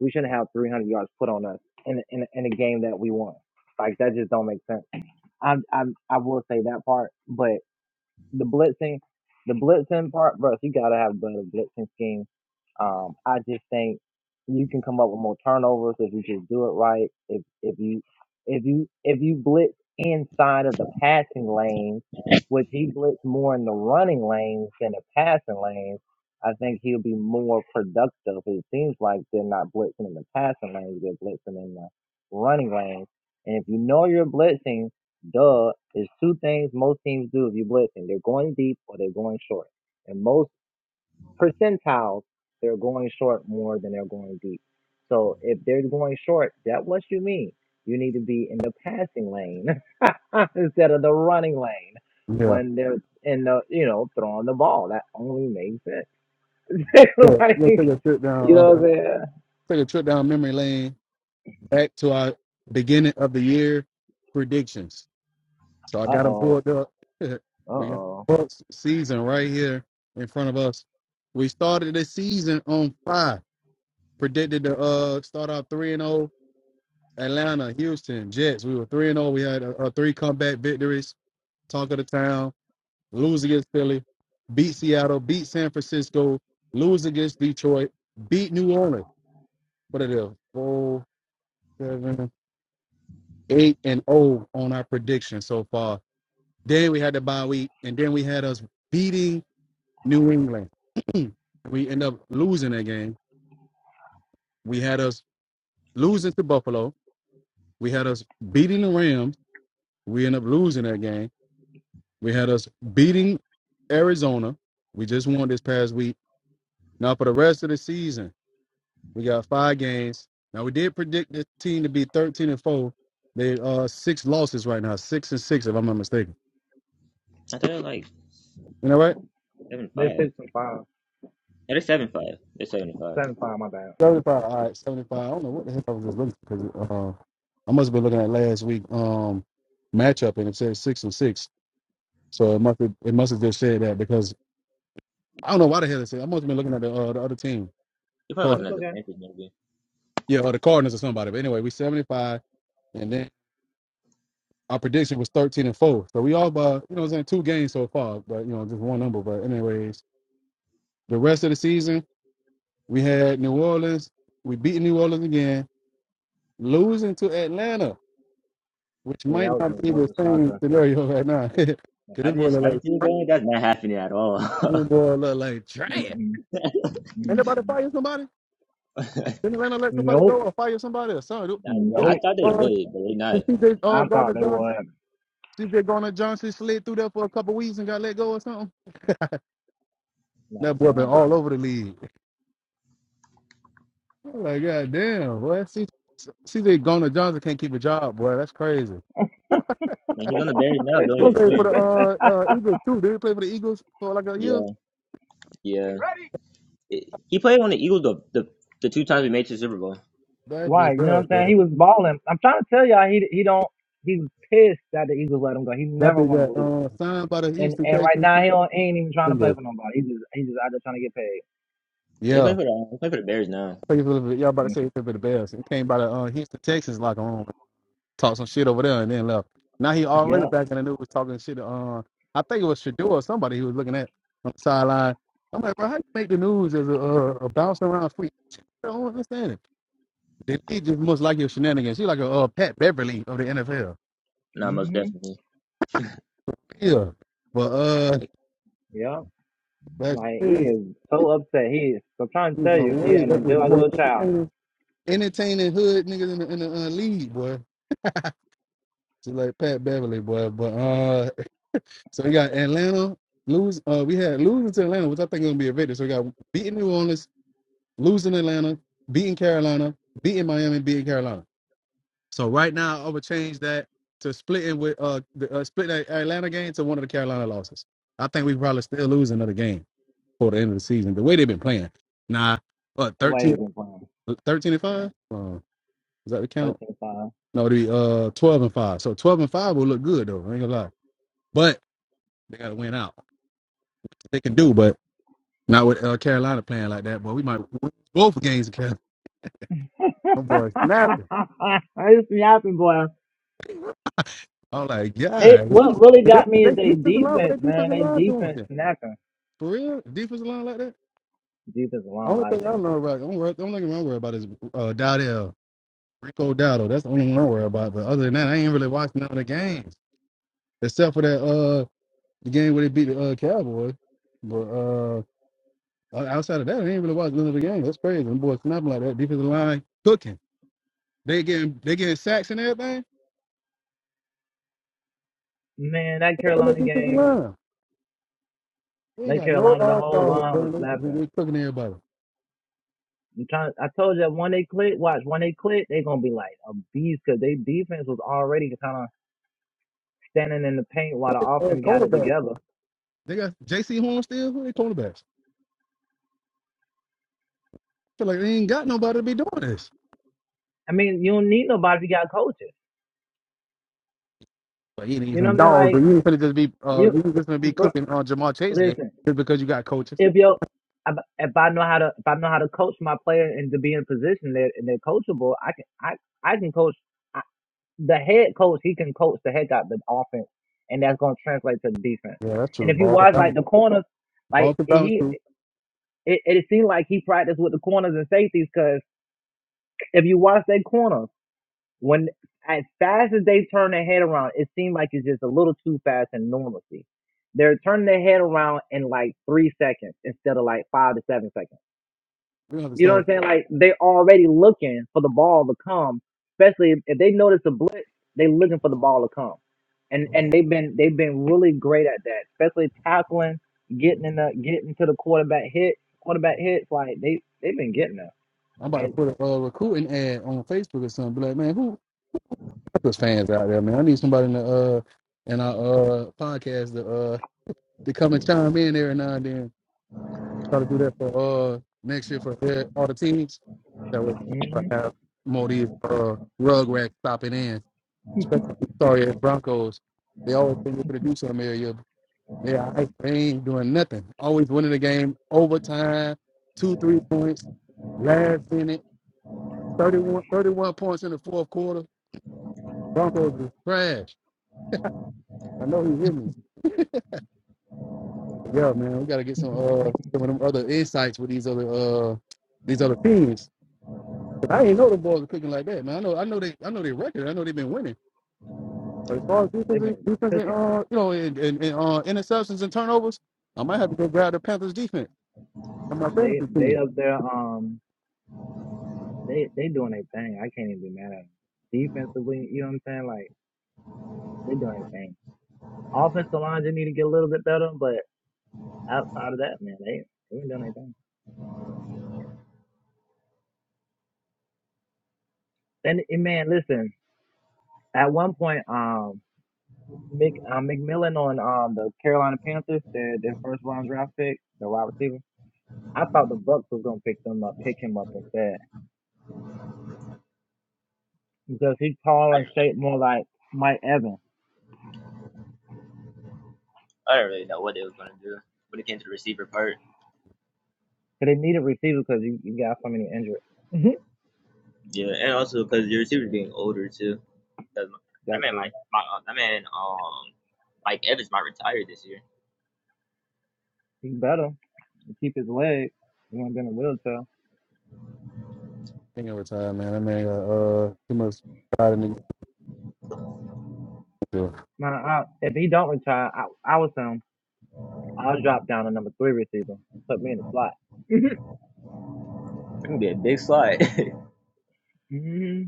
[SPEAKER 4] We shouldn't have 300 yards put on us in in in a game that we won. Like that just don't make sense. I'm I'm I will say that part, but the blitzing, the blitzing part, bro. You gotta have better blitzing scheme. Um, I just think you can come up with more turnovers if you just do it right. If if you if you if you blitz inside of the passing lanes, which he blitzed more in the running lanes than the passing lanes, I think he'll be more productive. It seems like they're not blitzing in the passing lanes; they're blitzing in the running lanes. And if you know you're blitzing Duh is two things most teams do if you blitzing. They're going deep or they're going short. And most percentiles, they're going short more than they're going deep. So if they're going short, that what you mean. You need to be in the passing lane instead of the running lane
[SPEAKER 1] Yeah.
[SPEAKER 4] when they're in the you know throwing the ball. That only makes sense.
[SPEAKER 1] So
[SPEAKER 4] like
[SPEAKER 1] we'll take a trip
[SPEAKER 4] you
[SPEAKER 1] down
[SPEAKER 4] know
[SPEAKER 1] uh,
[SPEAKER 4] what I'm saying?
[SPEAKER 1] take a trip down memory lane back to our beginning of the year predictions. So I
[SPEAKER 4] Uh
[SPEAKER 1] got them
[SPEAKER 4] oh,
[SPEAKER 1] pulled up.
[SPEAKER 4] uh
[SPEAKER 1] we got
[SPEAKER 4] oh.
[SPEAKER 1] Bucks season right here in front of us. We started the season on five. Predicted to uh start out three and zero. Atlanta, Houston, Jets. We were three and zero. We had uh, uh, three comeback victories. Talk of the town. lose against Philly, beat Seattle, beat San Francisco, lose against Detroit, beat New Orleans. What are they? Four, seven, eight, and oh on our prediction so far. Then we had the bye week, and then we had us beating New England. we end up losing that game. We had us losing to Buffalo. We had us beating the Rams. We end up losing that game. We had us beating Arizona. We just won this past week. Now for the rest of the season. We got five games. Now we did predict this team to be thirteen and four. They uh six losses right now, six and six if I'm not mistaken.
[SPEAKER 2] I thought it was like
[SPEAKER 1] You know right?
[SPEAKER 2] seven
[SPEAKER 4] They're
[SPEAKER 2] five.
[SPEAKER 4] six and five,
[SPEAKER 2] Yeah, they're seven five. They're seven five.
[SPEAKER 4] seven five. My bad,
[SPEAKER 1] Seventy
[SPEAKER 4] seven
[SPEAKER 1] five.
[SPEAKER 4] five.
[SPEAKER 1] All right, seventy five. I don't know what the heck I was just looking because uh, I must have been looking at last week um matchup and it said six and six. So it must have, it must have just said that because I don't know why the hell it said. I must have been looking at the uh, the other team.
[SPEAKER 2] You're probably
[SPEAKER 1] Card-
[SPEAKER 2] looking
[SPEAKER 4] It's
[SPEAKER 2] at the
[SPEAKER 4] okay.
[SPEAKER 2] Panthers maybe.
[SPEAKER 1] Yeah, or the Cardinals or somebody. But anyway, we seventy five. And then our prediction was 13 and 4. So we all by, you know, what I'm saying two games so far, but, you know, just one number. But, anyways, The rest of the season, we had New Orleans. We beat New Orleans again, losing to Atlanta, which
[SPEAKER 4] Yeah, that
[SPEAKER 1] might
[SPEAKER 4] was a,
[SPEAKER 1] not be
[SPEAKER 4] that
[SPEAKER 1] the
[SPEAKER 4] was a shocker.
[SPEAKER 1] same scenario right now. Cause
[SPEAKER 2] I
[SPEAKER 1] this boy
[SPEAKER 2] just
[SPEAKER 1] look
[SPEAKER 2] I
[SPEAKER 1] like
[SPEAKER 2] didn't see it
[SPEAKER 1] crap.
[SPEAKER 2] going. That's not happening at all.
[SPEAKER 1] This boy look like trash.
[SPEAKER 4] Mm-mm,
[SPEAKER 1] Ain't nobody
[SPEAKER 4] mm-mm.
[SPEAKER 1] fire somebody? Didn't Atlanta let somebody
[SPEAKER 4] Nope.
[SPEAKER 1] go or fire somebody or something?
[SPEAKER 2] Not yet.
[SPEAKER 1] Did
[SPEAKER 2] I
[SPEAKER 4] Nope.
[SPEAKER 2] thought they
[SPEAKER 1] uh,
[SPEAKER 2] would, but they not.
[SPEAKER 1] did CJ uh,
[SPEAKER 4] I thought
[SPEAKER 1] Garner
[SPEAKER 4] they were
[SPEAKER 1] Johnson, CJ Garner Johnson slid through there for a couple weeks and got let go or something? That
[SPEAKER 4] like
[SPEAKER 1] boy been
[SPEAKER 4] something.
[SPEAKER 1] all over the league. I'm Like God damn! boy. CJ Garner Johnson can't keep a job, boy. That's crazy.
[SPEAKER 2] And he's on the Bears now
[SPEAKER 4] It
[SPEAKER 2] doing
[SPEAKER 1] He
[SPEAKER 2] his
[SPEAKER 4] was-
[SPEAKER 1] played for
[SPEAKER 2] thing.
[SPEAKER 1] the uh, uh, Eagles too. Did he play for the Eagles for like a year?
[SPEAKER 2] Yeah, yeah. It- he played on the Eagles the, the the two times we made it to the Super Bowl.
[SPEAKER 1] That big
[SPEAKER 4] right. You know what
[SPEAKER 1] fell,
[SPEAKER 4] I'm saying?
[SPEAKER 1] bro.
[SPEAKER 4] He was balling. I'm trying to tell y'all, he he don't. He was pissed that the Eagles let him go. He
[SPEAKER 1] That
[SPEAKER 4] never
[SPEAKER 1] big
[SPEAKER 4] wanted to
[SPEAKER 1] got
[SPEAKER 4] leave.
[SPEAKER 1] uh, signed by the
[SPEAKER 4] And
[SPEAKER 1] Houston
[SPEAKER 4] and right
[SPEAKER 1] Texans.
[SPEAKER 4] now he don't ain't even
[SPEAKER 1] I
[SPEAKER 4] trying to play for nobody. He just he just out there trying to get paid.
[SPEAKER 2] They play
[SPEAKER 1] Yeah.
[SPEAKER 2] for the they play for the Bears now.
[SPEAKER 1] played for the was- Y'all about to
[SPEAKER 4] Mm.
[SPEAKER 1] say he played for the Bears. He came by the uh, Houston Texans like on, talked some shit over there and then left. Now he already
[SPEAKER 4] Yep.
[SPEAKER 1] back in the news talking shit. Uh, I think it was Shador or somebody he was looking at on the sideline. I'm like, bro, how you make the news as a, a, a bouncing around freak? I don't understand it. They they just must like your shenanigans. She like a uh, Pat Beverly of the NFL.
[SPEAKER 2] Not most
[SPEAKER 4] Mhm.
[SPEAKER 2] definitely.
[SPEAKER 1] Yeah. But uh,
[SPEAKER 4] Yep.
[SPEAKER 1] That
[SPEAKER 4] Like
[SPEAKER 1] shit
[SPEAKER 4] he
[SPEAKER 1] is
[SPEAKER 4] is so upset. He is. I'm trying to tell
[SPEAKER 1] no
[SPEAKER 4] you, he ain't.
[SPEAKER 1] That
[SPEAKER 4] him
[SPEAKER 1] was
[SPEAKER 4] just
[SPEAKER 1] the
[SPEAKER 4] like a
[SPEAKER 1] most
[SPEAKER 4] little child.
[SPEAKER 1] entertaining, entertaining hood niggas in the, in the uh, league, boy. Just like Pat Beverly, boy. But uh, so we got Atlanta lose. Uh, we had losing to Atlanta, which I think is gonna be a victory. So we got beating New Orleans, losing Atlanta, beating Carolina, beating Miami, beating Carolina. So right now, I would change that to splitting with uh, the, uh split that Atlanta game to one of the Carolina losses. I think we probably still lose another game for the end of the season. The way they've been playing, nah, what
[SPEAKER 4] The
[SPEAKER 1] 13
[SPEAKER 4] way they've been playing.
[SPEAKER 1] Thirteen and
[SPEAKER 4] Yeah.
[SPEAKER 1] five? Uh, is that the count?
[SPEAKER 4] 13
[SPEAKER 1] No, it'd be uh twelve and five. So twelve and five will look good though. I ain't gonna lie. But they gotta win out. They can do, but not with uh, Carolina playing like that. But we might win both games in Carolina. Them boys snapping.
[SPEAKER 4] it's snapping, boy.
[SPEAKER 1] I'm like,
[SPEAKER 4] They
[SPEAKER 1] God, is
[SPEAKER 4] what really
[SPEAKER 1] they, is
[SPEAKER 4] got me
[SPEAKER 1] they
[SPEAKER 4] is they
[SPEAKER 1] defensive line? What
[SPEAKER 4] defense,
[SPEAKER 1] they
[SPEAKER 4] man.
[SPEAKER 1] defensive
[SPEAKER 4] They
[SPEAKER 1] line doing?
[SPEAKER 4] defense
[SPEAKER 1] there?
[SPEAKER 4] snapping.
[SPEAKER 1] For real, defensive line like that.
[SPEAKER 4] Defense line
[SPEAKER 1] Only
[SPEAKER 4] like
[SPEAKER 1] thing I
[SPEAKER 4] that.
[SPEAKER 1] don't know about, don't worry, The only thing I'm worried about is uh, Dowdell, Rico Dowdell. That's the only one I worry about. But other than that, I ain't really watching none of the games except for that. uh. the game where they beat the uh, Cowboys. But uh, o- outside of that, I ain't really watched none of the game. That's crazy. Them boys snapping like that. Defensive line cooking. They getting they getting sacks and everything.
[SPEAKER 4] Man, that
[SPEAKER 1] On that
[SPEAKER 4] Carolina
[SPEAKER 1] defensive
[SPEAKER 4] game,
[SPEAKER 1] line, they ain't
[SPEAKER 4] that
[SPEAKER 1] got no
[SPEAKER 4] Carolina, the
[SPEAKER 1] all
[SPEAKER 4] whole
[SPEAKER 1] stars,
[SPEAKER 4] line was
[SPEAKER 1] bro. They,
[SPEAKER 4] snapping.
[SPEAKER 1] they they cooking everybody.
[SPEAKER 4] I'm trying. I told you that when they click, watch when they click, they gonna be like a beast because they defense was already kind of standing in the paint while the
[SPEAKER 1] Uh,
[SPEAKER 4] offense got it
[SPEAKER 1] cornerback.
[SPEAKER 4] together.
[SPEAKER 1] They got J.C. Horn still. Who they cornerbacks? Feel like they ain't got nobody to be doing this.
[SPEAKER 4] I mean, you don't need nobody if you got coaches.
[SPEAKER 1] But you need
[SPEAKER 4] You know
[SPEAKER 1] some
[SPEAKER 4] what I'm saying?
[SPEAKER 1] dogs. But
[SPEAKER 4] Like
[SPEAKER 1] you ain't finna just be uh,
[SPEAKER 4] you,
[SPEAKER 1] you ain't just gonna be
[SPEAKER 4] bro,
[SPEAKER 1] cooking on Jamal Chase here
[SPEAKER 4] listen.
[SPEAKER 1] just because you got coaches.
[SPEAKER 4] if yo if if I know how to if I know how to coach my player and to be in a position that and they're coachable, I can I I can coach I, the head coach. He can coach the heck out the offense, and that's going to translate to the defense.
[SPEAKER 1] Yeah, that's
[SPEAKER 4] And
[SPEAKER 1] true.
[SPEAKER 4] if you
[SPEAKER 1] Ball can
[SPEAKER 4] watch like
[SPEAKER 1] bounce.
[SPEAKER 4] the corners,
[SPEAKER 1] Ball
[SPEAKER 4] like
[SPEAKER 1] can bounce
[SPEAKER 4] he
[SPEAKER 1] too.
[SPEAKER 4] it, it seemed like he practiced with the corners and safeties because if you watch their corners when as fast as they turn their head around, it seemed like it's just a little too fast in normalcy. They're turning their head around in like three seconds instead of like five to seven seconds.
[SPEAKER 1] We gonna have to
[SPEAKER 4] You know what
[SPEAKER 1] start
[SPEAKER 4] I'm saying? Like they already looking for the ball to come. Especially if, if they notice a blitz, they looking for the ball to come. And and they've been they've been really great at that, especially tackling, getting in the getting to the quarterback hit, quarterback hits. Like they they've been getting there,
[SPEAKER 1] I'm about to
[SPEAKER 4] and
[SPEAKER 1] put a uh, recruiting ad on Facebook or something. Be like, man, who there's fans out there, man? I need somebody in the uh in our uh podcast to uh to come and chime in every now and then. Try to do that for uh next year for uh, all the teams. That way we'll
[SPEAKER 4] hmm
[SPEAKER 1] have more of these uh rug racks stopping in. Especially the sorry ass Broncos. They always think they're gonna do something every year. They, all right. they ain't doing nothing. Always winning the game overtime, two, three points, last minute 31, 31 points in the fourth quarter. Broncos is trash. I know he hit me. Yeah, man, we gotta get some uh some of them other insights with these other uh these other teams. I ain't know the boys are cooking like that, man. I know I know they I know their record. I know they've been winning. But as far as defense,
[SPEAKER 4] they've
[SPEAKER 1] and-
[SPEAKER 4] been
[SPEAKER 1] defense and
[SPEAKER 4] cooking.
[SPEAKER 1] uh you know and, and, and uh interceptions and turnovers, I might have to go grab the Panthers defense on my
[SPEAKER 4] They
[SPEAKER 1] fantasy
[SPEAKER 4] they
[SPEAKER 1] team.
[SPEAKER 4] up there. Um, they they doing their thing. I can't even be mad at them. Defensively, you know what I'm saying? Like they doing their thing. Offensive lines they need to get a little bit better, but. outside of that, man, they, they ain't done anything. And, and man, listen, at one point, um, Mick uh, McMillan on um the Carolina Panthers, their their first round draft pick, the wide receiver. I thought the Bucks was gonna pick them up, pick him up instead because he's tall and shaped more like Mike Evans.
[SPEAKER 2] I don't really know what they was gonna do when it came to the receiver part.
[SPEAKER 4] But they needed receiver because you, you got so many injuries. Mm-hmm.
[SPEAKER 2] Yeah, and also because your receiver's getting older too. Cause that
[SPEAKER 4] That's
[SPEAKER 2] man might,
[SPEAKER 4] true.
[SPEAKER 2] my, uh, that man, um, Mike Evans might retire this year.
[SPEAKER 4] He's better. He keep his leg. He won't be in a wheelchair.
[SPEAKER 1] I think over time, man. I mean, uh, uh too much pride in the
[SPEAKER 4] Man, I, if he don't retire, I, I was him. I'll drop down to number three receiver. Put me in the slot. Mm-hmm.
[SPEAKER 2] It's gonna be a big slide.
[SPEAKER 4] hmm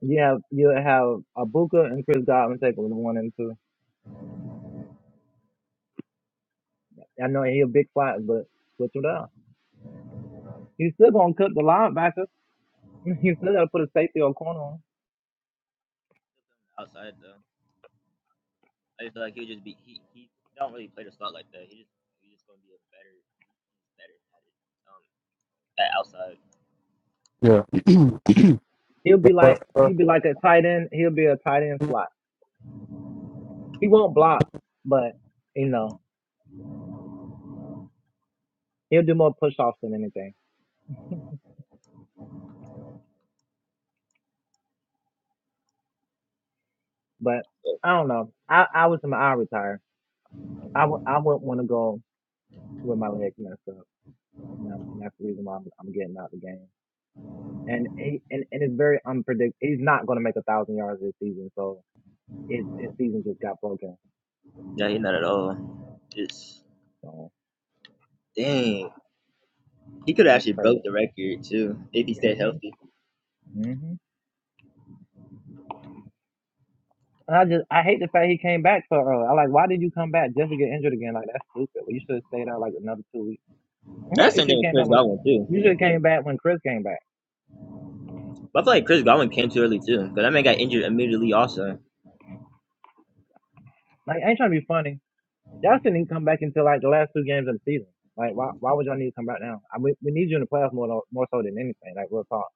[SPEAKER 4] You have you have Abuka and Chris Godwin take over the one and two. I know he a big fight, but switch it up. He's still gonna cut the linebacker. He's still gotta put a safety or corner on.
[SPEAKER 1] game. Yeah,
[SPEAKER 4] He'll be like
[SPEAKER 1] but, uh,
[SPEAKER 4] he'll be like a tight end. He'll be a tight end slot. He won't block, but you know he'll do more push offs than anything. But I don't know. I I was I retire. I w- I wouldn't want to go with my legs messed up, and, I'm, and that's the reason why I'm, I'm getting out the game. and he, and and it's very unpredictable. He's not going to make a thousand yards this season, so his his season just got broken.
[SPEAKER 2] no, he's not at all. It's
[SPEAKER 4] So
[SPEAKER 2] dang. He could have
[SPEAKER 4] that's
[SPEAKER 2] actually
[SPEAKER 4] crazy.
[SPEAKER 2] broke the record too if he stayed
[SPEAKER 4] Mhm.
[SPEAKER 2] healthy.
[SPEAKER 4] Mhm. And I just I hate the fact he came back so early. I like why did you come back just to get injured again? Like that's stupid. Well, You should have stayed out like another two weeks.
[SPEAKER 2] That's the
[SPEAKER 4] you
[SPEAKER 2] same
[SPEAKER 4] should
[SPEAKER 2] thing
[SPEAKER 4] have
[SPEAKER 2] with
[SPEAKER 4] came
[SPEAKER 2] Chris
[SPEAKER 4] back when
[SPEAKER 2] Godwin too.
[SPEAKER 4] you should have came back when Chris came back.
[SPEAKER 2] But I feel like Chris Godwin came too early too, because that man got injured immediately also.
[SPEAKER 4] Like I ain't trying to be funny. Y'all shouldn't even come back until like the last two games of the season. Like why why would y'all need to come back now? I, we, we need you in the playoffs more than- more so than anything. Like real talk.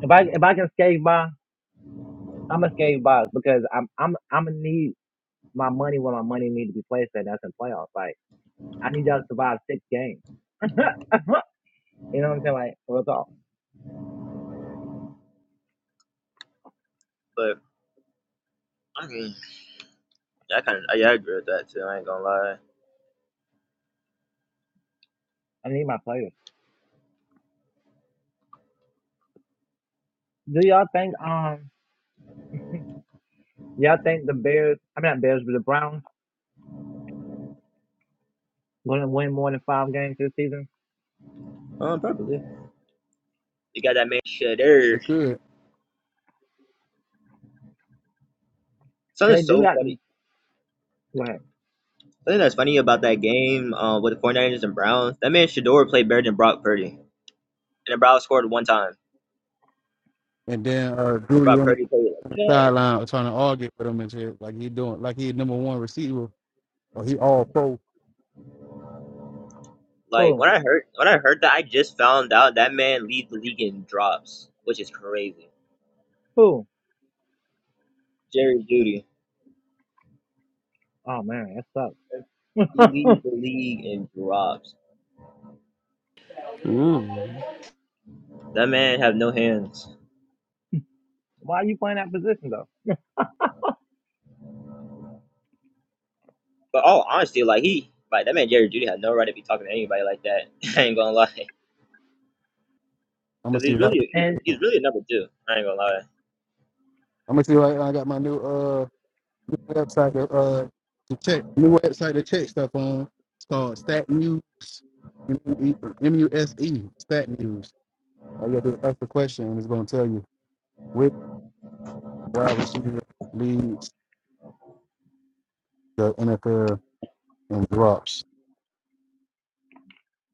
[SPEAKER 4] If I if I can skate by. I'm a skate box because I'm I'm I'm gonna need my money where my money need to be placed and That's in playoffs. Like I need y'all to survive six games. you know what I'm saying? Like real talk.
[SPEAKER 2] I mean, yeah, I kind of I, I agree with that too. I ain't gonna lie.
[SPEAKER 4] I need my players. Do y'all think um y'all think the Bears? I mean not Bears, but the Browns gonna win more than five games this season?
[SPEAKER 2] Um, probably. You got that man Shedder.
[SPEAKER 1] they could.
[SPEAKER 2] Something
[SPEAKER 4] 'Cause they do
[SPEAKER 2] so
[SPEAKER 4] got
[SPEAKER 2] funny.
[SPEAKER 4] like
[SPEAKER 2] Something that's funny about that game uh, with the 49ers and Browns, that man Shador played better than Brock Purdy, and the Browns scored one time.
[SPEAKER 1] And then uh, Judy
[SPEAKER 2] Brock
[SPEAKER 1] on the,
[SPEAKER 2] Purdy played
[SPEAKER 1] on
[SPEAKER 2] like
[SPEAKER 1] the
[SPEAKER 2] that.
[SPEAKER 1] sideline trying to argue with him and shit, like he doing, like he number one receiver or he all pro.
[SPEAKER 2] Like
[SPEAKER 4] who
[SPEAKER 2] when I heard when I heard that, I just found out that man leads the league in drops, which is crazy.
[SPEAKER 4] who?
[SPEAKER 2] Jerry Judy,
[SPEAKER 4] Oh man, that
[SPEAKER 2] he
[SPEAKER 4] sucks.
[SPEAKER 2] leads the league in drops.
[SPEAKER 3] it. Mm.
[SPEAKER 2] That man have no hands.
[SPEAKER 4] Why are you playing that position though?
[SPEAKER 2] But all honesty, like he, like that man Jerry Judy had no right to be talking to anybody like that. I ain't gonna lie, because
[SPEAKER 1] I'm gonna see
[SPEAKER 2] he's
[SPEAKER 1] right.
[SPEAKER 2] really he,
[SPEAKER 4] And
[SPEAKER 1] I'm
[SPEAKER 2] he's really a number two. I ain't gonna lie.
[SPEAKER 1] gonna see right. now I got my new uh new website to uh to check new website to check stuff on. It's called Stat News, M U E M U S E Stat News. All you have to ask a question and it's gonna tell you which wide receiver leads the NFL in drops.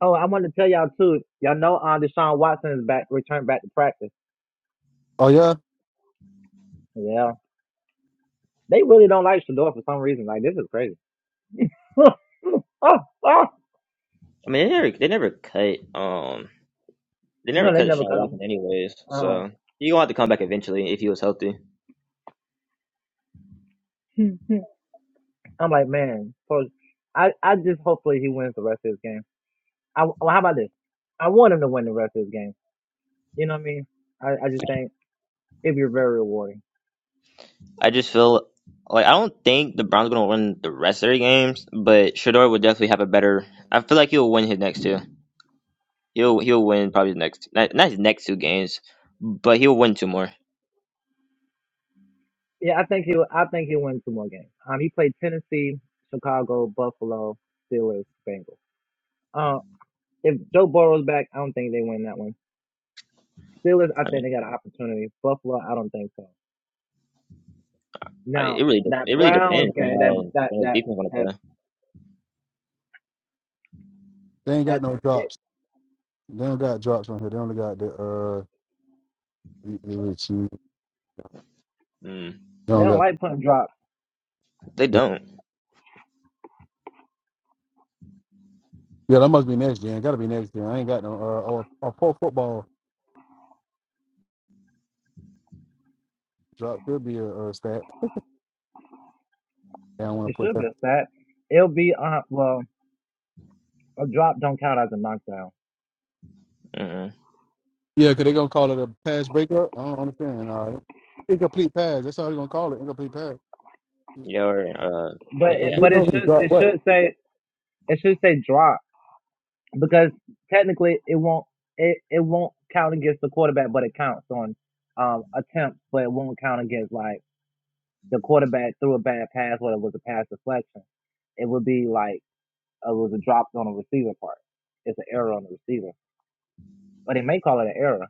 [SPEAKER 4] oh, I want to tell y'all too. Y'all know uh, Deshaun Watson is back, returned back to practice.
[SPEAKER 1] Oh yeah,
[SPEAKER 4] Yeah. They really don't like Shador for some reason. Like this is crazy.
[SPEAKER 2] I mean, they never they never cut um They never
[SPEAKER 4] No, they
[SPEAKER 2] cut
[SPEAKER 4] never
[SPEAKER 2] Deshaun
[SPEAKER 4] cut
[SPEAKER 2] Watson
[SPEAKER 4] him.
[SPEAKER 2] anyways,
[SPEAKER 4] Um,
[SPEAKER 2] so he gonna have to come back eventually if he was healthy.
[SPEAKER 4] I'm like, man. So I, I just hopefully he wins the rest of his game. I, well, how about this? I want him to win the rest of his game. You know what I mean? I, I just think it'd be very rewarding.
[SPEAKER 2] I just feel like I don't think the Browns gonna win the rest of their games, but Shador would definitely have a better. I feel like he'll win his next two. He'll he'll win probably the next not, not his next two games, but he'll win two more.
[SPEAKER 4] Yeah, I think he I think he'll win two more games. Um, he played Tennessee, Chicago, Buffalo, Steelers, Bengals. Uh, if Joe Burrow's back, I don't think they win that one. Steelers, I
[SPEAKER 2] I
[SPEAKER 4] think
[SPEAKER 2] mean,
[SPEAKER 4] they got an opportunity. Buffalo, I don't think so.
[SPEAKER 2] I,
[SPEAKER 4] Now
[SPEAKER 2] it really de-
[SPEAKER 4] that
[SPEAKER 2] it really
[SPEAKER 4] Browns
[SPEAKER 2] depends on
[SPEAKER 4] game, that
[SPEAKER 2] how
[SPEAKER 4] that
[SPEAKER 2] Bengals
[SPEAKER 4] that
[SPEAKER 2] defense gonna
[SPEAKER 4] that,
[SPEAKER 2] play.
[SPEAKER 1] they ain't
[SPEAKER 4] that
[SPEAKER 1] got no
[SPEAKER 4] it,
[SPEAKER 1] drops. They don't got drops on here. They only got the uh. You
[SPEAKER 2] Mm.
[SPEAKER 4] they
[SPEAKER 1] don't
[SPEAKER 4] don't
[SPEAKER 1] got.
[SPEAKER 4] like putting drops.
[SPEAKER 2] They
[SPEAKER 1] Yeah,
[SPEAKER 2] don't.
[SPEAKER 1] yeah, that must be next gen. Got to be next gen. I ain't got no. Uh, or or pro football drop could be a, a stat. Yeah, I want to
[SPEAKER 4] It
[SPEAKER 1] put
[SPEAKER 4] should be
[SPEAKER 1] that.
[SPEAKER 4] a stat. It'll be uh well a drop don't count as a knockdown,
[SPEAKER 2] Mm-mm.
[SPEAKER 1] Yeah, because they gonna call it a pass breakup. I don't understand. All right. Incomplete pass. That's how they gonna call it. Incomplete pass.
[SPEAKER 2] Yeah, or uh,
[SPEAKER 4] but
[SPEAKER 1] But
[SPEAKER 4] it,
[SPEAKER 2] yeah.
[SPEAKER 1] they
[SPEAKER 4] but
[SPEAKER 1] know
[SPEAKER 4] it
[SPEAKER 1] he
[SPEAKER 4] should
[SPEAKER 1] dropped
[SPEAKER 4] it
[SPEAKER 1] what.
[SPEAKER 4] should say it should say drop because technically it won't it, it won't count against the quarterback, but it counts on um attempts, but it won't count against like the quarterback threw a bad pass or it was a pass deflection. It would be like it was a drop on the receiver part. It's an error on the receiver, but they may call it an error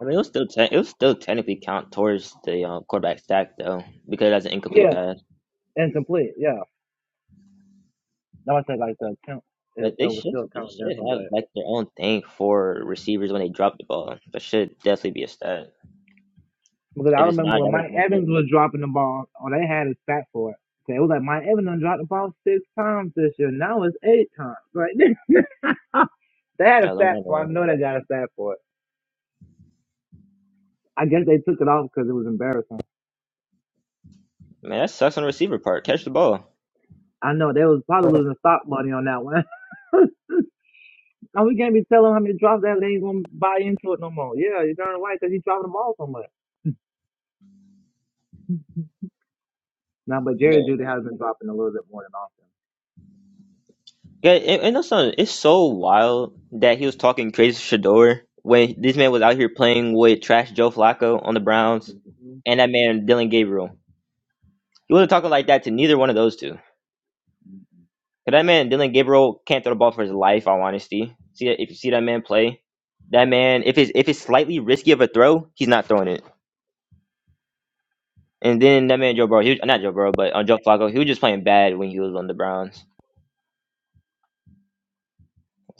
[SPEAKER 2] I mean, it was still te- it was still technically count towards the uh, quarterback stack though because that's an incomplete
[SPEAKER 4] Yeah,
[SPEAKER 2] pass.
[SPEAKER 4] incomplete. Yeah, that was said like the attempt. It,
[SPEAKER 2] But
[SPEAKER 4] it
[SPEAKER 2] they
[SPEAKER 4] was
[SPEAKER 2] should
[SPEAKER 4] still
[SPEAKER 2] they
[SPEAKER 4] kind of
[SPEAKER 2] should
[SPEAKER 4] dental,
[SPEAKER 2] have
[SPEAKER 4] but
[SPEAKER 2] like their own thing for receivers when they drop the ball. That should definitely be a stat.
[SPEAKER 4] because I
[SPEAKER 2] If it's
[SPEAKER 4] remember
[SPEAKER 2] not,
[SPEAKER 4] when
[SPEAKER 2] that makes
[SPEAKER 4] Mike
[SPEAKER 2] no sense.
[SPEAKER 4] Evans was dropping the ball, or they had a stat for it. So it was like Mike Evans done dropped the ball six times this year. Now it's eight times. Right? they had
[SPEAKER 2] Yeah,
[SPEAKER 4] a
[SPEAKER 2] I learned
[SPEAKER 4] stat
[SPEAKER 2] that
[SPEAKER 4] for. it.
[SPEAKER 2] one.
[SPEAKER 4] I know they got a stat for it. I guess they took it off because it was embarrassing.
[SPEAKER 2] Man, that sucks on the receiver part. Catch the ball.
[SPEAKER 4] I know they was probably losing stock money on that one. now we can't be telling him how many drops that they ain't gonna buy into it no more. Yeah, you're darn right because he's dropping the ball so much. Now, but Jerry
[SPEAKER 2] But
[SPEAKER 4] Judy has been dropping a little bit more than often.
[SPEAKER 2] yeah, and, and also it's so wild that he was talking crazy to Shador when this man was out here playing with trash Joe Flacco on the Browns and that man Dylan Gabriel. He wasn't talking like that to neither one of those two. 'Cause that man, Dylan Gabriel, can't throw the ball for his life. All honesty, see that if you see that man play, that man, if it's if it's slightly risky of a throw, he's not throwing it. And then that man Joe Burrow, he was, not Joe Burrow, but uh, Joe Flacco, he was just playing bad when he was on the Browns.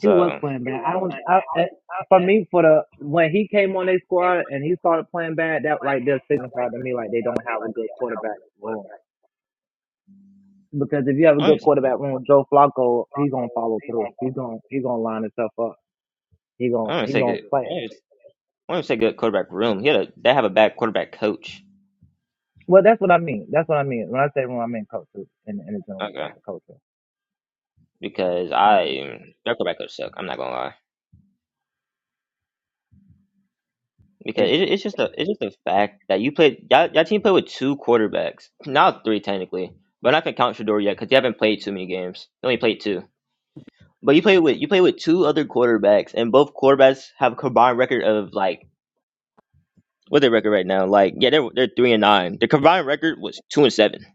[SPEAKER 4] He was playing bad. I don't. I, eh, for me, for the when he came on their squad and he started playing bad, that right there signified to me like they don't have a good quarterback room. Because if you have a
[SPEAKER 2] I
[SPEAKER 4] good
[SPEAKER 2] don't,
[SPEAKER 4] quarterback room, Joe Flacco, he's gonna follow through. He's gonna he's gonna line himself up. He gonna
[SPEAKER 2] I don't
[SPEAKER 4] he
[SPEAKER 2] say
[SPEAKER 4] gonna
[SPEAKER 2] good. I
[SPEAKER 4] play.
[SPEAKER 2] don't I don't say good quarterback room. He had a, they have a bad quarterback coach.
[SPEAKER 4] Well, that's what I mean. That's what I mean. When I say room, I mean coaches in in the general sense
[SPEAKER 2] Okay,
[SPEAKER 4] of coaches.
[SPEAKER 2] because
[SPEAKER 4] I mean the
[SPEAKER 2] I
[SPEAKER 4] coach.
[SPEAKER 2] their quarterback coach suck. I'm not gonna lie.
[SPEAKER 4] They
[SPEAKER 2] Because
[SPEAKER 4] do.
[SPEAKER 2] it, it's just a it's just a fact that you played y'all, y'all team played with two quarterbacks, now three technically, but not gonna count Shador yet because you haven't played too many games. You only played two, but you played with you played with two other quarterbacks, and both quarterbacks have a combined record of like what's their record right now? Like yeah, they're they're three and nine. Their combined record was two and seven.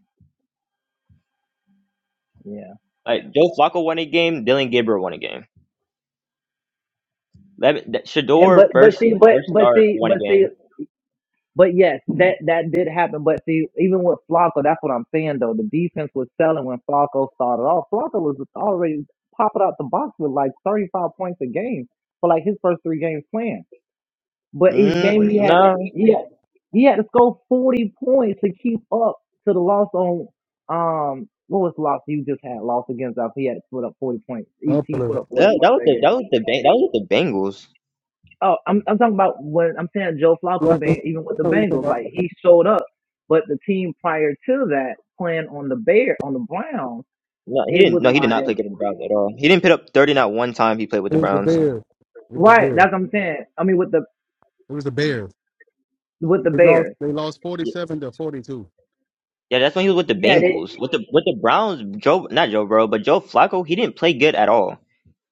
[SPEAKER 4] Yeah.
[SPEAKER 2] Like Joe Flacco won a game, Dylan Gabriel won a game. That, that
[SPEAKER 4] And
[SPEAKER 2] Shador
[SPEAKER 4] but but
[SPEAKER 2] first
[SPEAKER 4] see but
[SPEAKER 2] first
[SPEAKER 4] but
[SPEAKER 2] start
[SPEAKER 4] see
[SPEAKER 2] won
[SPEAKER 4] but
[SPEAKER 2] a
[SPEAKER 4] see
[SPEAKER 2] game.
[SPEAKER 4] But yes, that that did happen. But see, even with Flacco, that's what I'm saying though. The defense was selling when Flacco started off. Flacco was already popping out the box with like 35 points a game for like his first three games playing. But each
[SPEAKER 2] Mm,
[SPEAKER 4] game he had to
[SPEAKER 2] no,
[SPEAKER 4] he had, he had to score 40 points to keep up to the loss on um what was the loss you just had? Loss against us. He had to put up 40 points.
[SPEAKER 1] I'm
[SPEAKER 4] Each
[SPEAKER 1] gonna put
[SPEAKER 4] team put
[SPEAKER 1] a-
[SPEAKER 4] up 40
[SPEAKER 2] that, that
[SPEAKER 4] points
[SPEAKER 2] was
[SPEAKER 4] a
[SPEAKER 2] the
[SPEAKER 4] game.
[SPEAKER 2] that was the Ban- that was the Bengals.
[SPEAKER 4] Oh, I'm I'm talking about when I'm saying Joe
[SPEAKER 1] I
[SPEAKER 4] Flacco being even with the
[SPEAKER 1] know he's talking
[SPEAKER 4] Bengals,
[SPEAKER 1] about-
[SPEAKER 4] like he showed up, but the team prior to that playing on the Bear on the Browns,
[SPEAKER 2] No, he
[SPEAKER 4] it
[SPEAKER 2] didn't.
[SPEAKER 4] was
[SPEAKER 2] No, he did not play
[SPEAKER 4] like
[SPEAKER 2] good in the Browns at all. He didn't put up thirty not one time he played with
[SPEAKER 1] It
[SPEAKER 2] the
[SPEAKER 1] was the
[SPEAKER 2] Browns.
[SPEAKER 1] Bears. It was the
[SPEAKER 4] right.
[SPEAKER 1] Bears.
[SPEAKER 4] That's what I'm saying. I mean with the
[SPEAKER 1] It was the Bears.
[SPEAKER 4] with the
[SPEAKER 1] They lost.
[SPEAKER 4] Bears,
[SPEAKER 1] They lost forty-seven to forty-two.
[SPEAKER 2] Yeah, that's when he was with the
[SPEAKER 4] yeah, they
[SPEAKER 2] Bengals. With the with the Browns, Joe not Joe Burrow, but Joe Flacco, he didn't play good at all.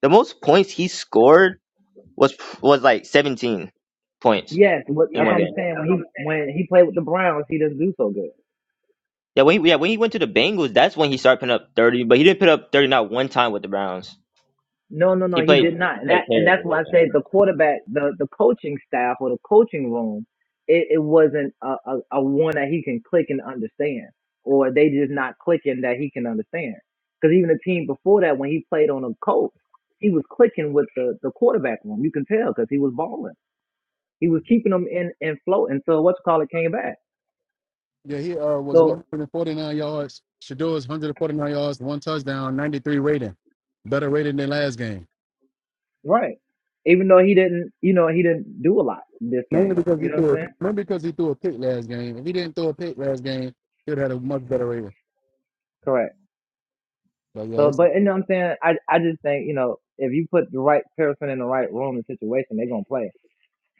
[SPEAKER 2] The most points he scored was was like seventeen points
[SPEAKER 4] yes. What,
[SPEAKER 2] in
[SPEAKER 4] that's what
[SPEAKER 2] one
[SPEAKER 4] I'm
[SPEAKER 2] game.
[SPEAKER 4] saying. When he when he played with the Browns, he doesn't do so good.
[SPEAKER 2] Yeah, when he, yeah when he went to the Bengals, that's when he started putting up thirty, but he didn't put up thirty not one time with the Browns.
[SPEAKER 4] No, no, no,
[SPEAKER 2] He
[SPEAKER 4] he
[SPEAKER 2] played
[SPEAKER 4] did not. And
[SPEAKER 2] played
[SPEAKER 4] that and
[SPEAKER 2] terrible
[SPEAKER 4] that's
[SPEAKER 2] with
[SPEAKER 4] why I
[SPEAKER 2] them.
[SPEAKER 4] said the quarterback, the the coaching staff or the coaching room, it, it wasn't a, a, a one that he can click and understand, or they just not clicking that he can understand. Because even the team before that, when he played on the Colts, he was clicking with the the quarterback room. You can tell because he was balling. He was keeping them in in flow until what's call it came back.
[SPEAKER 1] Yeah, he uh was
[SPEAKER 4] So
[SPEAKER 1] 149 yards. Shador is 149 yards, one touchdown, 93 rating. Better rating than last game.
[SPEAKER 4] right, even though he didn't, you know, he didn't do a lot this
[SPEAKER 1] Mainly
[SPEAKER 4] game.
[SPEAKER 1] because he
[SPEAKER 4] You know what I'm
[SPEAKER 1] threw a
[SPEAKER 4] saying?
[SPEAKER 1] mainly because he threw a pick last game. If he didn't throw a pick last game, he would have had a much better rating.
[SPEAKER 4] Correct.
[SPEAKER 1] But yeah,
[SPEAKER 4] So,
[SPEAKER 1] it's,
[SPEAKER 4] but you know what I'm saying? I I just think you know if you put the right person in the right room and situation, they're gonna play.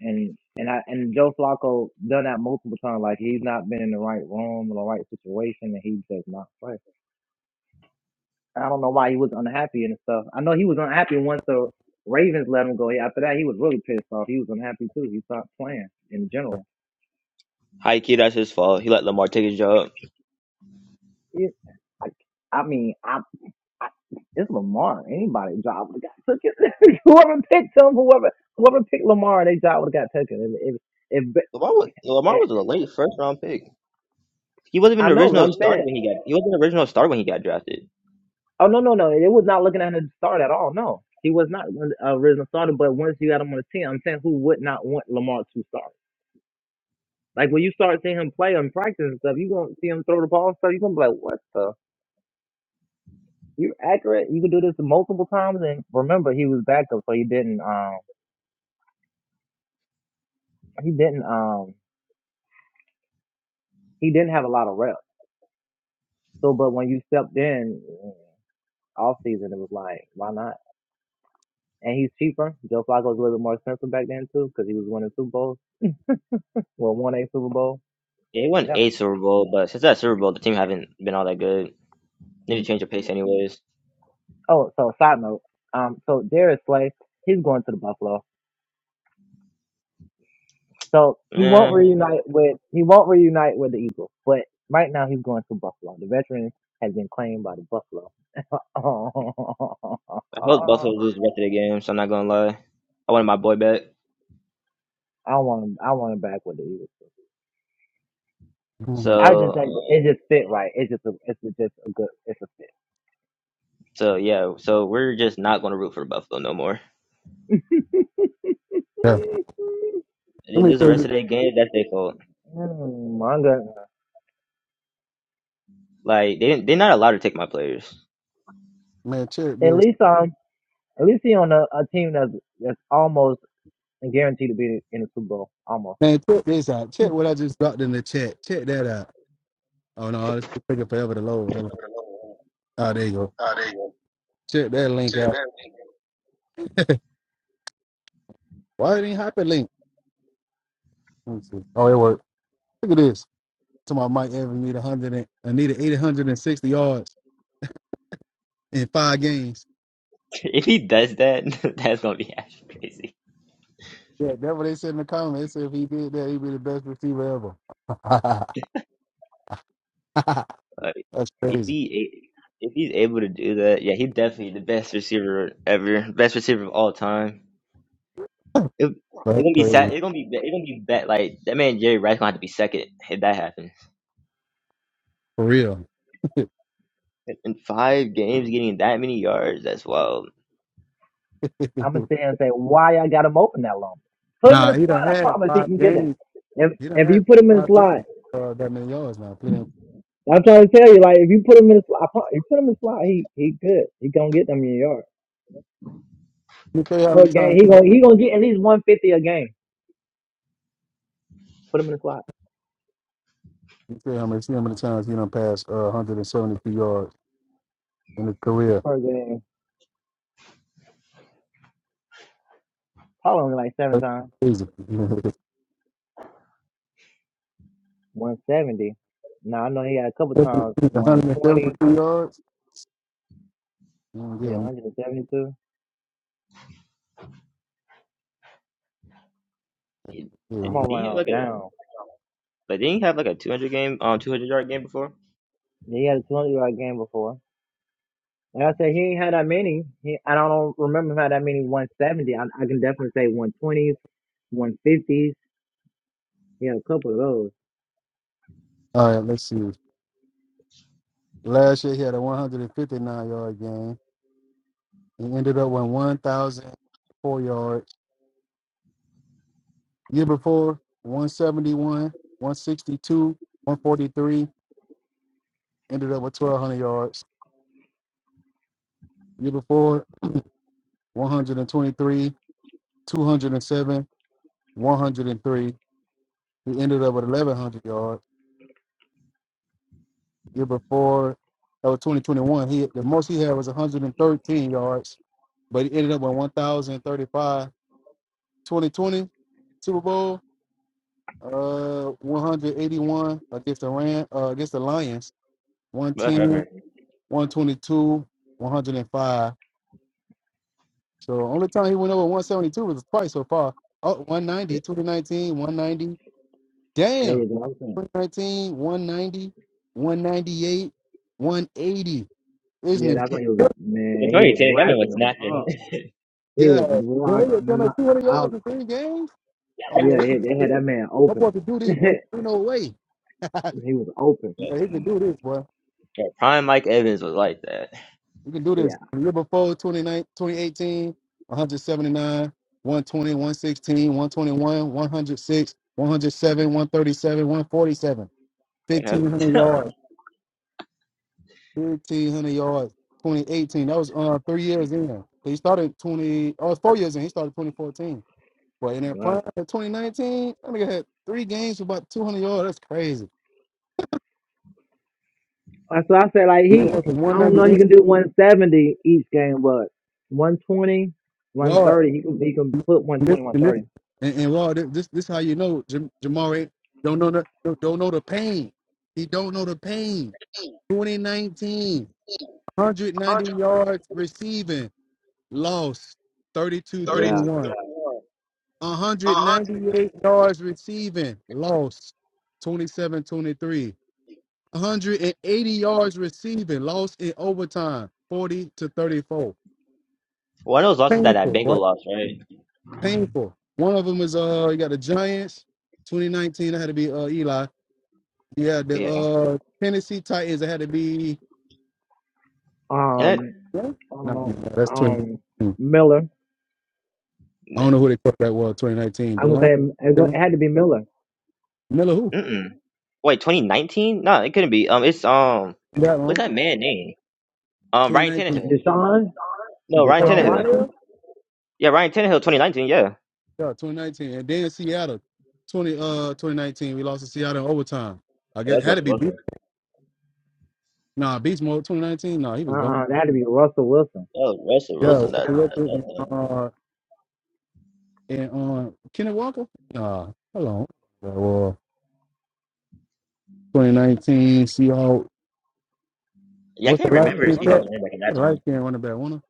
[SPEAKER 4] And and I and Joe Flacco done that multiple times. Like he's not been in the right room or the right situation, and he does not play. I don't know why he was unhappy and stuff. I know he was unhappy once the Ravens let him go. After that, he was really pissed off. He was unhappy too. He stopped playing in general.
[SPEAKER 2] High key, that's his fault. He let Lamar take his job.
[SPEAKER 4] It, I, I mean, I I, it's Lamar. Anybody's job would have got taken. whoever picked him, whoever whoever picked Lamar, their job would have got taken. If, if, if,
[SPEAKER 2] Lamar was Lamar
[SPEAKER 4] eh,
[SPEAKER 2] was a late first round pick. He wasn't even
[SPEAKER 4] I
[SPEAKER 2] the
[SPEAKER 4] know, but
[SPEAKER 2] original
[SPEAKER 4] I'm
[SPEAKER 2] starter
[SPEAKER 4] saying,
[SPEAKER 2] when he got. He wasn't the original starter when he got drafted.
[SPEAKER 4] oh no, no, no, it was not looking at him to start at all. No, he was not an original starter. But once you got him on the team, I'm saying who would not want Lamar to start? Like when you start seeing him play and practice and stuff, you gonna see him throw the ball and stuff. You are gonna be like, what the? You're accurate. You can do this multiple times. And remember, he was backup, so he didn't. Um, he didn't. Um, he didn't have a lot of reps. So, but when you stepped in mm, off season, it was like, why not? And he's cheaper. Joe Flacco was a little bit more expensive back then too, because he was winning Super Bowls. Well, won a Super Bowl.
[SPEAKER 2] They won
[SPEAKER 4] Yeah.
[SPEAKER 2] a Super Bowl, but since that Super Bowl, the team haven't been all that good. Need to
[SPEAKER 4] Mm.
[SPEAKER 2] change their pace, anyways.
[SPEAKER 4] Oh, so side note. Um, so Darius Slay, he's going to the Buffalo. So he won't
[SPEAKER 2] Man,
[SPEAKER 4] reunite with he won't reunite with the Eagles, but right now he's going to Buffalo. The veteran has been claimed by the Buffalo.
[SPEAKER 2] I hope Buffalo lose the rest of the game. So I'm not gonna lie. I wanted my boy back.
[SPEAKER 4] I want him. I want him back with the Eagles.
[SPEAKER 1] Mhm.
[SPEAKER 4] I
[SPEAKER 2] So,
[SPEAKER 4] just think it
[SPEAKER 2] uh,
[SPEAKER 4] just fit right. It's just a, it's just a good. It's a fit.
[SPEAKER 2] so yeah. So we're just not gonna root for Buffalo no more.
[SPEAKER 1] yeah.
[SPEAKER 4] Mm,
[SPEAKER 2] If they
[SPEAKER 1] Let me
[SPEAKER 2] lose the
[SPEAKER 1] tell
[SPEAKER 2] rest
[SPEAKER 1] you,
[SPEAKER 2] of their game. That's their fault.
[SPEAKER 4] my goodness.
[SPEAKER 2] Like they didn't. They're not allowed to take my players.
[SPEAKER 1] man, check
[SPEAKER 4] At
[SPEAKER 1] this.
[SPEAKER 4] least um, at least he on a, a team that's that's almost guaranteed to be in the Super Bowl. Almost.
[SPEAKER 1] Man, check this out. Check what I just dropped in the chat. Check that out. Oh no, it's taking forever to load. Hold on. Oh, there you go. Check that link out. Why it ain't hyperlink? Let me see. Oh, it worked. Look at this. to my Mike Evans need a hundred and uh, needed eight hundred and sixty yards in five games.
[SPEAKER 2] if he does that, that's gonna be actually
[SPEAKER 1] Yeah, that's what they said in the comments. They said if he did that, he'd be the best receiver ever.
[SPEAKER 2] crazy.
[SPEAKER 1] that's
[SPEAKER 2] If
[SPEAKER 1] crazy.
[SPEAKER 2] he if he's able to do that, yeah, he's definitely the best receiver ever, best receiver of all time. It it
[SPEAKER 1] That's
[SPEAKER 2] gonna be sad.
[SPEAKER 1] crazy.
[SPEAKER 2] It gonna be it gonna be bad. Like that man Jerry Rice gonna have to be second if that happens.
[SPEAKER 1] For real.
[SPEAKER 2] In five games, getting that many yards, as well.
[SPEAKER 4] I'm gonna sit here and say why I got him open that long. Put him in
[SPEAKER 1] nah,
[SPEAKER 4] the
[SPEAKER 1] he
[SPEAKER 4] slot.
[SPEAKER 1] done
[SPEAKER 4] I
[SPEAKER 1] had
[SPEAKER 4] promise he
[SPEAKER 1] five
[SPEAKER 4] can get that.
[SPEAKER 1] games.
[SPEAKER 4] If
[SPEAKER 1] He done
[SPEAKER 4] if you
[SPEAKER 1] had
[SPEAKER 4] put him in the
[SPEAKER 1] five games
[SPEAKER 4] slot,
[SPEAKER 1] uh, that many yards now. Put in-
[SPEAKER 4] I'm trying to tell you, like if you put him in the slot, I pro- you put him in the slot, he he good. He gonna get them in your yard.
[SPEAKER 1] Let me tell you how
[SPEAKER 4] per
[SPEAKER 1] many
[SPEAKER 4] game.
[SPEAKER 1] times
[SPEAKER 4] He
[SPEAKER 1] let
[SPEAKER 4] gonna he gonna get at least 150 a game. Put him in the slot
[SPEAKER 1] me tell you how many see how many times he done passed uh, 172 yards in his career.
[SPEAKER 4] per game. Probably only like seven
[SPEAKER 1] That's
[SPEAKER 4] times.
[SPEAKER 1] crazy.
[SPEAKER 4] 170. Now I know he had a couple times 120.
[SPEAKER 1] 172 yards?
[SPEAKER 4] Yeah,
[SPEAKER 1] Mm,
[SPEAKER 4] 172.
[SPEAKER 2] He,
[SPEAKER 1] Yeah,
[SPEAKER 4] I'm
[SPEAKER 1] yeah,
[SPEAKER 2] didn't
[SPEAKER 4] gonna
[SPEAKER 2] he
[SPEAKER 4] run
[SPEAKER 2] have
[SPEAKER 4] all
[SPEAKER 2] like a
[SPEAKER 4] down.
[SPEAKER 2] like didn't he have like a two hundred game um two hundred yard game before?
[SPEAKER 4] He had a 200 yard game before. Like I said, he ain't had that many. He, I don't remember him had that many 170. I, I can definitely say 120s, 150s. He had a couple of those.
[SPEAKER 1] All right, let's see. Last year he had a 159 yard game. He ended up with 1,004 yards. Year before, 171, 162, 143. Ended up with 1,200 yards. Year before, 123, 207, 103. He ended up with 1,100 yards. Year before, that was 2021. He the most he had was 113 yards, but he ended up with 1,035. 2020 Super Bowl. uh 181 against the Ram, uh, against the Lions, 110,
[SPEAKER 2] Whatever.
[SPEAKER 1] 122, 105. So only time he went over 172 was twice so far. Oh, 190, 2019, 190.
[SPEAKER 4] There
[SPEAKER 1] Damn.
[SPEAKER 4] you go. I'm saying.
[SPEAKER 1] 2019, 190, 198, 180. Isn't
[SPEAKER 4] Yeah,
[SPEAKER 1] it?
[SPEAKER 4] that's when he
[SPEAKER 1] Yeah.
[SPEAKER 4] was
[SPEAKER 2] The
[SPEAKER 4] man. He
[SPEAKER 2] twenty
[SPEAKER 4] was
[SPEAKER 2] ten, that man was
[SPEAKER 4] racking them
[SPEAKER 2] snapping.
[SPEAKER 4] up. He was
[SPEAKER 1] Yeah, he
[SPEAKER 4] rock.
[SPEAKER 1] was down
[SPEAKER 4] kno-
[SPEAKER 1] like 200
[SPEAKER 4] I
[SPEAKER 1] yards
[SPEAKER 4] don't.
[SPEAKER 1] in three games. Oh, yeah,
[SPEAKER 4] Yeah,
[SPEAKER 1] he
[SPEAKER 4] they
[SPEAKER 1] can
[SPEAKER 4] had
[SPEAKER 1] do
[SPEAKER 4] they
[SPEAKER 1] this.
[SPEAKER 4] had that man
[SPEAKER 1] I'm
[SPEAKER 4] open.
[SPEAKER 1] about to do this, boy.
[SPEAKER 4] he
[SPEAKER 1] Ain't no way.
[SPEAKER 4] was open.
[SPEAKER 1] Yeah, he can do this, boy.
[SPEAKER 2] yeah, prime Mike Evans was like that.
[SPEAKER 1] We can do this.
[SPEAKER 4] Yeah.
[SPEAKER 1] The year before twenty nine, twenty eighteen, one hundred seventy nine, one 106, 107, 137, one forty seven, one thirty-seven, one forty-seven,
[SPEAKER 2] Whatever.
[SPEAKER 1] fifteen hundred yards, 1500 yards. 2018. That was uh three years in. He started 20. Oh, it's four years in. He started 2014. But in that prime of 2019, that nigga had three games for about 200 yards. That's crazy.
[SPEAKER 4] That's why I said like
[SPEAKER 1] He
[SPEAKER 4] he.
[SPEAKER 1] went from
[SPEAKER 4] I don't know. He can
[SPEAKER 1] 198.
[SPEAKER 4] do 170 each game, but one twenty, one thirty, He can he can put one
[SPEAKER 1] And this,
[SPEAKER 4] twenty, one
[SPEAKER 1] and this,
[SPEAKER 4] thirty.
[SPEAKER 1] and, and Raw, this, this, this how you know Jam- Jamar don't know the, don't don't know the pain. He don't know the pain. 2019,
[SPEAKER 2] 132
[SPEAKER 1] yards receiving, lost thirty two thirty
[SPEAKER 4] Yeah.
[SPEAKER 1] one.
[SPEAKER 2] 100. One hundred.
[SPEAKER 1] 198 yards receiving, lost twenty seven twenty three. 180 yards receiving, lost in overtime, 40 to 34.
[SPEAKER 2] One of those losses that that
[SPEAKER 1] Painful, boy.
[SPEAKER 2] Bengal lost, right?
[SPEAKER 1] painful. One of them is uh, you got the Giants, 2019. That had to be uh Eli. You had the
[SPEAKER 2] Yeah.
[SPEAKER 1] uh Tennessee Titans. That had to be
[SPEAKER 2] And
[SPEAKER 4] Um.
[SPEAKER 1] no, no,
[SPEAKER 4] Um.
[SPEAKER 1] that's 20.
[SPEAKER 4] um
[SPEAKER 1] hmm.
[SPEAKER 4] Miller.
[SPEAKER 1] I don't
[SPEAKER 2] it,
[SPEAKER 1] know who they thought that was. 2019.
[SPEAKER 4] I'm gonna
[SPEAKER 1] DeLon,
[SPEAKER 4] say it go- it
[SPEAKER 1] DeLon
[SPEAKER 4] had to be Miller.
[SPEAKER 1] Miller. Who
[SPEAKER 2] mm-mm. wait, 2019? No, it couldn't be. Um, it's um,
[SPEAKER 1] that
[SPEAKER 2] what's
[SPEAKER 1] long?
[SPEAKER 2] that man name? Um, Ryan
[SPEAKER 1] 2019.
[SPEAKER 2] Tannehill.
[SPEAKER 4] Deshaun.
[SPEAKER 2] No, Ryan
[SPEAKER 1] Oh,
[SPEAKER 4] Deshaun
[SPEAKER 1] Tanner
[SPEAKER 2] Tannehill.
[SPEAKER 4] Watson.
[SPEAKER 1] Hill.
[SPEAKER 2] Yeah, Ryan Tannehill, 2019. Yeah,
[SPEAKER 1] Yeah, 2019. And then Seattle, 20 uh 2019. We lost to Seattle in overtime. I
[SPEAKER 2] oh,
[SPEAKER 1] guess
[SPEAKER 2] that's
[SPEAKER 1] had to
[SPEAKER 2] Russell
[SPEAKER 1] be Beast.
[SPEAKER 2] Wilson.
[SPEAKER 1] Nah, Beast Mode 2019. Nah, he
[SPEAKER 4] Uh.
[SPEAKER 1] was gone.
[SPEAKER 4] uh That had to be Russell Wilson.
[SPEAKER 2] Oh, Russell
[SPEAKER 1] Yeah,
[SPEAKER 2] Wilson.
[SPEAKER 1] Walker
[SPEAKER 2] That, that,
[SPEAKER 1] Wilson
[SPEAKER 2] that
[SPEAKER 1] and
[SPEAKER 2] time.
[SPEAKER 1] uh and uh Kenneth Walker. Nah, hold on. Yeah, well, 2019 Seahawks.
[SPEAKER 2] Yeah, I
[SPEAKER 1] What's
[SPEAKER 2] can't
[SPEAKER 1] the light
[SPEAKER 2] remember
[SPEAKER 4] Probably
[SPEAKER 1] skin
[SPEAKER 2] if
[SPEAKER 1] cat?
[SPEAKER 2] Seahawks
[SPEAKER 4] Russell.
[SPEAKER 2] ran back in that
[SPEAKER 1] The light
[SPEAKER 2] time.
[SPEAKER 1] skin running back, one of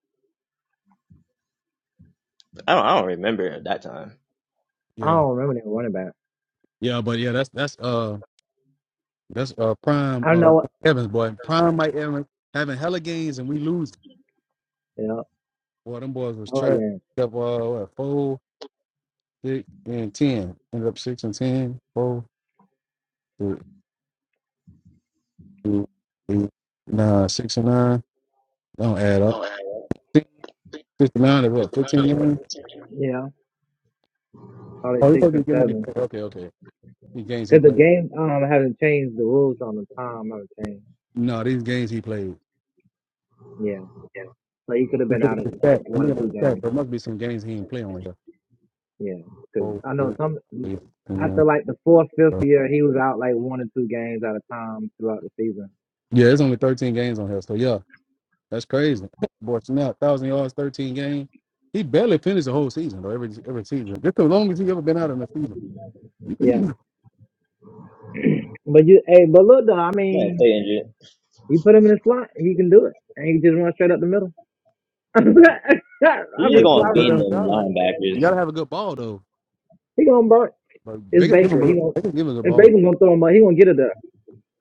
[SPEAKER 2] I don't. I don't remember at that time.
[SPEAKER 4] I
[SPEAKER 1] Yeah.
[SPEAKER 4] don't remember that running back.
[SPEAKER 1] Yeah, but yeah, that's that's uh that's uh prime
[SPEAKER 4] I don't
[SPEAKER 1] uh
[SPEAKER 4] know. What,
[SPEAKER 1] Evans boy. Prime Mike Evans having hella games and we lose.
[SPEAKER 4] yeah.
[SPEAKER 1] Boy, them boys was
[SPEAKER 4] Oh
[SPEAKER 1] trapped
[SPEAKER 4] again.
[SPEAKER 1] up uh what, four, six, and ten. Ended up six and ten, four, three, two, eight, nine, six and nine. Don't add up. Six- Fifty-nine is what, fifteen games?
[SPEAKER 4] Yeah. Probably
[SPEAKER 1] Oh, these are
[SPEAKER 4] six or
[SPEAKER 1] games he
[SPEAKER 4] seven.
[SPEAKER 1] played. Okay, okay. These games he
[SPEAKER 4] Cause the
[SPEAKER 1] played.
[SPEAKER 4] game um hasn't changed. The rules on the time haven't changed.
[SPEAKER 1] No, these games he played.
[SPEAKER 4] Yeah. So he could have been
[SPEAKER 1] Just look at
[SPEAKER 4] out of
[SPEAKER 1] the
[SPEAKER 4] a
[SPEAKER 1] stats.
[SPEAKER 4] couple,
[SPEAKER 1] I'm
[SPEAKER 4] one or
[SPEAKER 1] looking at
[SPEAKER 4] two
[SPEAKER 1] the stats.
[SPEAKER 4] games.
[SPEAKER 1] There must be some games he ain't playing on here.
[SPEAKER 4] Yeah, because
[SPEAKER 1] Four,
[SPEAKER 4] I know
[SPEAKER 1] six,
[SPEAKER 4] some
[SPEAKER 1] eight,
[SPEAKER 4] after
[SPEAKER 1] nine,
[SPEAKER 4] like the fourth, fifth
[SPEAKER 1] twelve.
[SPEAKER 4] year, he was out like one or two games at a time throughout the season.
[SPEAKER 1] Yeah, it's only 13 games on here. So yeah, that's crazy. Boy, Snap, thousand yards, 13 games. He barely finished the whole season though. Every every season, just the longest he ever been out in a season.
[SPEAKER 4] Yeah, but you, hey, but look though, I
[SPEAKER 2] Yeah,
[SPEAKER 4] mean,
[SPEAKER 2] stay injured.
[SPEAKER 4] you put him in the slot, he can do it, and he can just run straight up the middle. I
[SPEAKER 2] He's is
[SPEAKER 1] Like,
[SPEAKER 4] mean,
[SPEAKER 1] if I
[SPEAKER 2] going
[SPEAKER 4] fly
[SPEAKER 2] to be in
[SPEAKER 1] down
[SPEAKER 4] around.
[SPEAKER 2] the
[SPEAKER 1] the sideline, you
[SPEAKER 2] linebackers.
[SPEAKER 1] gotta have a good ball though.
[SPEAKER 4] He gonna burn.
[SPEAKER 1] But
[SPEAKER 4] It's
[SPEAKER 1] they can give
[SPEAKER 4] Baker.
[SPEAKER 1] him a
[SPEAKER 4] He
[SPEAKER 1] good-
[SPEAKER 4] gonna
[SPEAKER 1] they can give him a good
[SPEAKER 4] if
[SPEAKER 1] ball.
[SPEAKER 4] Baker gonna throw him up, he gonna get it there.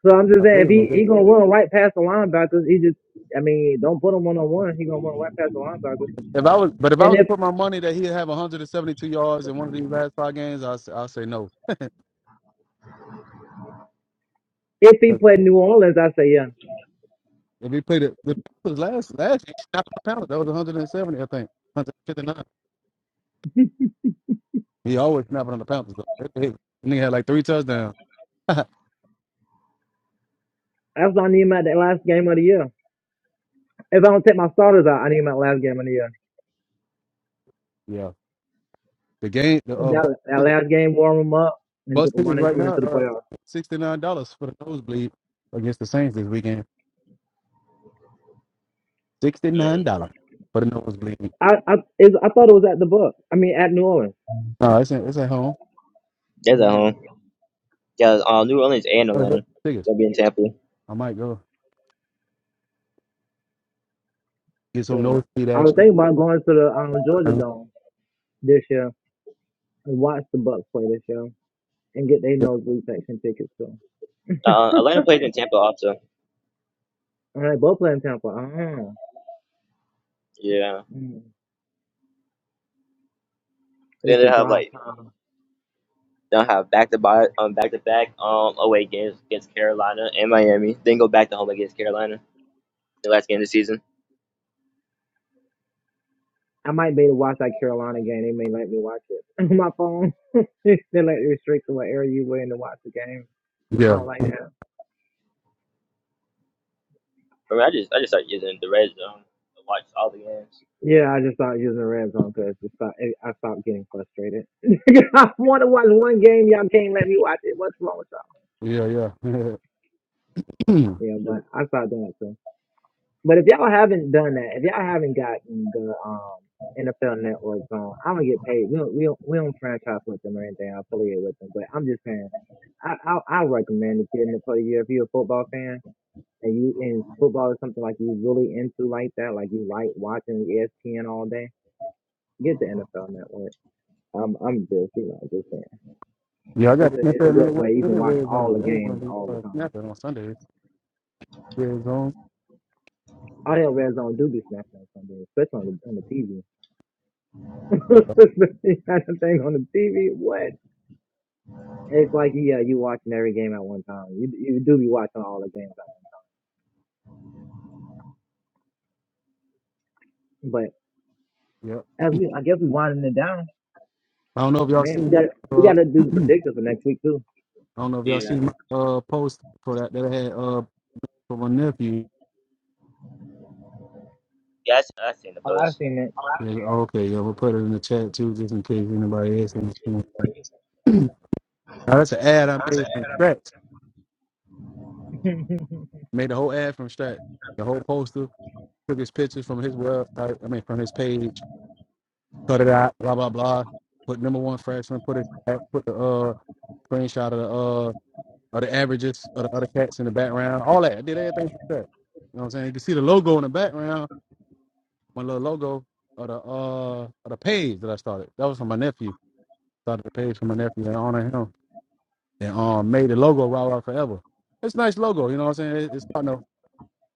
[SPEAKER 4] So I'm just
[SPEAKER 1] I think
[SPEAKER 4] saying, if
[SPEAKER 1] they're gonna
[SPEAKER 4] he
[SPEAKER 1] give
[SPEAKER 4] he gonna run right past the linebackers, he just I mean, don't put him one on one. He gonna run right past the linebackers.
[SPEAKER 1] it. if I was, but if I
[SPEAKER 4] And
[SPEAKER 1] was to
[SPEAKER 4] if
[SPEAKER 1] put my money that he'd have 172 yards in one of these last five games, I will say no.
[SPEAKER 4] If he played New Orleans, I say yeah.
[SPEAKER 1] If he played it, the Panthers last last year, he snapped on the Panthers. That was 170, I think, 159. He always snapping on the Panthers. Though. That Nigga nigga had like three touchdowns.
[SPEAKER 4] That's why I need him at the last game of the year. If I don't take my starters out, I need him at last game of the year.
[SPEAKER 1] yeah, the game, the uh, bus
[SPEAKER 4] That, that last game warm him up and
[SPEAKER 1] bus
[SPEAKER 4] just
[SPEAKER 1] tickets
[SPEAKER 4] running
[SPEAKER 1] right
[SPEAKER 4] coming
[SPEAKER 1] now
[SPEAKER 4] into the
[SPEAKER 1] are
[SPEAKER 4] playoffs.
[SPEAKER 1] sixty nine dollars for the nosebleed against the Saints this weekend. Sixty
[SPEAKER 2] Mm.
[SPEAKER 1] nine dollars for the nosebleed.
[SPEAKER 4] I I is I thought it was at the book. I mean at New Orleans.
[SPEAKER 1] No, it's at, it's at home.
[SPEAKER 2] That's at
[SPEAKER 4] Man.
[SPEAKER 2] home. Yeah, uh, New Orleans and
[SPEAKER 1] I don't
[SPEAKER 2] Atlanta.
[SPEAKER 1] Tickets.
[SPEAKER 2] They'll be in Tampa.
[SPEAKER 1] I might go get some
[SPEAKER 4] So
[SPEAKER 1] nosebleed
[SPEAKER 4] I was
[SPEAKER 1] action.
[SPEAKER 4] thinking about going to the um, Georgia Dome this year and watch the Bucks play this year and get their nosebleed section tickets too.
[SPEAKER 2] Uh, Atlanta plays in Tampa also.
[SPEAKER 4] All right, both playing Tampa. Ah,
[SPEAKER 2] Yeah.
[SPEAKER 4] mm.
[SPEAKER 2] Then
[SPEAKER 4] It's
[SPEAKER 2] they
[SPEAKER 4] a
[SPEAKER 2] have
[SPEAKER 4] drive
[SPEAKER 2] like
[SPEAKER 4] time.
[SPEAKER 2] They'll have back to back um back to back um away games against Carolina and Miami. Then go back to home against Carolina. The last game of the season.
[SPEAKER 4] I might be able to watch that Carolina game. They may let me watch it on my phone. they let you restrict to what area you were in to watch the game. I
[SPEAKER 1] Yeah,
[SPEAKER 4] don't like that.
[SPEAKER 2] I mean, I just I just started using the red zone to watch all the games.
[SPEAKER 4] Yeah, I just stopped using the red zone because I stopped getting frustrated. I want to watch one game. Y'all can't let me watch it. What's wrong with y'all?
[SPEAKER 1] yeah, yeah.
[SPEAKER 4] Yeah, but I stopped doing it too. But if y'all haven't done that, if y'all haven't gotten the um NFL Network on, I don't get paid. We don't, we don't, we don't franchise with them or anything. I affiliate with them, but I'm just saying. I I, I recommend it getting it for the year if you're a football fan And you and football is something like you really into like that, like you like watching ESPN all day. Get the NFL Network. I'm I'm just you know just saying
[SPEAKER 1] yeah, I got
[SPEAKER 4] it's
[SPEAKER 1] the
[SPEAKER 4] a it's a
[SPEAKER 1] NFL
[SPEAKER 4] good
[SPEAKER 1] Network
[SPEAKER 4] way you can watch
[SPEAKER 1] red zone.
[SPEAKER 4] all the
[SPEAKER 1] Red zone
[SPEAKER 4] games all
[SPEAKER 1] be
[SPEAKER 4] the
[SPEAKER 1] uh,
[SPEAKER 4] time.
[SPEAKER 1] snapping on Sundays. Red zone
[SPEAKER 4] All that red zone do be snapping on Sunday, especially on the on the TV. especially that thing on the TV. What? It's like yeah, you watching every game at one time. You you do be watching all the games at once.
[SPEAKER 1] Yep.
[SPEAKER 4] But as we I guess we winding it down.
[SPEAKER 1] I don't know if y'all
[SPEAKER 4] Man, we
[SPEAKER 1] seen
[SPEAKER 4] got
[SPEAKER 1] that.
[SPEAKER 4] we
[SPEAKER 1] Uh,
[SPEAKER 4] got to do the
[SPEAKER 1] I
[SPEAKER 4] predictors for next week too.
[SPEAKER 1] don't know if y'all seen my uh, post for that that I had uh, for my nephew.
[SPEAKER 2] Yeah, I, I seen the
[SPEAKER 4] Oh, I've
[SPEAKER 2] post.
[SPEAKER 4] seen it.
[SPEAKER 1] Yeah, okay, yeah, we'll put it in the chat too, just in case anybody asks anything. now, that's an ad I
[SPEAKER 2] That's an
[SPEAKER 1] made from scratch. Made the whole ad from scratch. The whole poster. Took his pictures from his website. I mean, from his page. Cut it out. Blah blah blah. Put number one freshman. Put it. Put the uh screenshot of the uh of the averages of the other cats in the background. All that. I did everything from scratch. You know what I'm saying? You can see the logo in the background my little logo of the uh of the page that I started. That was from my nephew. Started the page from my nephew and honor him and um made the logo Raw Rock Forever. It's a nice logo, you know what I'm saying? It, it's starting to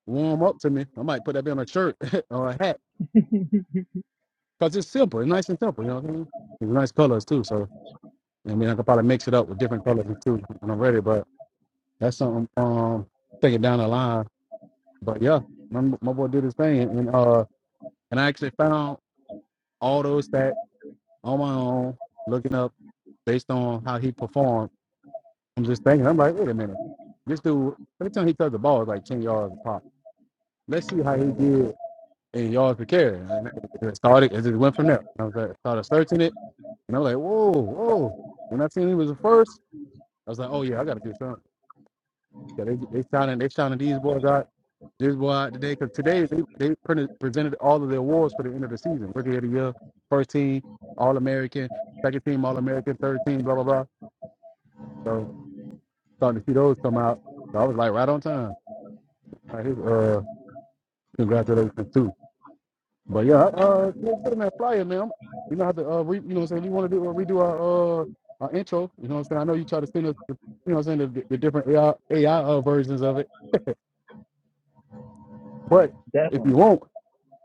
[SPEAKER 1] warm up to me. I might put that on a shirt or a hat because it's simple. It's nice and simple, you know what I mean? It's nice colors too. So I mean, I could probably mix it up with different colors too when I'm ready. But that's something um thinking down the line. But yeah, my, my boy did his thing and uh and I actually found all those stats on my own looking up based on how he performed. I'm just thinking, I'm like, wait a minute, this dude, every time he touched the ball, it's like 10 yards a pop. Let's see how he
[SPEAKER 4] yeah,
[SPEAKER 1] did in yards per carry. And it started, it just went from there. And I was like, started searching it, and I'm like, whoa, whoa. When I seen he was the first, I was like, oh yeah, I got to do something. Yeah, they they sounding they sounding these boys out this boy out today because today they, they printed, presented all of the awards for the end of the season. Rookie of the year, first team, All American, second team All American, third team, blah blah blah. So, starting to see those come out. So I was like right on time. All right, his uh congratulations too. But yeah, I, uh did get him that flyer, man. We know how to uh re, you know what I'm saying, we wanna do uh, redo our uh our intro, you know what I'm saying? I know you try to send us the, you know what I'm saying, the, the different AI, uh, versions of it. But if you
[SPEAKER 4] Definitely.
[SPEAKER 1] won't,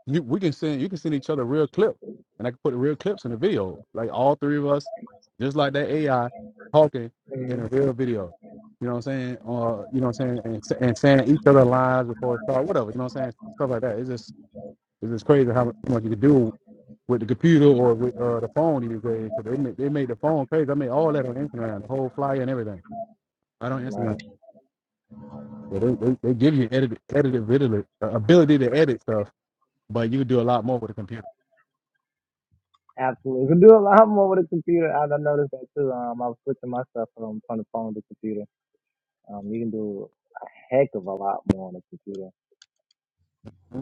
[SPEAKER 1] You, we can send you can send each other real clips, and I can put the real clips in the video. Like all three of us, just like that AI talking in
[SPEAKER 4] hmm
[SPEAKER 1] a real video. You know what I'm saying? Or you know what I'm saying? And, sa- and saying each other lines before it starts, whatever. You know what I'm saying? Stuff like that. It's just it's just crazy how much much you can do with the computer or with uh, the phone these days. So they made, they made the phone crazy. I made all that on Instagram, the whole flyer and everything. I don't Instagram.
[SPEAKER 4] Right.
[SPEAKER 1] So they, they, they give you edit, edited ability, uh, ability to edit stuff, but you can do a lot more with a computer.
[SPEAKER 4] Absolutely. You can do a lot more with a computer. I, I noticed that too. Um, I was switching my stuff from, from the phone to the computer. Um, you can do a heck of a lot more on a computer.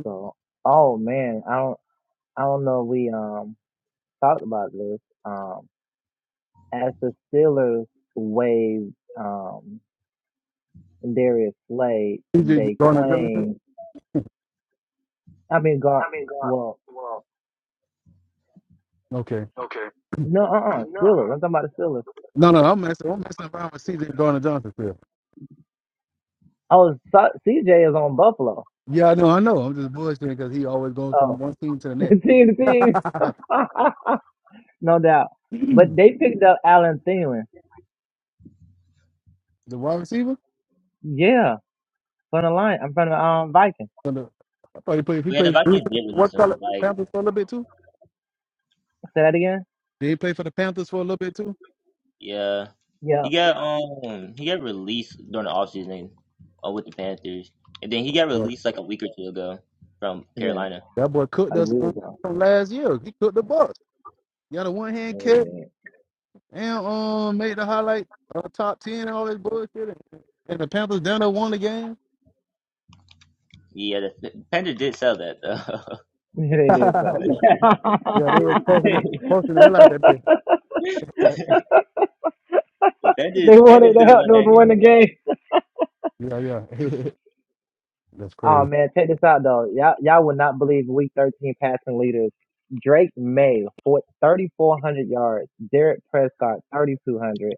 [SPEAKER 4] So, oh man, I don't, I don't know. If we, um, talked about this. Um, as the Steelers waived, um, Darius Slade,
[SPEAKER 1] CJ
[SPEAKER 4] they
[SPEAKER 1] Gardner Johnson?
[SPEAKER 4] claim, I mean, God, well,
[SPEAKER 1] Okay.
[SPEAKER 4] no, uh-uh, Steelers. I'm talking about the Steelers.
[SPEAKER 1] No, no, I'm messing. I'm messing around with CJ Gardner Johnson still.
[SPEAKER 4] Oh, so, CJ is on Buffalo.
[SPEAKER 1] Yeah, I know, I know. I'm just bullshitting because he always goes
[SPEAKER 4] Oh,
[SPEAKER 1] from one team to the next.
[SPEAKER 4] team to team. no doubt.
[SPEAKER 1] the
[SPEAKER 4] But they picked up Alan Thielen.
[SPEAKER 1] wide receiver?
[SPEAKER 4] Yeah. From the line. I'm from the um Vikings.
[SPEAKER 1] So the- I thought he played. He
[SPEAKER 2] Yeah, the
[SPEAKER 1] played three-
[SPEAKER 2] Vikings did
[SPEAKER 1] what
[SPEAKER 2] release him.
[SPEAKER 1] color
[SPEAKER 2] Like,
[SPEAKER 1] Panthers for a little bit too.
[SPEAKER 4] Say that again?
[SPEAKER 1] Did he play for the Panthers for a little bit too?
[SPEAKER 2] yeah,
[SPEAKER 4] Yeah.
[SPEAKER 2] he got um he got released during the offseason uh, with the Panthers, and then he got
[SPEAKER 1] Uh,
[SPEAKER 2] released like a week or two ago from
[SPEAKER 4] Yeah.
[SPEAKER 2] Carolina.
[SPEAKER 1] that boy cooked
[SPEAKER 4] I
[SPEAKER 1] us
[SPEAKER 4] will go.
[SPEAKER 1] from last year. He cooked the Bucks. He had a one hand
[SPEAKER 4] They
[SPEAKER 1] kick
[SPEAKER 4] did.
[SPEAKER 1] and um made the highlight uh, top ten and all this bullshit. And, and the Panthers down there won the game.
[SPEAKER 2] Yeah, the, the Panthers did sell that though.
[SPEAKER 4] they did sell it.
[SPEAKER 1] Yeah, they were posting the posting the hell out of that bitch.
[SPEAKER 2] the Panthers,
[SPEAKER 4] they
[SPEAKER 2] the
[SPEAKER 4] wanted
[SPEAKER 2] Panthers
[SPEAKER 4] to
[SPEAKER 2] didn't
[SPEAKER 4] help
[SPEAKER 2] win
[SPEAKER 4] them
[SPEAKER 2] that
[SPEAKER 4] win
[SPEAKER 2] game.
[SPEAKER 4] the game.
[SPEAKER 1] yeah, yeah. That's
[SPEAKER 4] Oh
[SPEAKER 1] crazy.
[SPEAKER 4] man, check this out though. Y'all y'all would not believe week thirteen passing leaders. Drake May thirty four hundred yards. Derek Prescott thirty two hundred.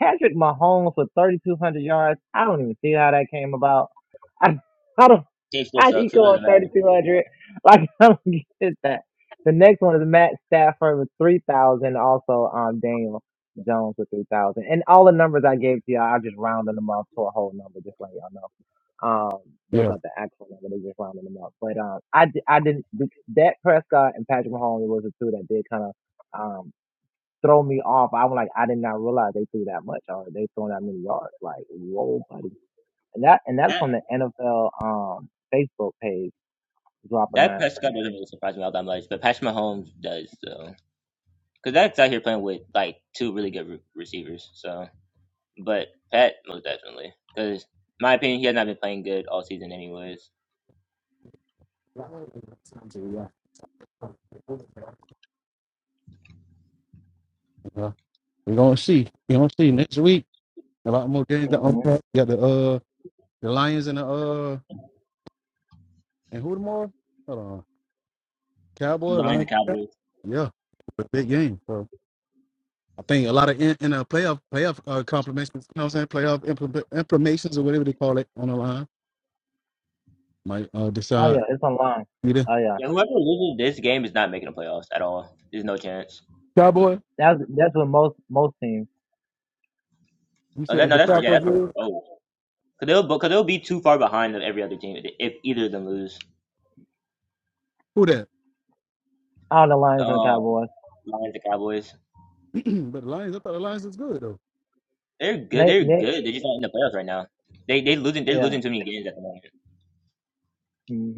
[SPEAKER 4] Patrick Mahomes for 3,200 yards. I don't even see how that came about. I, I don't,
[SPEAKER 2] Team still
[SPEAKER 4] how
[SPEAKER 2] sucks,
[SPEAKER 4] he
[SPEAKER 2] so it
[SPEAKER 4] go
[SPEAKER 2] doesn't
[SPEAKER 4] with
[SPEAKER 2] matter.
[SPEAKER 4] 3,200? Like, I don't get that. The next one is Matt Stafford with 3,000. Also, um, Daniel Jones with 3,000. And all the numbers I gave to y'all, I just rounded them up to a whole number, just let y'all know. Um, those
[SPEAKER 1] Yeah.
[SPEAKER 4] aren't the actual number; they just rounded them up. But um, I di- I didn't Dak Prescott and Patrick Mahomes was the two that did kind of throw me off. I'm like, I did not realize they threw that much or they threw that many yards. Like, whoa, buddy. And that and that's
[SPEAKER 2] That
[SPEAKER 4] on the NFL um Facebook page dropping
[SPEAKER 2] that
[SPEAKER 4] that.
[SPEAKER 2] Prescott doesn't really surprise me all that much, but Patrick Mahomes does though, because that's out here playing with like two really good re- receivers. So, but Pat most definitely, because my opinion, he has not been playing good all season anyways.
[SPEAKER 1] yeah. We're gonna see. We're gonna see next week. A lot more games to
[SPEAKER 4] hmm
[SPEAKER 1] unpack. Got the uh the Lions and the uh and who tomorrow? Hold on. Cowboys,
[SPEAKER 2] Lions and
[SPEAKER 1] Lions.
[SPEAKER 2] Cowboys.
[SPEAKER 1] Yeah, a big game. So I think a lot of in, in a playoff playoff uh compliments, you know what I'm saying? Playoff implement, imprimations or whatever they call it on the line might uh
[SPEAKER 4] Oh
[SPEAKER 1] decide
[SPEAKER 4] yeah, it's online.
[SPEAKER 1] either.
[SPEAKER 4] Oh yeah,
[SPEAKER 2] Yeah, whoever loses this game is not making the playoffs at all. There's no chance.
[SPEAKER 1] Cowboy,
[SPEAKER 4] that's that's what most most teams.
[SPEAKER 1] you
[SPEAKER 2] Oh, that,
[SPEAKER 1] said
[SPEAKER 2] no,
[SPEAKER 1] the
[SPEAKER 2] that's for yeah, that's
[SPEAKER 1] Falcons
[SPEAKER 2] for
[SPEAKER 1] is?
[SPEAKER 2] oh, Cause they'll, cause they'll be too far behind of every other team if if either of them lose.
[SPEAKER 1] Who that?
[SPEAKER 4] All the Lions and the
[SPEAKER 2] Um,
[SPEAKER 4] Cowboys.
[SPEAKER 2] Lions and Cowboys.
[SPEAKER 1] but the Lions, I thought the Lions was good though.
[SPEAKER 2] They're good.
[SPEAKER 4] They
[SPEAKER 2] They're
[SPEAKER 4] they
[SPEAKER 2] good. They're just not in the playoffs right now. They they losing. They're
[SPEAKER 4] yeah.
[SPEAKER 2] losing too many games at the moment.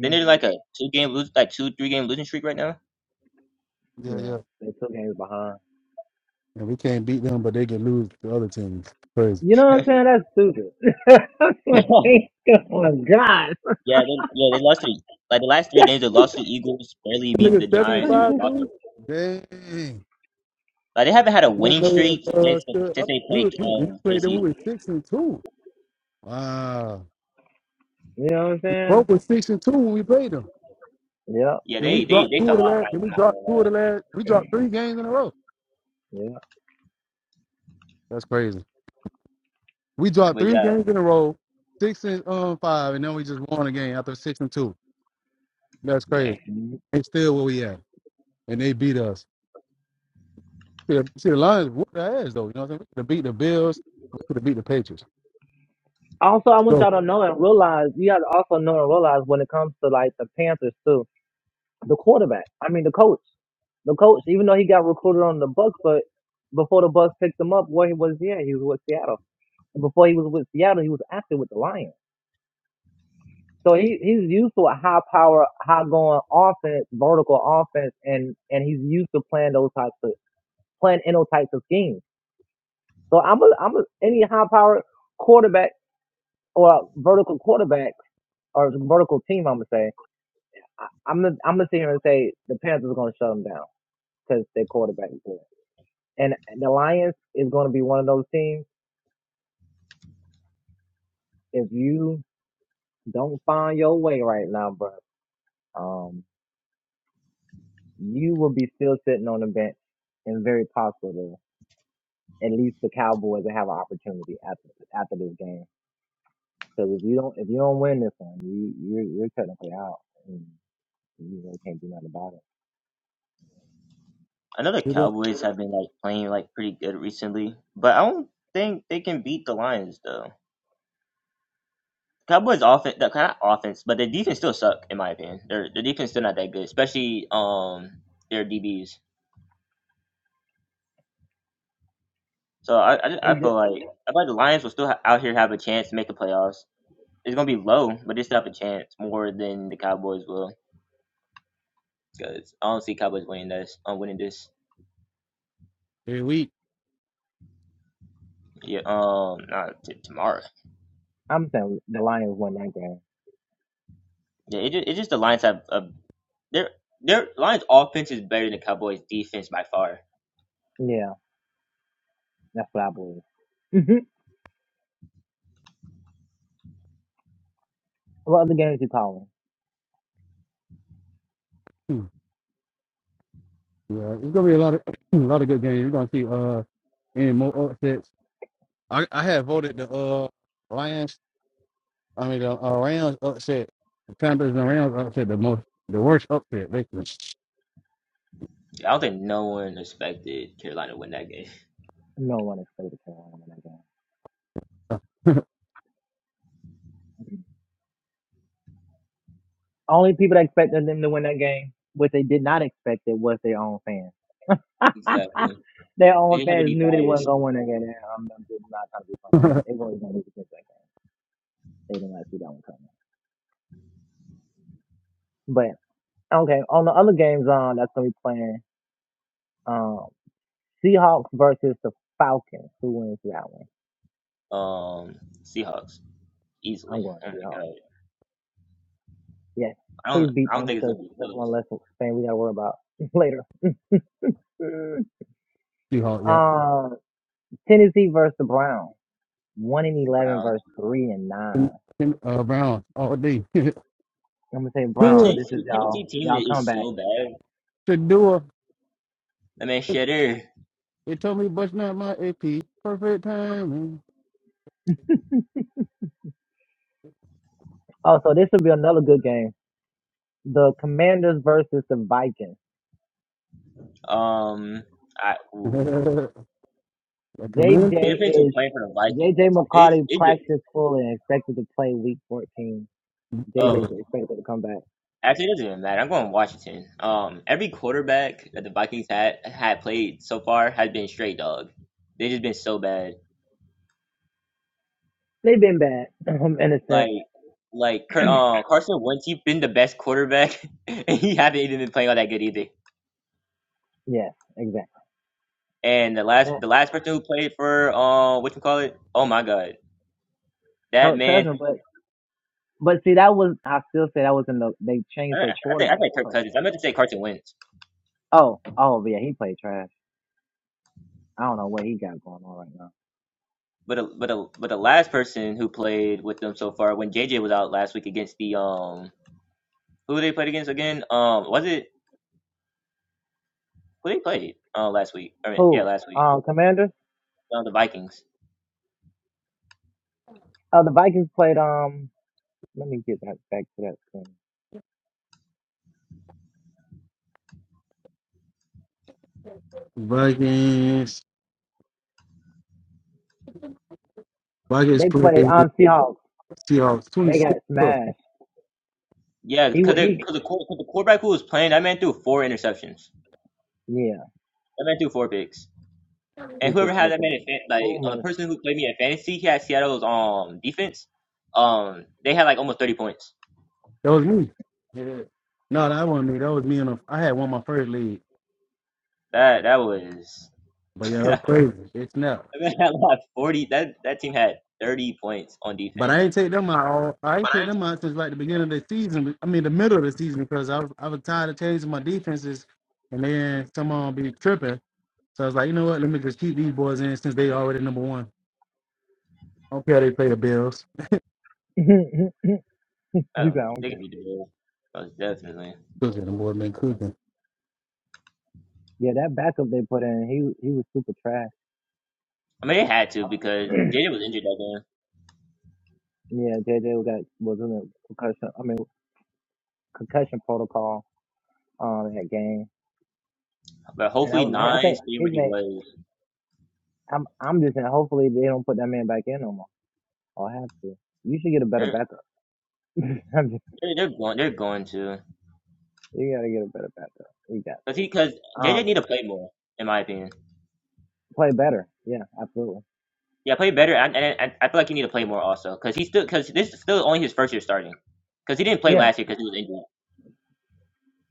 [SPEAKER 2] Then they're like a two game lose, like two three game losing streak right now.
[SPEAKER 1] Yeah,
[SPEAKER 4] Yeah,
[SPEAKER 1] yeah.
[SPEAKER 4] they two games behind.
[SPEAKER 1] And we can't beat them, but they can lose to other teams. Crazy.
[SPEAKER 4] You know what I'm saying? That's stupid. oh my god.
[SPEAKER 2] Yeah, they, yeah, they lost to the, like the last three games. They lost to the Eagles, barely beat
[SPEAKER 1] Nigga
[SPEAKER 2] the
[SPEAKER 1] seven and
[SPEAKER 2] Giants, and then
[SPEAKER 1] five
[SPEAKER 2] lost. to-
[SPEAKER 1] too. Dang.
[SPEAKER 2] Like they haven't had a
[SPEAKER 1] I don't
[SPEAKER 2] winning
[SPEAKER 1] know
[SPEAKER 2] streak
[SPEAKER 1] if uh,
[SPEAKER 2] since
[SPEAKER 1] still, I,
[SPEAKER 2] since they
[SPEAKER 1] we,
[SPEAKER 2] played
[SPEAKER 1] were- we, we
[SPEAKER 2] um
[SPEAKER 1] played them.
[SPEAKER 2] KC.
[SPEAKER 1] We were six and two. Wow.
[SPEAKER 4] you know what I'm saying?
[SPEAKER 1] Both were six and two when we played them.
[SPEAKER 4] Yep.
[SPEAKER 2] Yeah,
[SPEAKER 1] Then we
[SPEAKER 2] they they
[SPEAKER 1] dropped
[SPEAKER 2] they
[SPEAKER 1] two of
[SPEAKER 2] fell
[SPEAKER 1] the
[SPEAKER 2] off.
[SPEAKER 1] last.
[SPEAKER 2] I'm
[SPEAKER 1] Then we
[SPEAKER 2] not gonna
[SPEAKER 1] dropped two of
[SPEAKER 2] lie.
[SPEAKER 1] the last. We dropped three games in a row. That's crazy. We dropped
[SPEAKER 2] But
[SPEAKER 1] three
[SPEAKER 2] yeah,
[SPEAKER 1] games in a row, six and um, five, and then we just won a game after six and two. That's
[SPEAKER 2] yeah.
[SPEAKER 1] crazy.
[SPEAKER 4] Yeah.
[SPEAKER 1] It's still where we at, and they beat us. See, the, see the Lions whooped their ass though. You know what I am mean? To beat the Bills, to beat the Patriots.
[SPEAKER 4] Also, I want
[SPEAKER 1] So
[SPEAKER 4] y'all to know and realize, you got to also know and realize when it comes to like the Panthers too, the quarterback, I mean the coach, the coach, even though he got recruited on the Bucks, but before the Bucks picked him up, where he was, yeah, he was with Seattle. And before he was with Seattle, he was active with the Lions. So he, he's used to a high power, high going offense, vertical offense, and, and he's used to playing those types of, playing in those types of schemes. So I'm a, I'm a, any high power quarterback or vertical quarterback or vertical team, I'm going to say I- I'm gonna I'm gonna sit here and say the Panthers are gonna shut them down because their quarterback is good. And the Lions is gonna be one of those teams. If you don't find your way right now, bro, um, you will be still sitting on the bench and very possibly, at least the Cowboys to have an opportunity after after this game. Because if you don't if you don't win this one, you you're, you're technically out and you really can't do nothing about
[SPEAKER 2] I know the
[SPEAKER 1] you know,
[SPEAKER 2] Cowboys have been like playing like pretty good recently, but I don't think they can beat the Lions though. Cowboys offense, that kind of offense, but their defense still suck in my opinion. Their their defense still not that good, especially um their DBs. So I, I, just-
[SPEAKER 4] it.
[SPEAKER 2] I
[SPEAKER 4] And ju-
[SPEAKER 2] feel like I feel like the Lions will still ha- out here have a chance to make the playoffs. It's gonna be low, but they still have a chance more than the Cowboys will. Because I don't see Cowboys winning this. Um, winning this.
[SPEAKER 1] every week,
[SPEAKER 2] Yeah. Um. Not t- tomorrow.
[SPEAKER 4] I'm saying the Lions won that game.
[SPEAKER 2] Yeah. It just, it's just the Lions have a their their Lions offense is better than Cowboys defense by far.
[SPEAKER 4] Yeah, that's what I believe. What other games you calling?
[SPEAKER 1] hmm, yeah, it's gonna be a lot of a lot of good games. You're gonna see uh any more upsets. I I had voted the uh Lions. I mean the uh, Rams upset. The Panthers and the Rams upset the most, the worst upset. Basically.
[SPEAKER 2] I don't think no one expected Carolina to win that game.
[SPEAKER 4] No one expected Carolina to win that game. Mhm. Only people that expected them to win that game, what they did not expect it was their own fans.
[SPEAKER 2] exactly.
[SPEAKER 4] their
[SPEAKER 2] They
[SPEAKER 4] own
[SPEAKER 2] didn't have to
[SPEAKER 4] fans
[SPEAKER 2] be
[SPEAKER 4] knew they wasn't
[SPEAKER 2] biased.
[SPEAKER 4] gonna win that game. And I'm, I'm just not trying to be funny. man. They were gonna lose against that game. They did not see that one coming. But okay, on the other games um, that's gonna be playing um Seahawks versus the Falcons. Who wins that one?
[SPEAKER 2] Um. Seahawks
[SPEAKER 4] I'm
[SPEAKER 2] easily.
[SPEAKER 4] going
[SPEAKER 2] Oh my
[SPEAKER 4] Seahawks.
[SPEAKER 2] god.
[SPEAKER 4] Yes.
[SPEAKER 2] I
[SPEAKER 4] Please
[SPEAKER 2] don't.
[SPEAKER 4] beat
[SPEAKER 2] I don't
[SPEAKER 4] them
[SPEAKER 2] think it's
[SPEAKER 4] because
[SPEAKER 2] gonna be
[SPEAKER 4] that's one
[SPEAKER 2] close.
[SPEAKER 4] less thing we gotta worry about later.
[SPEAKER 1] She-Hulk, yep.
[SPEAKER 4] Um. Tennessee versus the Browns. One and
[SPEAKER 2] Brown.
[SPEAKER 4] eleven versus three and nine.
[SPEAKER 1] Tim, Tim, uh, Brown all day.
[SPEAKER 4] I'm gonna say
[SPEAKER 2] Bro,
[SPEAKER 1] Tua,
[SPEAKER 4] Browns. This
[SPEAKER 2] Tennessee,
[SPEAKER 4] is
[SPEAKER 2] Tennessee
[SPEAKER 4] y'all.
[SPEAKER 2] team
[SPEAKER 4] Y'all come
[SPEAKER 2] is
[SPEAKER 4] back.
[SPEAKER 2] so bad.
[SPEAKER 1] Shadua.
[SPEAKER 2] I mean, Shedder,
[SPEAKER 1] They told me Bush not my AP. Perfect timing.
[SPEAKER 4] Oh, so this will be another good game. The Commanders versus the Vikings.
[SPEAKER 2] um, I, ooh,
[SPEAKER 1] the
[SPEAKER 4] J J
[SPEAKER 1] Commanders,
[SPEAKER 2] it depends who's
[SPEAKER 4] is
[SPEAKER 2] playing for the Vikings.
[SPEAKER 4] J J
[SPEAKER 2] It,
[SPEAKER 4] McCarty
[SPEAKER 2] it, ge-
[SPEAKER 4] practiced fully and expected to play Week 14. J is
[SPEAKER 1] Vikings,
[SPEAKER 2] oh,
[SPEAKER 4] expected to come back.
[SPEAKER 2] actually, it doesn't even matter. I'm going Washington. Um, every quarterback that the Vikings had had played so far has been straight dog. They just been so bad.
[SPEAKER 4] They've been bad. I'm innocent.
[SPEAKER 2] Like, like, Car- uh, Carson Wentz, he's been the best quarterback, and he haven't even been playing all that good either.
[SPEAKER 4] Yes, exactly.
[SPEAKER 2] And the last,
[SPEAKER 4] And
[SPEAKER 2] the last person who played for, uh, what you call it? Oh my God. That
[SPEAKER 4] Kirk
[SPEAKER 2] man
[SPEAKER 4] Cousins, but but see that was I still say that was in the they
[SPEAKER 2] I
[SPEAKER 4] changed their
[SPEAKER 2] I think I
[SPEAKER 4] quarterback
[SPEAKER 2] think Kirk
[SPEAKER 4] coach.
[SPEAKER 2] Cousins. I meant to say Carson Wentz,
[SPEAKER 4] Oh oh yeah, he played trash. I don't know what he got going on right now.
[SPEAKER 2] but a, but a, but the last person who played with them so far when JJ was out last week against the um who they played against again um was it who they played uh, last week I mean yeah
[SPEAKER 4] Who?
[SPEAKER 2] last week
[SPEAKER 4] Um, Commander?
[SPEAKER 2] uh, the Vikings
[SPEAKER 4] Oh, the Vikings played. Um, let me get that back to that screen.
[SPEAKER 1] Vikings, Vikings
[SPEAKER 4] They
[SPEAKER 1] play
[SPEAKER 4] played on um, Seahawks
[SPEAKER 1] Seahawks
[SPEAKER 4] and they got
[SPEAKER 1] 26
[SPEAKER 4] smashed.
[SPEAKER 2] yeah
[SPEAKER 4] He
[SPEAKER 2] because
[SPEAKER 4] wa-
[SPEAKER 2] they
[SPEAKER 4] he.
[SPEAKER 2] because the quar- 'cause the quarterback who was playing that man threw four interceptions
[SPEAKER 4] Yeah,
[SPEAKER 2] that man threw four picks and
[SPEAKER 4] he threw
[SPEAKER 2] whoever had
[SPEAKER 4] four
[SPEAKER 2] that
[SPEAKER 4] passes.
[SPEAKER 2] man in fan, like uh, the
[SPEAKER 4] Boomer.
[SPEAKER 2] person who played me in fantasy he had Seattle's um defense um they had like almost thirty points
[SPEAKER 1] That was me. Yeah. No, that wasn't me. That was me. On the, I had won my first league,
[SPEAKER 2] that that was
[SPEAKER 1] but yeah, that's crazy. It's not.
[SPEAKER 2] That man had like forty. That that team had thirty points on
[SPEAKER 1] But I
[SPEAKER 2] defense.
[SPEAKER 1] ain't take them out. all- I
[SPEAKER 2] But
[SPEAKER 1] ain't take
[SPEAKER 2] I
[SPEAKER 1] them out since like the beginning of the season. I mean, the middle of the season because I was I was tired of changing my defenses, and then someone be tripping. So I was like, you know what? Let me just keep these boys in since they already number one. I don't care how they play the Bills.
[SPEAKER 4] he said,
[SPEAKER 2] Oh, they
[SPEAKER 4] okay.
[SPEAKER 2] could beat the Bulls. Most definitely.
[SPEAKER 1] Cooking, the boys been cooking.
[SPEAKER 4] Yeah, that backup they put in, he he was super trash.
[SPEAKER 2] I mean, they had to
[SPEAKER 4] Uh,
[SPEAKER 2] because JJ was injured that game.
[SPEAKER 4] yeah, JJ got was in the concussion. I mean concussion protocol. Um, in that game,
[SPEAKER 2] But
[SPEAKER 4] and I
[SPEAKER 2] hopefully,
[SPEAKER 4] was like, I
[SPEAKER 2] nine
[SPEAKER 4] think
[SPEAKER 2] stay
[SPEAKER 4] it
[SPEAKER 2] where he
[SPEAKER 4] may.
[SPEAKER 2] was.
[SPEAKER 4] I'm I'm just saying. Hopefully they don't put that man back in no more. I'll have to. You should get a better
[SPEAKER 2] They're
[SPEAKER 4] backup. I'm just-
[SPEAKER 2] they're, they're going they're going to
[SPEAKER 4] you gotta get a better backup. You got
[SPEAKER 2] because he
[SPEAKER 4] to.
[SPEAKER 2] because JJ
[SPEAKER 4] Um,
[SPEAKER 2] need to play more in my opinion.
[SPEAKER 4] play better. Yeah, absolutely.
[SPEAKER 2] Yeah, play better. And and I, I feel like he need to play more also because he's still because this is still only his first year starting because he didn't play
[SPEAKER 4] Yeah,
[SPEAKER 2] last year because he was injured.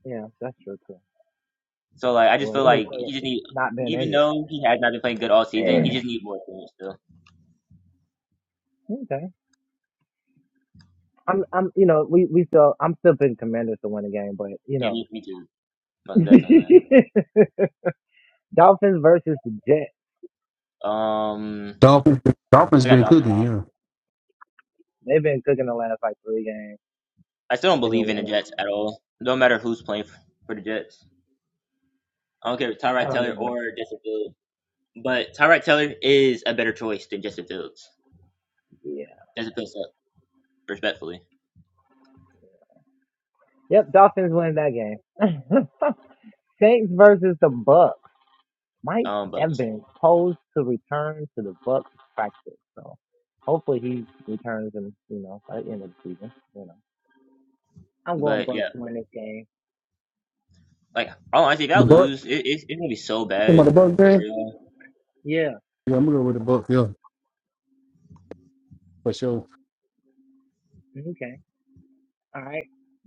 [SPEAKER 4] yeah, that's true too.
[SPEAKER 2] So like I just
[SPEAKER 4] Well, he
[SPEAKER 2] feel
[SPEAKER 4] didn't
[SPEAKER 2] like
[SPEAKER 4] say
[SPEAKER 2] he just need
[SPEAKER 4] not being
[SPEAKER 2] even
[SPEAKER 4] injured.
[SPEAKER 2] though he has not been playing good all season, he just need more experience still.
[SPEAKER 4] Yeah. okay. I'm, I'm, you know, we, we still, I'm still picking Commanders to win the game, but you
[SPEAKER 2] Yeah,
[SPEAKER 4] know,
[SPEAKER 2] me, me too. Most definitely.
[SPEAKER 4] Dolphins versus the Jets.
[SPEAKER 2] Um,
[SPEAKER 1] Dolphins, Dolphins
[SPEAKER 2] I
[SPEAKER 4] I'm
[SPEAKER 2] got
[SPEAKER 1] been
[SPEAKER 4] going
[SPEAKER 2] Dolphins.
[SPEAKER 1] cooking.
[SPEAKER 4] Dolphins.
[SPEAKER 1] Yeah,
[SPEAKER 4] They've been cooking the last like three games.
[SPEAKER 2] I still don't
[SPEAKER 4] They've been
[SPEAKER 2] believe in the
[SPEAKER 4] winning.
[SPEAKER 2] Jets at all. No matter who's playing f- for the Jets. I don't care if
[SPEAKER 4] I
[SPEAKER 2] Tyrod
[SPEAKER 4] don't
[SPEAKER 2] Taylor
[SPEAKER 4] even.
[SPEAKER 2] or Justin Fields. But Tyrod Taylor is a better choice than Justin Fields.
[SPEAKER 4] Yeah.
[SPEAKER 2] Justin Fields sucks, respectfully.
[SPEAKER 4] Yep. Dolphins win that game. Saints versus the Bucks. might
[SPEAKER 2] Um, but
[SPEAKER 4] have been posed to return to the Bucks practice. So hopefully he returns and you know by the end of the season. You know, I'm going
[SPEAKER 2] but
[SPEAKER 4] Bucks
[SPEAKER 2] yeah,
[SPEAKER 4] to win this game.
[SPEAKER 2] like all honesty, if
[SPEAKER 1] the
[SPEAKER 2] y'all
[SPEAKER 1] Buck.
[SPEAKER 2] lose, it, it's it's gonna be so
[SPEAKER 1] Come on,
[SPEAKER 2] bad
[SPEAKER 1] the Buck
[SPEAKER 2] for
[SPEAKER 1] game.
[SPEAKER 2] y'all.
[SPEAKER 4] Yeah.
[SPEAKER 1] Yeah, I'm gonna go with the Buck. Yeah, for sure.
[SPEAKER 4] Okay. All right.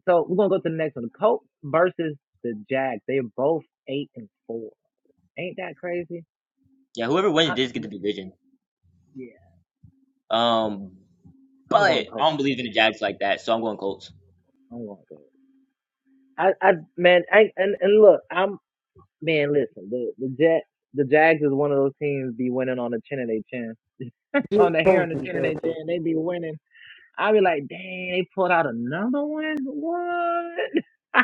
[SPEAKER 4] So we're gonna go to the next one. The Colts versus the Jags. They're both eight and four. Ain't that crazy?
[SPEAKER 2] Yeah, whoever wins
[SPEAKER 4] I,
[SPEAKER 2] does get the division.
[SPEAKER 4] yeah.
[SPEAKER 2] Um,
[SPEAKER 4] I'm
[SPEAKER 2] but
[SPEAKER 4] going
[SPEAKER 2] I
[SPEAKER 4] Colts.
[SPEAKER 2] don't believe in the Jags like that, so I'm going Colts.
[SPEAKER 4] I'm going Colts. I, I man, I, and and look, I'm man. Listen, the the Jet, the Jags is one of those teams be winning on the chin of their chin
[SPEAKER 1] Yeah,
[SPEAKER 4] on the hair
[SPEAKER 1] coach,
[SPEAKER 4] on the 10 and they 10.
[SPEAKER 1] yeah,
[SPEAKER 4] They be winning. I be like, dang, they pulled out another one? What?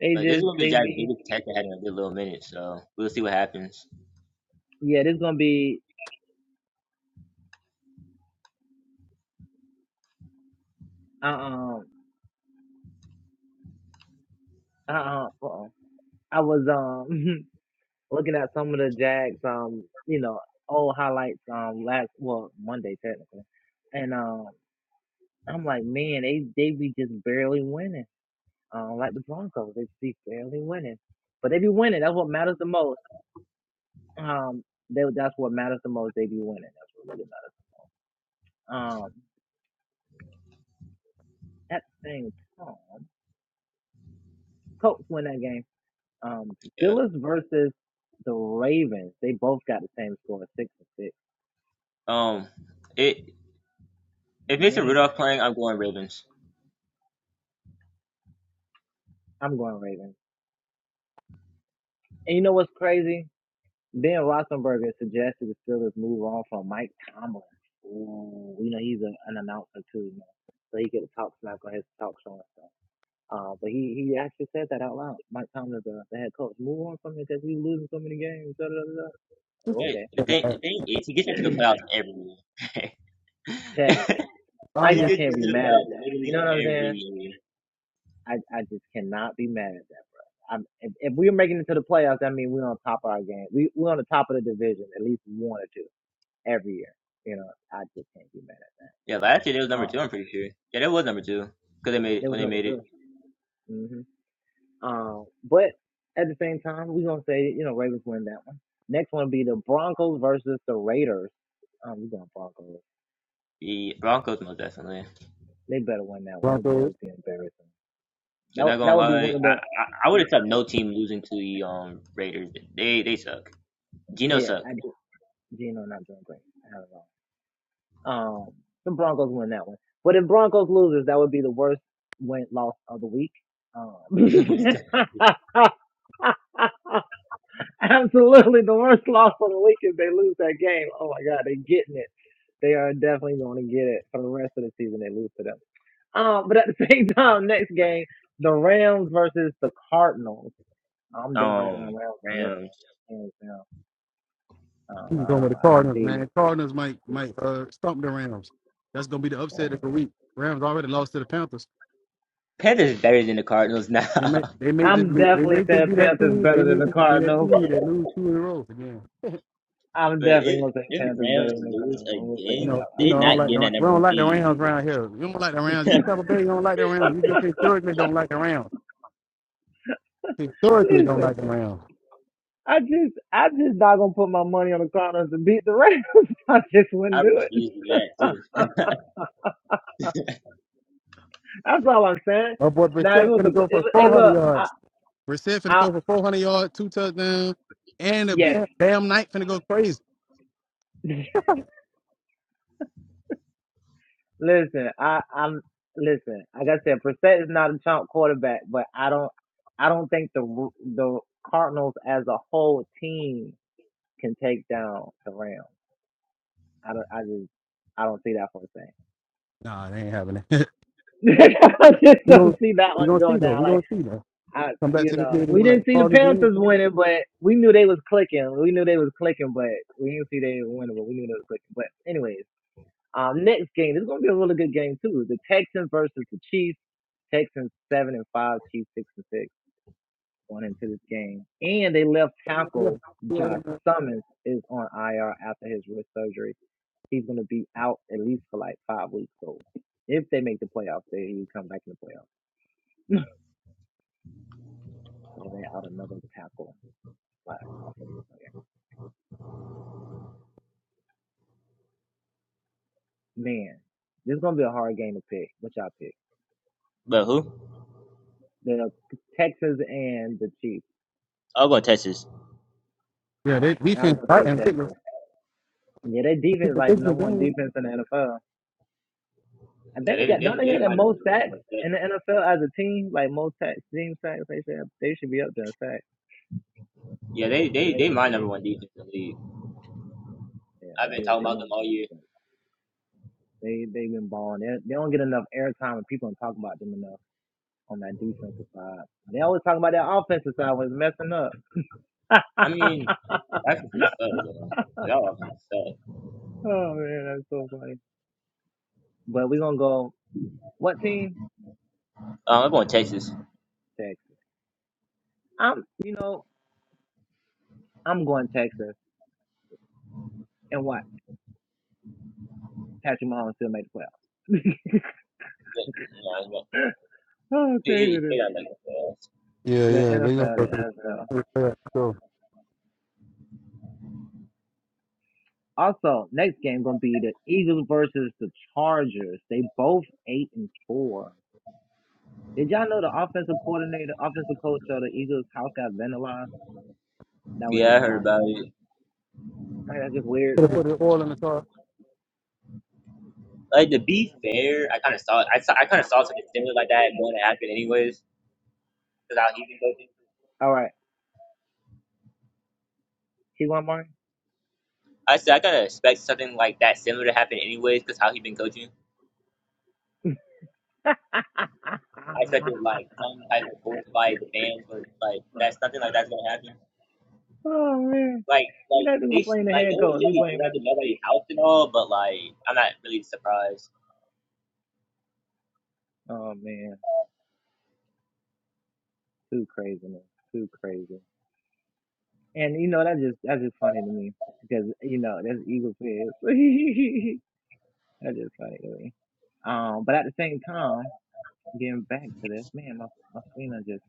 [SPEAKER 4] they
[SPEAKER 2] But this is
[SPEAKER 4] just,
[SPEAKER 2] gonna be the
[SPEAKER 4] they
[SPEAKER 2] Jags'
[SPEAKER 4] be,
[SPEAKER 2] biggest test they had in a good little minute, so we'll see what happens.
[SPEAKER 4] yeah, this gonna be, uh-uh, uh-uh, uh-uh. I was, um, looking at some of the Jags, um, you know, old highlights, um, last, well, Monday technically. And, um, I'm like, man, they, they be just barely winning. Um, like the Broncos, they just be barely winning. But they be winning. That's what matters the most. Um, they, that's what matters the most. They be winning. That's what really matters. Um, at the same time, Colts win that game. Um,
[SPEAKER 2] Yeah.
[SPEAKER 4] Steelers versus the Ravens. They both got the same score, six and six.
[SPEAKER 2] Um, it if Mason
[SPEAKER 4] Man,
[SPEAKER 2] Rudolph playing, I'm going Ravens.
[SPEAKER 4] I'm going Ravens. And you know what's crazy? Ben Roethlisberger suggested the Steelers move on from Mike Tomlin. Ooh, you know he's a, an announcer too, you know, so he get a talk smack on his talk show and stuff. Uh, but he, he actually said that out loud. Mike Tomlin, the, the head coach, move on from it because we were losing so many games. Da, da, da, da. Oh,
[SPEAKER 2] But
[SPEAKER 4] okay,
[SPEAKER 2] the thing, the
[SPEAKER 1] yeah,
[SPEAKER 2] thing is, he gets into the playoffs every year.
[SPEAKER 4] technically, I
[SPEAKER 2] he
[SPEAKER 1] yeah.
[SPEAKER 4] just
[SPEAKER 2] gets
[SPEAKER 4] can't be
[SPEAKER 2] into the
[SPEAKER 4] mad at
[SPEAKER 2] playoffs
[SPEAKER 4] that. You
[SPEAKER 2] literally
[SPEAKER 4] know what I'm
[SPEAKER 2] every
[SPEAKER 4] saying?
[SPEAKER 2] year.
[SPEAKER 4] I, I just cannot be mad at that, bro. I'm, if, if we're making it to the playoffs, that means we're on top of our game. We we're on the top of the division, at least one or two every year. You know, I just can't be mad
[SPEAKER 2] Yeah, last year they was
[SPEAKER 4] at. It.
[SPEAKER 2] number two.
[SPEAKER 4] Um,
[SPEAKER 2] I'm pretty sure. Yeah, that was number two because they made
[SPEAKER 4] there
[SPEAKER 2] when
[SPEAKER 4] was
[SPEAKER 2] they
[SPEAKER 4] number
[SPEAKER 2] made it
[SPEAKER 4] two. Mm-hmm. Um, but at the same time, we're gonna say you know Ravens win that one. Next one will be the Broncos versus the Raiders. Um, we going Broncos.
[SPEAKER 2] the Broncos most definitely.
[SPEAKER 4] They better win that one. That would that
[SPEAKER 1] Broncos.
[SPEAKER 4] would be embarrassing.
[SPEAKER 2] So
[SPEAKER 4] That would-
[SPEAKER 2] not
[SPEAKER 4] that
[SPEAKER 2] gonna
[SPEAKER 4] would be
[SPEAKER 2] lie, I
[SPEAKER 4] one of
[SPEAKER 2] I,
[SPEAKER 4] the,
[SPEAKER 2] I would accept
[SPEAKER 4] the-
[SPEAKER 2] no team losing to the um Raiders. They they suck. Geno
[SPEAKER 4] yeah.
[SPEAKER 2] suck.
[SPEAKER 4] I do. Gino not doing great. I don't know. Um, the Broncos win that one. But if Broncos loses, that would be the worst win loss of the week. Um, absolutely the worst loss of the week if they lose that game. Oh my God, they are getting it. They are definitely going to get it for the rest of the season. They lose to them. Um, but at the same time, next game, the Rams versus the Cardinals. I'm definitely going
[SPEAKER 2] um,
[SPEAKER 4] Rams on this
[SPEAKER 2] Rams.
[SPEAKER 4] one. Hands down. Um,
[SPEAKER 1] He's
[SPEAKER 4] I
[SPEAKER 1] going with
[SPEAKER 4] don't.
[SPEAKER 1] the
[SPEAKER 4] I don't
[SPEAKER 1] Cardinals,
[SPEAKER 4] see.
[SPEAKER 1] man. Cardinals might might uh stomp the Rams. That's gonna be the upset of the week. Rams already lost to the Panthers.
[SPEAKER 2] Panthers is better than the Cardinals now.
[SPEAKER 1] They may they may just
[SPEAKER 4] I'm
[SPEAKER 1] be, they
[SPEAKER 4] definitely
[SPEAKER 1] may just
[SPEAKER 4] saying
[SPEAKER 1] be that
[SPEAKER 4] Panthers
[SPEAKER 1] team. They
[SPEAKER 4] better than
[SPEAKER 1] may
[SPEAKER 4] the
[SPEAKER 1] just be that
[SPEAKER 4] Cardinals.
[SPEAKER 1] team that lose two in a row again. you
[SPEAKER 4] I'm
[SPEAKER 2] But
[SPEAKER 4] definitely
[SPEAKER 2] if
[SPEAKER 4] gonna say
[SPEAKER 2] if
[SPEAKER 4] Panthers
[SPEAKER 2] Rams
[SPEAKER 4] better than the
[SPEAKER 2] lose
[SPEAKER 4] Cardinals. I'm gonna say that
[SPEAKER 2] again,
[SPEAKER 1] know, you
[SPEAKER 2] they
[SPEAKER 1] know, I
[SPEAKER 2] not
[SPEAKER 1] don't like
[SPEAKER 2] getting
[SPEAKER 1] the
[SPEAKER 2] that
[SPEAKER 1] we
[SPEAKER 2] number
[SPEAKER 1] don't
[SPEAKER 2] one
[SPEAKER 1] like the
[SPEAKER 2] seed.
[SPEAKER 1] Rams around here. We don't like the Rams. You Tampa Bay, you don't like the Rams. You just historically don't like the Rams.
[SPEAKER 4] out
[SPEAKER 1] Historically
[SPEAKER 4] loud.
[SPEAKER 1] don't
[SPEAKER 4] Listen,
[SPEAKER 1] like the Rams.
[SPEAKER 4] I just, I just not gonna put my money on the Cardinals to beat the Rams. I just
[SPEAKER 2] I
[SPEAKER 4] wouldn't do it.
[SPEAKER 2] refuse to do that too.
[SPEAKER 4] That's all I'm saying.
[SPEAKER 1] My boy
[SPEAKER 4] Now, if it
[SPEAKER 1] Brissett
[SPEAKER 4] was a,
[SPEAKER 1] finna go
[SPEAKER 4] if,
[SPEAKER 1] for
[SPEAKER 4] hey,
[SPEAKER 1] 400
[SPEAKER 4] look, I,
[SPEAKER 1] yards. Brissett finna
[SPEAKER 4] I,
[SPEAKER 1] throw for 400 yards, two touchdowns, and the
[SPEAKER 4] yes.
[SPEAKER 1] Bam, Bam Knight finna go crazy.
[SPEAKER 4] Listen, I, I'm listen. Like I said, Brissett is not a chump quarterback, but I don't, I don't think the the Cardinals as a whole team can take down the Rams. I don't, I just, I don't see that for a
[SPEAKER 1] Nah, they ain't having it.
[SPEAKER 4] thing. I just
[SPEAKER 1] We
[SPEAKER 4] don't
[SPEAKER 1] gonna
[SPEAKER 4] see that
[SPEAKER 1] we
[SPEAKER 4] one
[SPEAKER 1] gonna see
[SPEAKER 4] going
[SPEAKER 1] though.
[SPEAKER 4] down.
[SPEAKER 1] We
[SPEAKER 4] Like
[SPEAKER 1] gonna see though.
[SPEAKER 4] I,
[SPEAKER 1] Come back
[SPEAKER 4] you
[SPEAKER 1] to the
[SPEAKER 4] know,
[SPEAKER 1] field and
[SPEAKER 4] we
[SPEAKER 1] be like the
[SPEAKER 4] didn't see the
[SPEAKER 1] Cardinals win.
[SPEAKER 4] Panthers winning, but we knew they was clicking. We knew they was clicking, but we didn't see they were winning, but we knew they was clicking. But anyways, um, next game, this is gonna be a really good game too. The Texans versus the Chiefs. Texans seven and five, Chiefs six and six going into this game. And they left
[SPEAKER 1] Yeah,
[SPEAKER 4] tackle
[SPEAKER 1] you know what I
[SPEAKER 4] Josh
[SPEAKER 1] mean?
[SPEAKER 4] Summons is on IR after his wrist surgery. He's going to be out at least for like five weeks. So if they make the playoffs, they he come back in the playoffs. so they out another tackle slash offensive player. Man, this is going to be a hard game to pick. What y'all pick?
[SPEAKER 2] But who?
[SPEAKER 4] The Texans and the Chiefs.
[SPEAKER 2] I'll go Texas.
[SPEAKER 1] yeah. They
[SPEAKER 4] And I was
[SPEAKER 1] defense
[SPEAKER 4] going to
[SPEAKER 1] tight
[SPEAKER 4] say
[SPEAKER 1] and they was
[SPEAKER 4] Texans. Yeah, their defense is
[SPEAKER 1] keeping
[SPEAKER 4] like
[SPEAKER 1] this in
[SPEAKER 4] number one
[SPEAKER 1] game.
[SPEAKER 4] defense in the NFL. I
[SPEAKER 2] Yeah,
[SPEAKER 4] think they
[SPEAKER 2] they
[SPEAKER 4] got don't
[SPEAKER 2] they,
[SPEAKER 4] they
[SPEAKER 2] they
[SPEAKER 4] have the
[SPEAKER 2] my number
[SPEAKER 4] most
[SPEAKER 2] one.
[SPEAKER 4] sacks
[SPEAKER 2] most
[SPEAKER 4] in the
[SPEAKER 2] definitely.
[SPEAKER 4] NFL as a team, like most sacks, team sacks. They should have, they should be up there in sacks,
[SPEAKER 2] Yeah, they they
[SPEAKER 4] way
[SPEAKER 2] they
[SPEAKER 4] up
[SPEAKER 2] my
[SPEAKER 4] there.
[SPEAKER 2] number one defense in the league.
[SPEAKER 4] Yeah,
[SPEAKER 2] I've been
[SPEAKER 4] they
[SPEAKER 2] talking
[SPEAKER 4] they
[SPEAKER 2] about
[SPEAKER 4] never
[SPEAKER 2] them all
[SPEAKER 4] gonna do
[SPEAKER 2] year.
[SPEAKER 4] that. They they've been balling. They, they don't get enough airtime, and people don't talk about them enough on that defensive side. They always talk about that offensive side when it's messing up.
[SPEAKER 2] I mean, technically so though. That was kind of sad.
[SPEAKER 4] oh man, that's so funny. But we're gonna go. What team?
[SPEAKER 2] Um, I'm going Texas.
[SPEAKER 4] Texas. I'm you know I'm going Texas and watch Patrick Mahomes still make the playoffs.
[SPEAKER 2] Yeah, you know,
[SPEAKER 4] oh,
[SPEAKER 2] They,
[SPEAKER 4] crazy
[SPEAKER 2] they got like a pass.
[SPEAKER 1] Yeah,
[SPEAKER 4] The
[SPEAKER 1] yeah. They
[SPEAKER 4] NFL,
[SPEAKER 1] gonna go
[SPEAKER 4] the
[SPEAKER 1] to
[SPEAKER 4] NFL.
[SPEAKER 1] the third. So
[SPEAKER 4] Also, next game gonna be the Eagles versus the Chargers. They both eight and four. Did y'all know the offensive coordinator, offensive coach of the Eagles' house got vandalized? That was
[SPEAKER 2] Yeah, I
[SPEAKER 4] just
[SPEAKER 2] heard
[SPEAKER 4] side
[SPEAKER 2] about
[SPEAKER 4] note.
[SPEAKER 2] it.
[SPEAKER 4] Like, that's just weird.
[SPEAKER 1] put put the oil in the car.
[SPEAKER 2] Like to be fair, I kind of saw it. I saw, I kind of saw something similar like that going to happen anyways. Because how he can go
[SPEAKER 4] All right, keep want more?
[SPEAKER 2] I said I kind of expect something like that similar to happen anyways, because how he been coaching. I expected like some type of force by the fans, but like that's nothing like that's gonna happen.
[SPEAKER 4] oh man,
[SPEAKER 2] Like
[SPEAKER 4] we
[SPEAKER 2] like
[SPEAKER 4] not even
[SPEAKER 2] they
[SPEAKER 4] playing
[SPEAKER 2] should,
[SPEAKER 4] the
[SPEAKER 2] like
[SPEAKER 4] head
[SPEAKER 2] no one
[SPEAKER 4] coach.
[SPEAKER 2] should
[SPEAKER 4] We
[SPEAKER 2] be dragged
[SPEAKER 4] blaming.
[SPEAKER 2] to nobody's house and all, but like I'm not really surprised.
[SPEAKER 4] Oh man, too crazy, man. Too crazy. And you know that just that's just funny to me because you know that's Eagles fans. That's just funny to me. Um, but at the same time, getting back to this, man, my my Selena just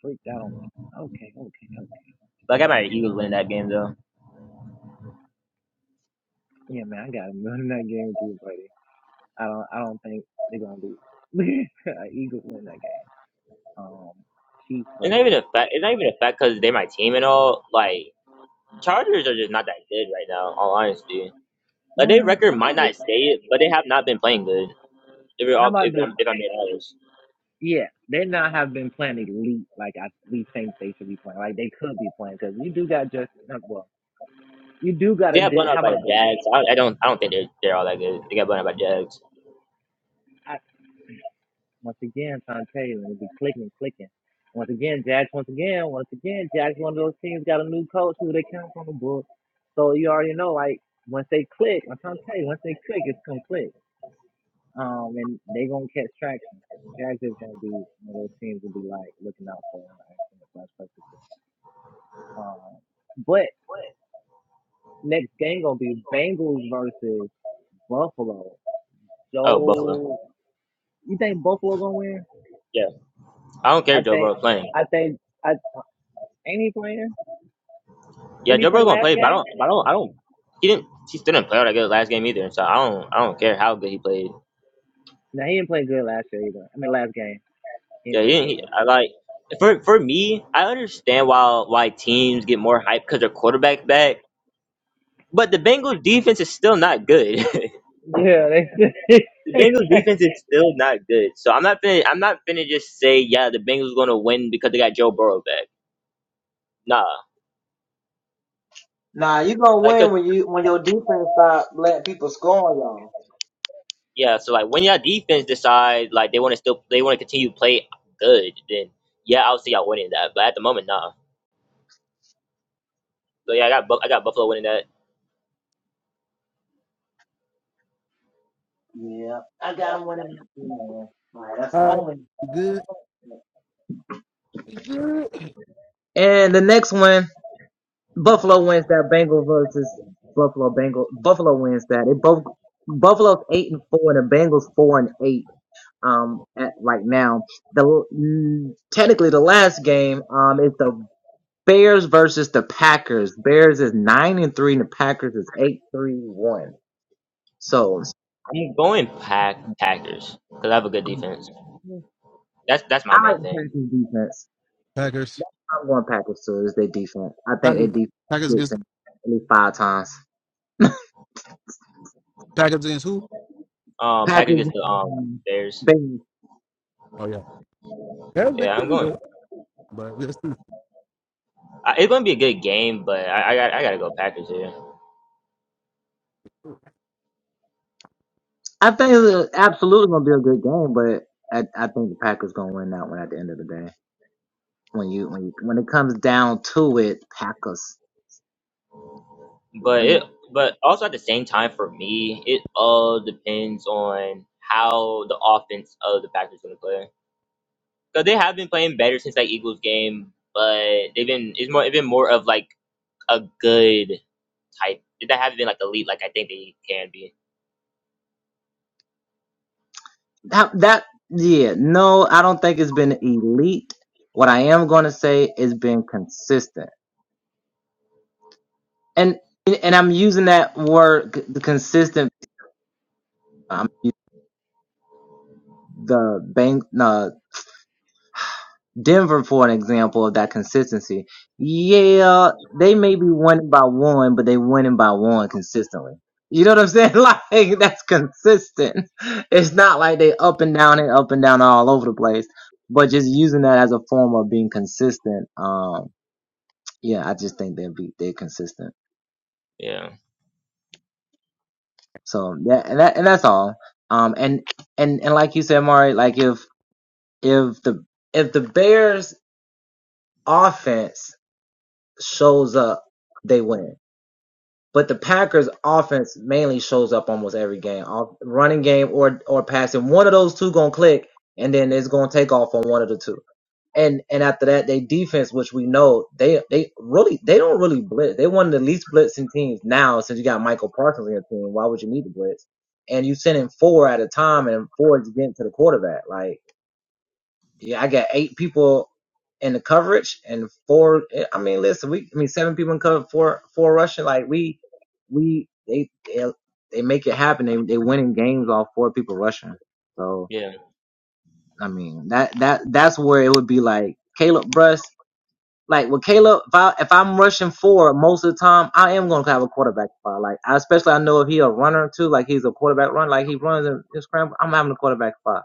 [SPEAKER 4] freaked out on me. Okay, okay, okay.
[SPEAKER 2] Like I might Eagles winning that game though.
[SPEAKER 4] Yeah, man, I got to win that game with you, buddy. I don't I don't think they're gonna do it. Eagles win that game. Um, Chiefs
[SPEAKER 2] It's not even
[SPEAKER 4] versus
[SPEAKER 2] a fact. It's not even a fact because they're my team and all. Like Chargers are just not that good right now. in All honesty, like their
[SPEAKER 4] what?
[SPEAKER 2] record might not
[SPEAKER 4] Chargers?
[SPEAKER 2] stay it, but they have not been playing good. If we're
[SPEAKER 4] How
[SPEAKER 2] all
[SPEAKER 4] about
[SPEAKER 2] if
[SPEAKER 4] this?
[SPEAKER 2] I'm if I'm being honest.
[SPEAKER 4] Yeah, they now have been playing elite like I we think they should be playing. Like they could be playing because you do got just uh, well, you do got
[SPEAKER 2] They
[SPEAKER 4] to.
[SPEAKER 2] got blown out
[SPEAKER 4] How
[SPEAKER 2] by
[SPEAKER 4] about
[SPEAKER 2] the
[SPEAKER 4] this?
[SPEAKER 2] Jags. I, I don't. I don't think they're they're all that good. They got blown out by Jags.
[SPEAKER 4] Once again, Tom Taylor tell you, be clicking, clicking. Once again, Jags. Once again, once again, Jags. One of those teams got a new coach who they count from the book. So you already know, like once they click, I'm trying to tell you, once they click, it's gonna click. Um, and they gonna catch traction. Jags is gonna be one of those teams will be like looking out for an accident flash purposes. Um, but next game gonna be Bengals versus Buffalo.
[SPEAKER 2] Oh, Buffalo.
[SPEAKER 4] So you think Buffalo gonna win?
[SPEAKER 2] Yeah. I don't care
[SPEAKER 4] I
[SPEAKER 2] if Joe
[SPEAKER 4] think,
[SPEAKER 2] Burrow's playing.
[SPEAKER 4] I think, I uh, ain't he playing?
[SPEAKER 2] Yeah,
[SPEAKER 4] Didn't he
[SPEAKER 2] Joe
[SPEAKER 4] play
[SPEAKER 2] Burrow's gonna
[SPEAKER 4] last
[SPEAKER 2] play, but I
[SPEAKER 4] game?
[SPEAKER 2] don't. But I don't. I don't. He didn't. He still didn't play all that good last game either. So I don't. I don't care how good he played.
[SPEAKER 4] No, he didn't play good last year either. I mean, last game. He didn't
[SPEAKER 2] Yeah, he
[SPEAKER 4] play
[SPEAKER 2] didn't.
[SPEAKER 4] good
[SPEAKER 2] He,
[SPEAKER 4] last
[SPEAKER 2] I
[SPEAKER 4] game.
[SPEAKER 2] like. For for me, I understand why why teams get more hype because their quarterback back. But the Bengals defense is still not good.
[SPEAKER 4] Yeah, they.
[SPEAKER 2] the Bengals defense is still not good. So I'm not finna. I'm not finna just say yeah the Bengals gonna win because they got Joe Burrow back. Nah.
[SPEAKER 4] Nah.
[SPEAKER 2] Like 'cause
[SPEAKER 4] oh,
[SPEAKER 2] Yeah, so like when your defense decide like they want to still they want to continue to play good, then yeah, I'll see y'all winning that. But at the moment, nah. So yeah, I got Buff- I got Buffalo winning that.
[SPEAKER 4] I yeah.
[SPEAKER 1] All right, You good, You good.
[SPEAKER 4] And the next one, Buffalo wins that. Bengals versus Buffalo. Bengals. Buffalo wins that. It both Buffalo's eight and four, and the Bengals four and eight. Um, at right now, the mm, technically the last game um is the Bears versus the Packers. Bears is nine and three, and the Packers is eight three one. So.
[SPEAKER 2] I'm going Pack Packers because I have a good defense. That's that's
[SPEAKER 4] I
[SPEAKER 2] my main
[SPEAKER 4] like the
[SPEAKER 2] thing.
[SPEAKER 4] Packers defense.
[SPEAKER 1] Packers,
[SPEAKER 4] I'm going Packers too. It's their defense. I think their
[SPEAKER 1] Packers,
[SPEAKER 4] defense
[SPEAKER 1] Packers
[SPEAKER 4] gets
[SPEAKER 1] against
[SPEAKER 4] in at least five times.
[SPEAKER 1] Packers against who?
[SPEAKER 2] Um, Packers
[SPEAKER 4] Packers,
[SPEAKER 2] against the um
[SPEAKER 4] um,
[SPEAKER 2] Bears.
[SPEAKER 4] Bengals.
[SPEAKER 1] Oh yeah, that would be
[SPEAKER 2] Yeah, I'm
[SPEAKER 1] pretty
[SPEAKER 2] going.
[SPEAKER 1] good. But we'll see.
[SPEAKER 2] I, it's going to be a good game, but I, I got I got to go Packers here.
[SPEAKER 4] I think it's absolutely going to be a good game, but I, I think the Packers going to win that one at the end of the day. When you when you, when it comes down to it, Packers
[SPEAKER 2] But it
[SPEAKER 4] win.
[SPEAKER 2] but also at the same time for me, it all depends on how the offense of the Packers going to play. So they have been playing better since that Eagles game, but they've been it's more it's been more of like a good type. They haven't been like elite like I think they can be.
[SPEAKER 4] That that yeah. No, I don't think it's been elite. What I am going to say is been consistent, and and I'm using that word c- consistent. I'm the bank uh, Denver for an example of that consistency. Yeah, they may be winning by one, but they winning by one consistently. You know what I'm saying? Like that's consistent. It's not like they up and down and up and down all over the place, but just using that as a form of being consistent. Um, yeah, I just think they'll be they're consistent.
[SPEAKER 2] Yeah,
[SPEAKER 4] So yeah, and that and that's all. Um, and and and like you said, Mari, like if if the if the Bears offense shows up, they win. But the Packers offense mainly shows up almost every game, off, running game or or passing. One of those two gonna click, and then it's gonna take off on one of the two. And and after that, they defense, which we know they they really they don't really blitz. They one of the least blitzing teams now since you got Michael Parsons in your team. Why would you need to blitz? And you send in four at a time, and four is getting to the quarterback. Like yeah, I got eight people in the coverage and four. I mean, listen, we. I mean, seven people in cover, four four Russian. Like we, we they they, they make it happen. They they winning games off four people rushing. So
[SPEAKER 2] yeah,
[SPEAKER 4] I mean that that that's where it would be like Caleb Bruss. Like with Caleb, if I if I'm rushing four most of the time, I am gonna have a quarterback spot. Like I, especially I know if he a runner too, like he's a quarterback run, like he runs and and scramble, I'm having a quarterback spot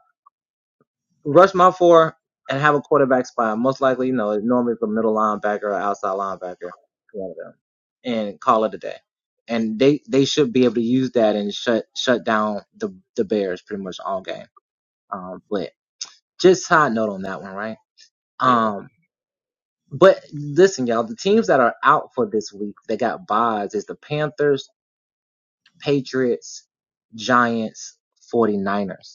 [SPEAKER 4] rush my four and have a quarterback spy. Most likely, you know, normally it's a middle linebacker or outside linebacker, one of them, and call it a day. And they they should be able to use that and shut shut down the the Bears pretty much all game. Um, but just side note on that one, right?
[SPEAKER 2] yeah.
[SPEAKER 4] Um, but listen, y'all, the teams that are out for this week they got buys is the Panthers, Patriots, Giants, 49ers.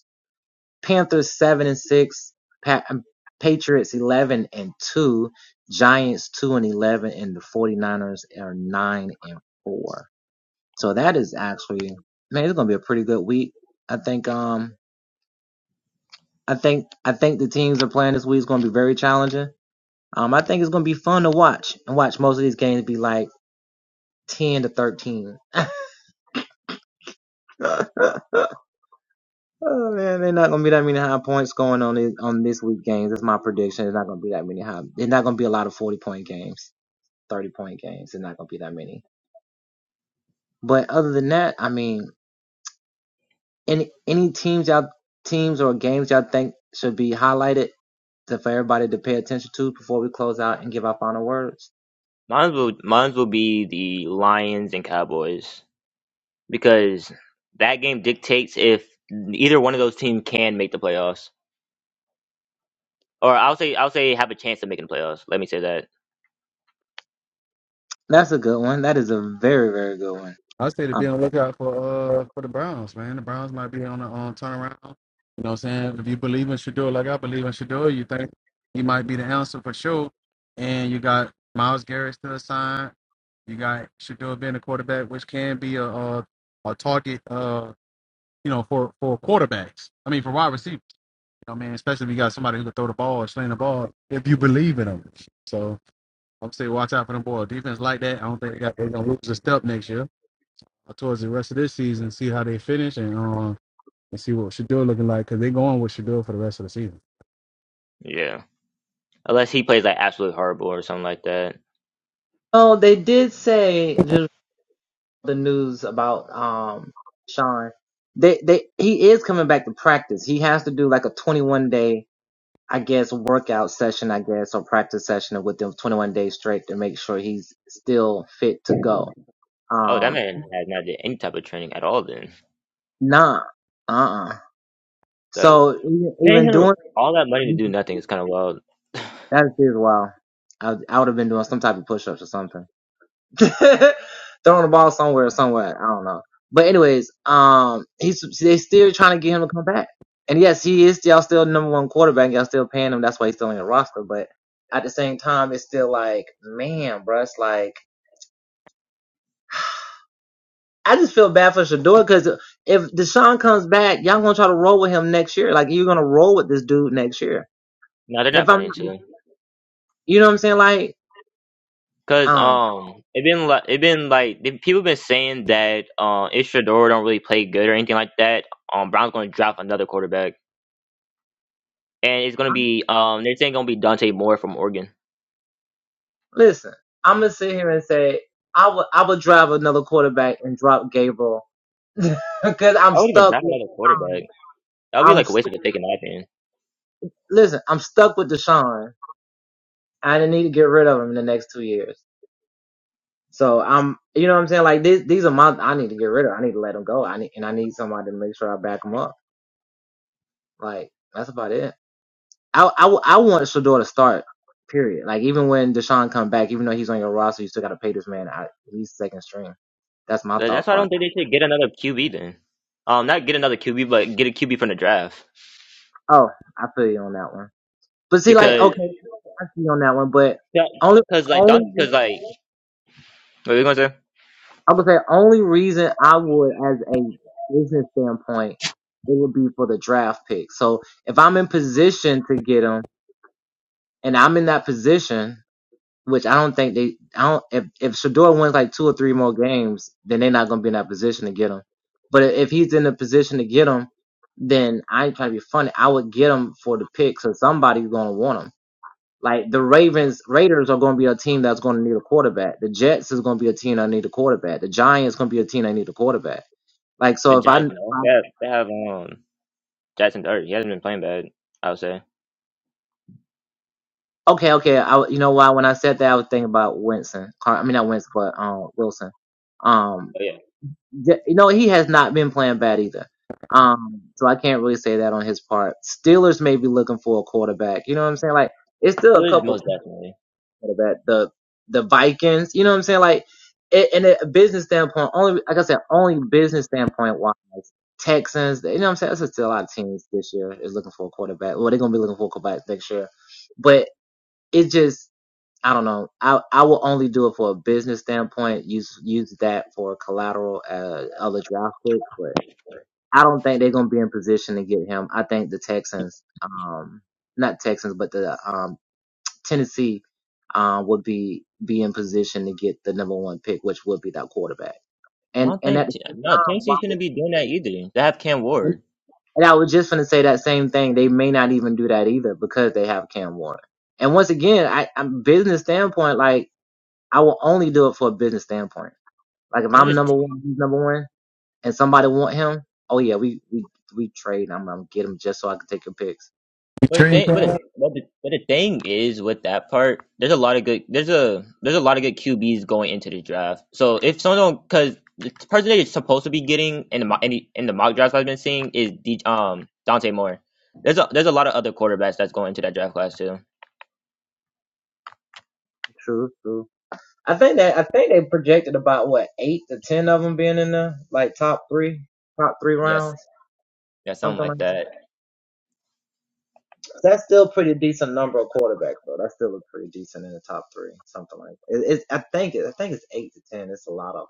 [SPEAKER 4] Panthers seven and six, pa- um, Patriots eleven and two, Giants two and eleven, and the 49ers are nine and four. So that is actually man, it's gonna be a pretty good week. I think um I think I think the teams that are playing this week is gonna be very challenging. Um I think it's gonna be fun to watch and watch most of these games be like ten to thirteen. Oh man, they're not gonna be that many high points going on this, on this week games. That's my prediction. It's not gonna be that many high. It's not gonna be a lot of forty point games, thirty point games. It's not gonna be that many. But other than that, I mean, any any teams y'all teams or games y'all think should be highlighted to, for everybody to pay attention to before we close out and give our final words.
[SPEAKER 2] Mine will mine will be the Lions and Cowboys because that game dictates if either one of those teams can make the playoffs, or I'll say I'll say have a chance of making the playoffs. Let me say that.
[SPEAKER 4] That's a good one. That is a very very good one.
[SPEAKER 1] I say to be
[SPEAKER 4] Um,
[SPEAKER 1] on the lookout for uh for the Browns, man. The Browns might be on the um, turnaround. You know what I'm saying? If you believe in Shador like I believe in Shador, you think he might be the answer for sure. And you got Miles Garrett still signed. You got Shador being a quarterback, which can be a a, a target uh you know for for quarterbacks. I mean for wide receivers. You know, what I mean, especially if you got somebody who can throw the ball or sling the ball if you believe in them. So I'm saying watch out for them ball. Defense like that, I don't think they got they're gonna lose a step next year towards the rest of this season, see how they finish, and um, and see what Shador looking like because they going with Shador for the rest of the season.
[SPEAKER 2] Yeah, unless he plays like absolutely horrible or something like that.
[SPEAKER 4] oh, they did say. just the news about um Sean. They they he is coming back to practice. He has to do like a 21 day, I guess, workout session, I guess, or practice session with them 21 days straight to make sure he's still fit to go.
[SPEAKER 2] Oh, that
[SPEAKER 4] Um,
[SPEAKER 2] man has not did any type of training at all. Then
[SPEAKER 4] nah, uh, uh
[SPEAKER 2] that
[SPEAKER 4] So even
[SPEAKER 2] paying
[SPEAKER 4] even
[SPEAKER 2] him
[SPEAKER 4] doing
[SPEAKER 2] all that money to do nothing is kind of wild.
[SPEAKER 4] that is well, I I would have been doing some type of push ups or something. throwing the ball somewhere, somewhere. I don't know. But anyways, um, he's they still trying to get him to come back. And yes, he is y'all still number one quarterback. Y'all still paying him. That's why he's still in the roster. But at the same time, it's still like, man, bruh, it's like I just feel bad for Shador because if Deshaun comes back, y'all gonna try to roll with him next year. Like you're gonna roll with this dude next year.
[SPEAKER 2] No, they're
[SPEAKER 4] And
[SPEAKER 2] not
[SPEAKER 4] if I'm
[SPEAKER 2] playing
[SPEAKER 4] not,
[SPEAKER 2] chill.
[SPEAKER 4] you know what I'm saying? Like,
[SPEAKER 2] Cause
[SPEAKER 4] um,
[SPEAKER 2] um, it been like it been like the people been saying that um, if Shador don't really play good or anything like that, um, Brown's gonna draft another quarterback, and it's gonna be um, they're saying gonna be Dante Moore from Oregon.
[SPEAKER 4] Listen, I'm gonna sit here and say I would I would drive another quarterback and drop Gabriel because I'm
[SPEAKER 2] I would even
[SPEAKER 4] stuck
[SPEAKER 2] draft
[SPEAKER 4] with
[SPEAKER 2] another quarterback.
[SPEAKER 4] Deshaun.
[SPEAKER 2] That would be
[SPEAKER 4] I'm
[SPEAKER 2] like a waste
[SPEAKER 4] st-
[SPEAKER 2] of a pick in my opinion.
[SPEAKER 4] listen. I'm stuck with Deshaun. I need to get rid of him in the next two years. So I'm, you know what I'm saying? Like these, these are my. I need to get rid of. I need to let him go. I need and I need somebody to make sure I back him up. Like that's about it. I I, w- I want Shador to start. Period. Like even when Deshaun come back, even though he's on your roster, you still got to pay this man. I, he's second string. That's my
[SPEAKER 2] Tha- That's
[SPEAKER 4] thought
[SPEAKER 2] why I
[SPEAKER 4] process.
[SPEAKER 2] don't think they should get another QB then. Um, not get another QB, but get a QB from the draft
[SPEAKER 4] Oh, I feel you on that one. But see, like,
[SPEAKER 2] because
[SPEAKER 4] okay, I see you on that one, but only,
[SPEAKER 2] because like
[SPEAKER 4] only,
[SPEAKER 2] Dante, because like What are you gonna say?
[SPEAKER 4] I would say only reason I would, as a business standpoint, it would be for the draft pick. So if I'm in position to get him, and I'm in that position, which I don't think they, I don't, if, if Shador wins like two or three more games, then they're not going to be in that position to get him. But if he's in a position to get him, then I ain't trying to be funny. I would get him for the pick, so somebody's going to want him. Like the Ravens, Raiders are going to be a team that's going to need a quarterback. The Jets is going to be a team that need a quarterback. The Giants going to be a team that need a quarterback. Like
[SPEAKER 2] The
[SPEAKER 4] so, if I,
[SPEAKER 2] Giants,
[SPEAKER 4] if
[SPEAKER 2] no. They
[SPEAKER 4] I
[SPEAKER 2] have, they have um Jackson Dart. He hasn't been playing bad, I would say.
[SPEAKER 4] okay, okay, I you know why when I said that I was thinking about Winston. Car- I mean not Winston, but um Wilson. Um,
[SPEAKER 2] But yeah,
[SPEAKER 4] th- you know he has not been playing bad either. Um, so I can't really say that on his part. Steelers may be looking for a quarterback. You know what I'm saying? Like it's still a
[SPEAKER 2] Steelers
[SPEAKER 4] couple
[SPEAKER 2] most definitely.
[SPEAKER 4] that. The the Vikings, you know what I'm saying? Like, it, in a business standpoint, only like I said, only business standpoint wise, Texans, you know what I'm saying? That's still a lot of teams this year is looking for a quarterback. Well, they're gonna be looking for a quarterback next year, but it just I don't know. I I will only do it for a business standpoint. Use use that for collateral uh, other draft picks, but I don't think they're gonna be in position to get him. I think the Texans, um, not Texans, but the um Tennessee uh, would be be in position to get the number one pick, which would be that quarterback.
[SPEAKER 2] I
[SPEAKER 4] And
[SPEAKER 2] don't
[SPEAKER 4] and
[SPEAKER 2] think
[SPEAKER 4] at the same
[SPEAKER 2] no
[SPEAKER 4] time,
[SPEAKER 2] Tennessee
[SPEAKER 4] why
[SPEAKER 2] shouldn't be doing that either. They have Cam
[SPEAKER 4] would,
[SPEAKER 2] Ward.
[SPEAKER 4] and I was just going to say that same thing. They may not even do that either because they have Cam Warren. And once again, I, I'm business standpoint. Like I will only do it for a business standpoint. Like if
[SPEAKER 2] I'm
[SPEAKER 4] I'm
[SPEAKER 2] just
[SPEAKER 4] number one, he's number one, and somebody want him, oh yeah, we we we trade. I'm gonna get him just so I can take your picks.
[SPEAKER 1] You
[SPEAKER 2] but the
[SPEAKER 1] train
[SPEAKER 2] thing, but the,
[SPEAKER 1] for
[SPEAKER 2] but the but the thing is with that part, there's a lot of good. There's a there's a lot of good QBs going into the draft. So if someone because the person that is supposed to be getting in the mo- in the, in the mock drafts I've been seeing is D, um Dante Moore. There's a there's a lot of other quarterbacks that's going into that draft class too.
[SPEAKER 4] True, true. I think that I think they projected about what eight to ten of them being in there, like top three, top three
[SPEAKER 2] Yes,
[SPEAKER 4] rounds,
[SPEAKER 2] yeah, something
[SPEAKER 4] something like
[SPEAKER 2] like that.
[SPEAKER 4] that. That's still a pretty decent number of quarterbacks, though. That's still a pretty decent in the top three, something like that. It, it's I think it, I think it's eight to ten. It's a lot of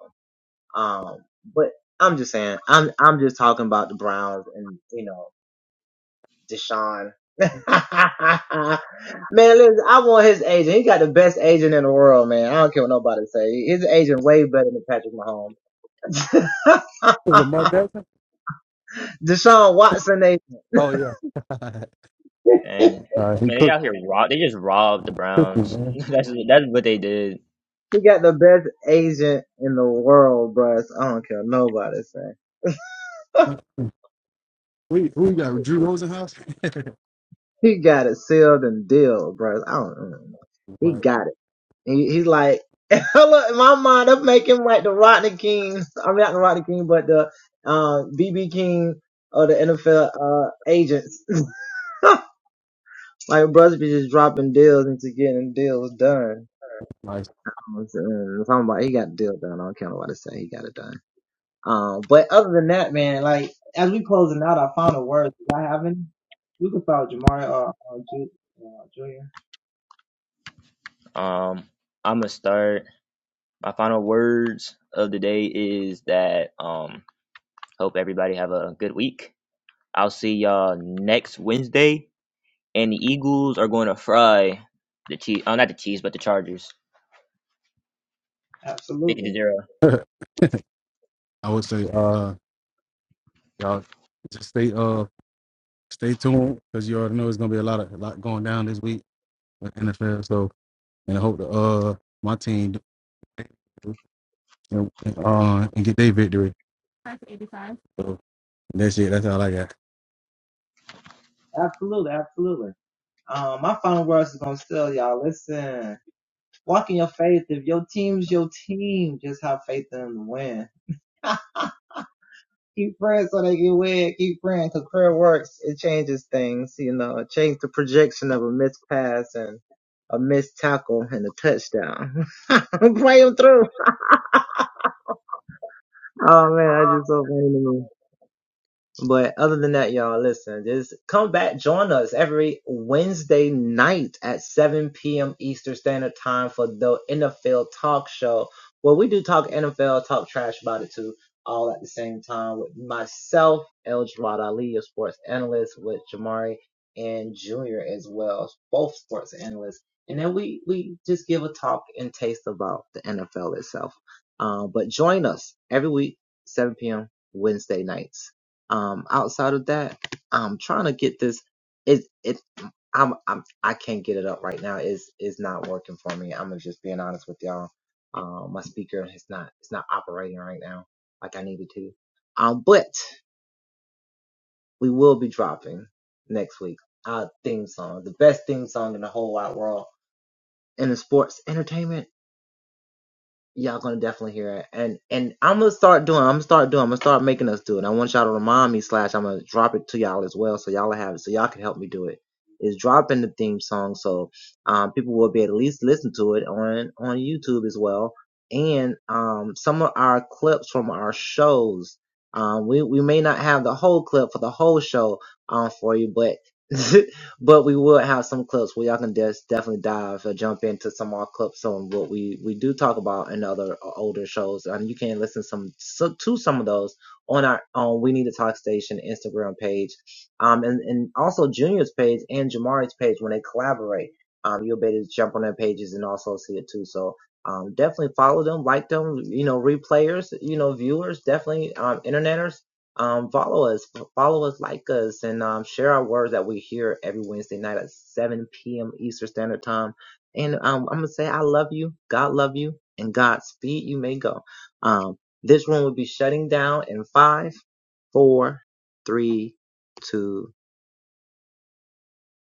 [SPEAKER 4] them. Um, but I'm just saying, I'm I'm just talking about the Browns and you know Deshaun. man, listen, I want his agent. He got the best agent in the world, man. I don't care what nobody say. His agent way better than Patrick Mahomes.
[SPEAKER 1] Lamar Jackson?
[SPEAKER 4] Deshaun Watson, they
[SPEAKER 1] Oh yeah,
[SPEAKER 2] And
[SPEAKER 1] uh, he
[SPEAKER 2] man, they
[SPEAKER 1] cooked
[SPEAKER 2] out here rob. They just robbed the Browns.
[SPEAKER 1] cooking
[SPEAKER 2] that's that's what they did.
[SPEAKER 4] he got the best agent in the world, bruh. I don't care what nobody say.
[SPEAKER 1] man. We who we got Drew Rosenhaus?
[SPEAKER 4] He got it sealed and dealed, bruh. I don't. mm. He
[SPEAKER 1] my,
[SPEAKER 4] got it. He, he's like, look, in my mind, I'm making like the Rodney King. I mean, not the Rodney King, but the um BB King of the NFL uh agents. like, brothers be just dropping deals into getting deals done.
[SPEAKER 1] my,
[SPEAKER 4] I'm saying, if I'm about- he got the deal done. I don't care what nobody say. He got it done. Um, but other than that, man, like as we closing out our final words, do I have any? We can start with Jamari or, or Ju- uh, Junior.
[SPEAKER 2] Um, I'm gonna start. My final words of the day is that um, hope everybody have a good week. I'll see y'all next Wednesday, and the Eagles are going to fry the Chiefs. Oh, not the Chiefs, but the Chargers, fifty to
[SPEAKER 4] Absolutely,
[SPEAKER 2] zero.
[SPEAKER 1] I would say uh y'all just stay uh stay tuned because you already know it's gonna be a lot of a lot going down this week with NFL. So and I hope the uh my team do- and, uh and get their victory. So that's it. That's all I got.
[SPEAKER 4] absolutely, absolutely. Um, my final words is gonna still y'all. Listen, walk in your faith. If your team's your team, just have faith in them to win. Keep praying so they can win. Keep praying because prayer works. It changes things. You know, it changed the projection of a missed pass and a missed tackle and a touchdown. Pray 'em through. Oh man, I just so funny to me. But other than that, y'all, listen, just come back, join us every Wednesday night at 7 p.m. Eastern Standard Time for the NFL Talk Show, where we do talk NFL, talk trash about it too, all at the same time with myself, El Jawad Ali, your sports analyst, with Jamari and Junior as well, both sports analysts. And then we, we just give a talk and taste about the NFL itself. Um, but join us every week, 7 p.m. Wednesday nights. Um, outside of that, I'm trying to get this. It it I'm I'm I can't get it up right now. It's it's not working for me. I'm just being honest with y'all. Um, my speaker is not it's not operating right now like I needed to. Um, but we will be dropping next week our theme song, the best theme song in the whole wide world in the sports entertainment. y'all gonna definitely hear it. And and I'm gonna start doing. I'm gonna start doing. I'm gonna start making us do it. I want y'all to remind me. Slash, I'm gonna drop it to y'all as well, so y'all have it, so y'all can help me do it. Is dropping the theme song so um, people will be able to at least listen to it on on YouTube as well. And um, some of our clips from our shows. Um, we we may not have the whole clip for the whole show um for you, but but we will have some clips where y'all can just definitely dive or jump into some more clips on what we we do talk about in other uh, older shows, and you can listen some so, to some of those on our on We Need to Talk Station Instagram page, um, and and also Junior's page and Jamari's page when they collaborate. Um, you'll be able to jump on their pages and also see it too. So. Um, definitely follow them, like them, you know, replayers, you know, viewers, definitely, um, interneters um, follow us, follow us, like us, and um, share our words that we hear every Wednesday night at 7 p.m. Eastern Standard Time. And um, I'm gonna say I love you, God love you, and Godspeed. You may go. Um, this room will be shutting down in five, four, three, two,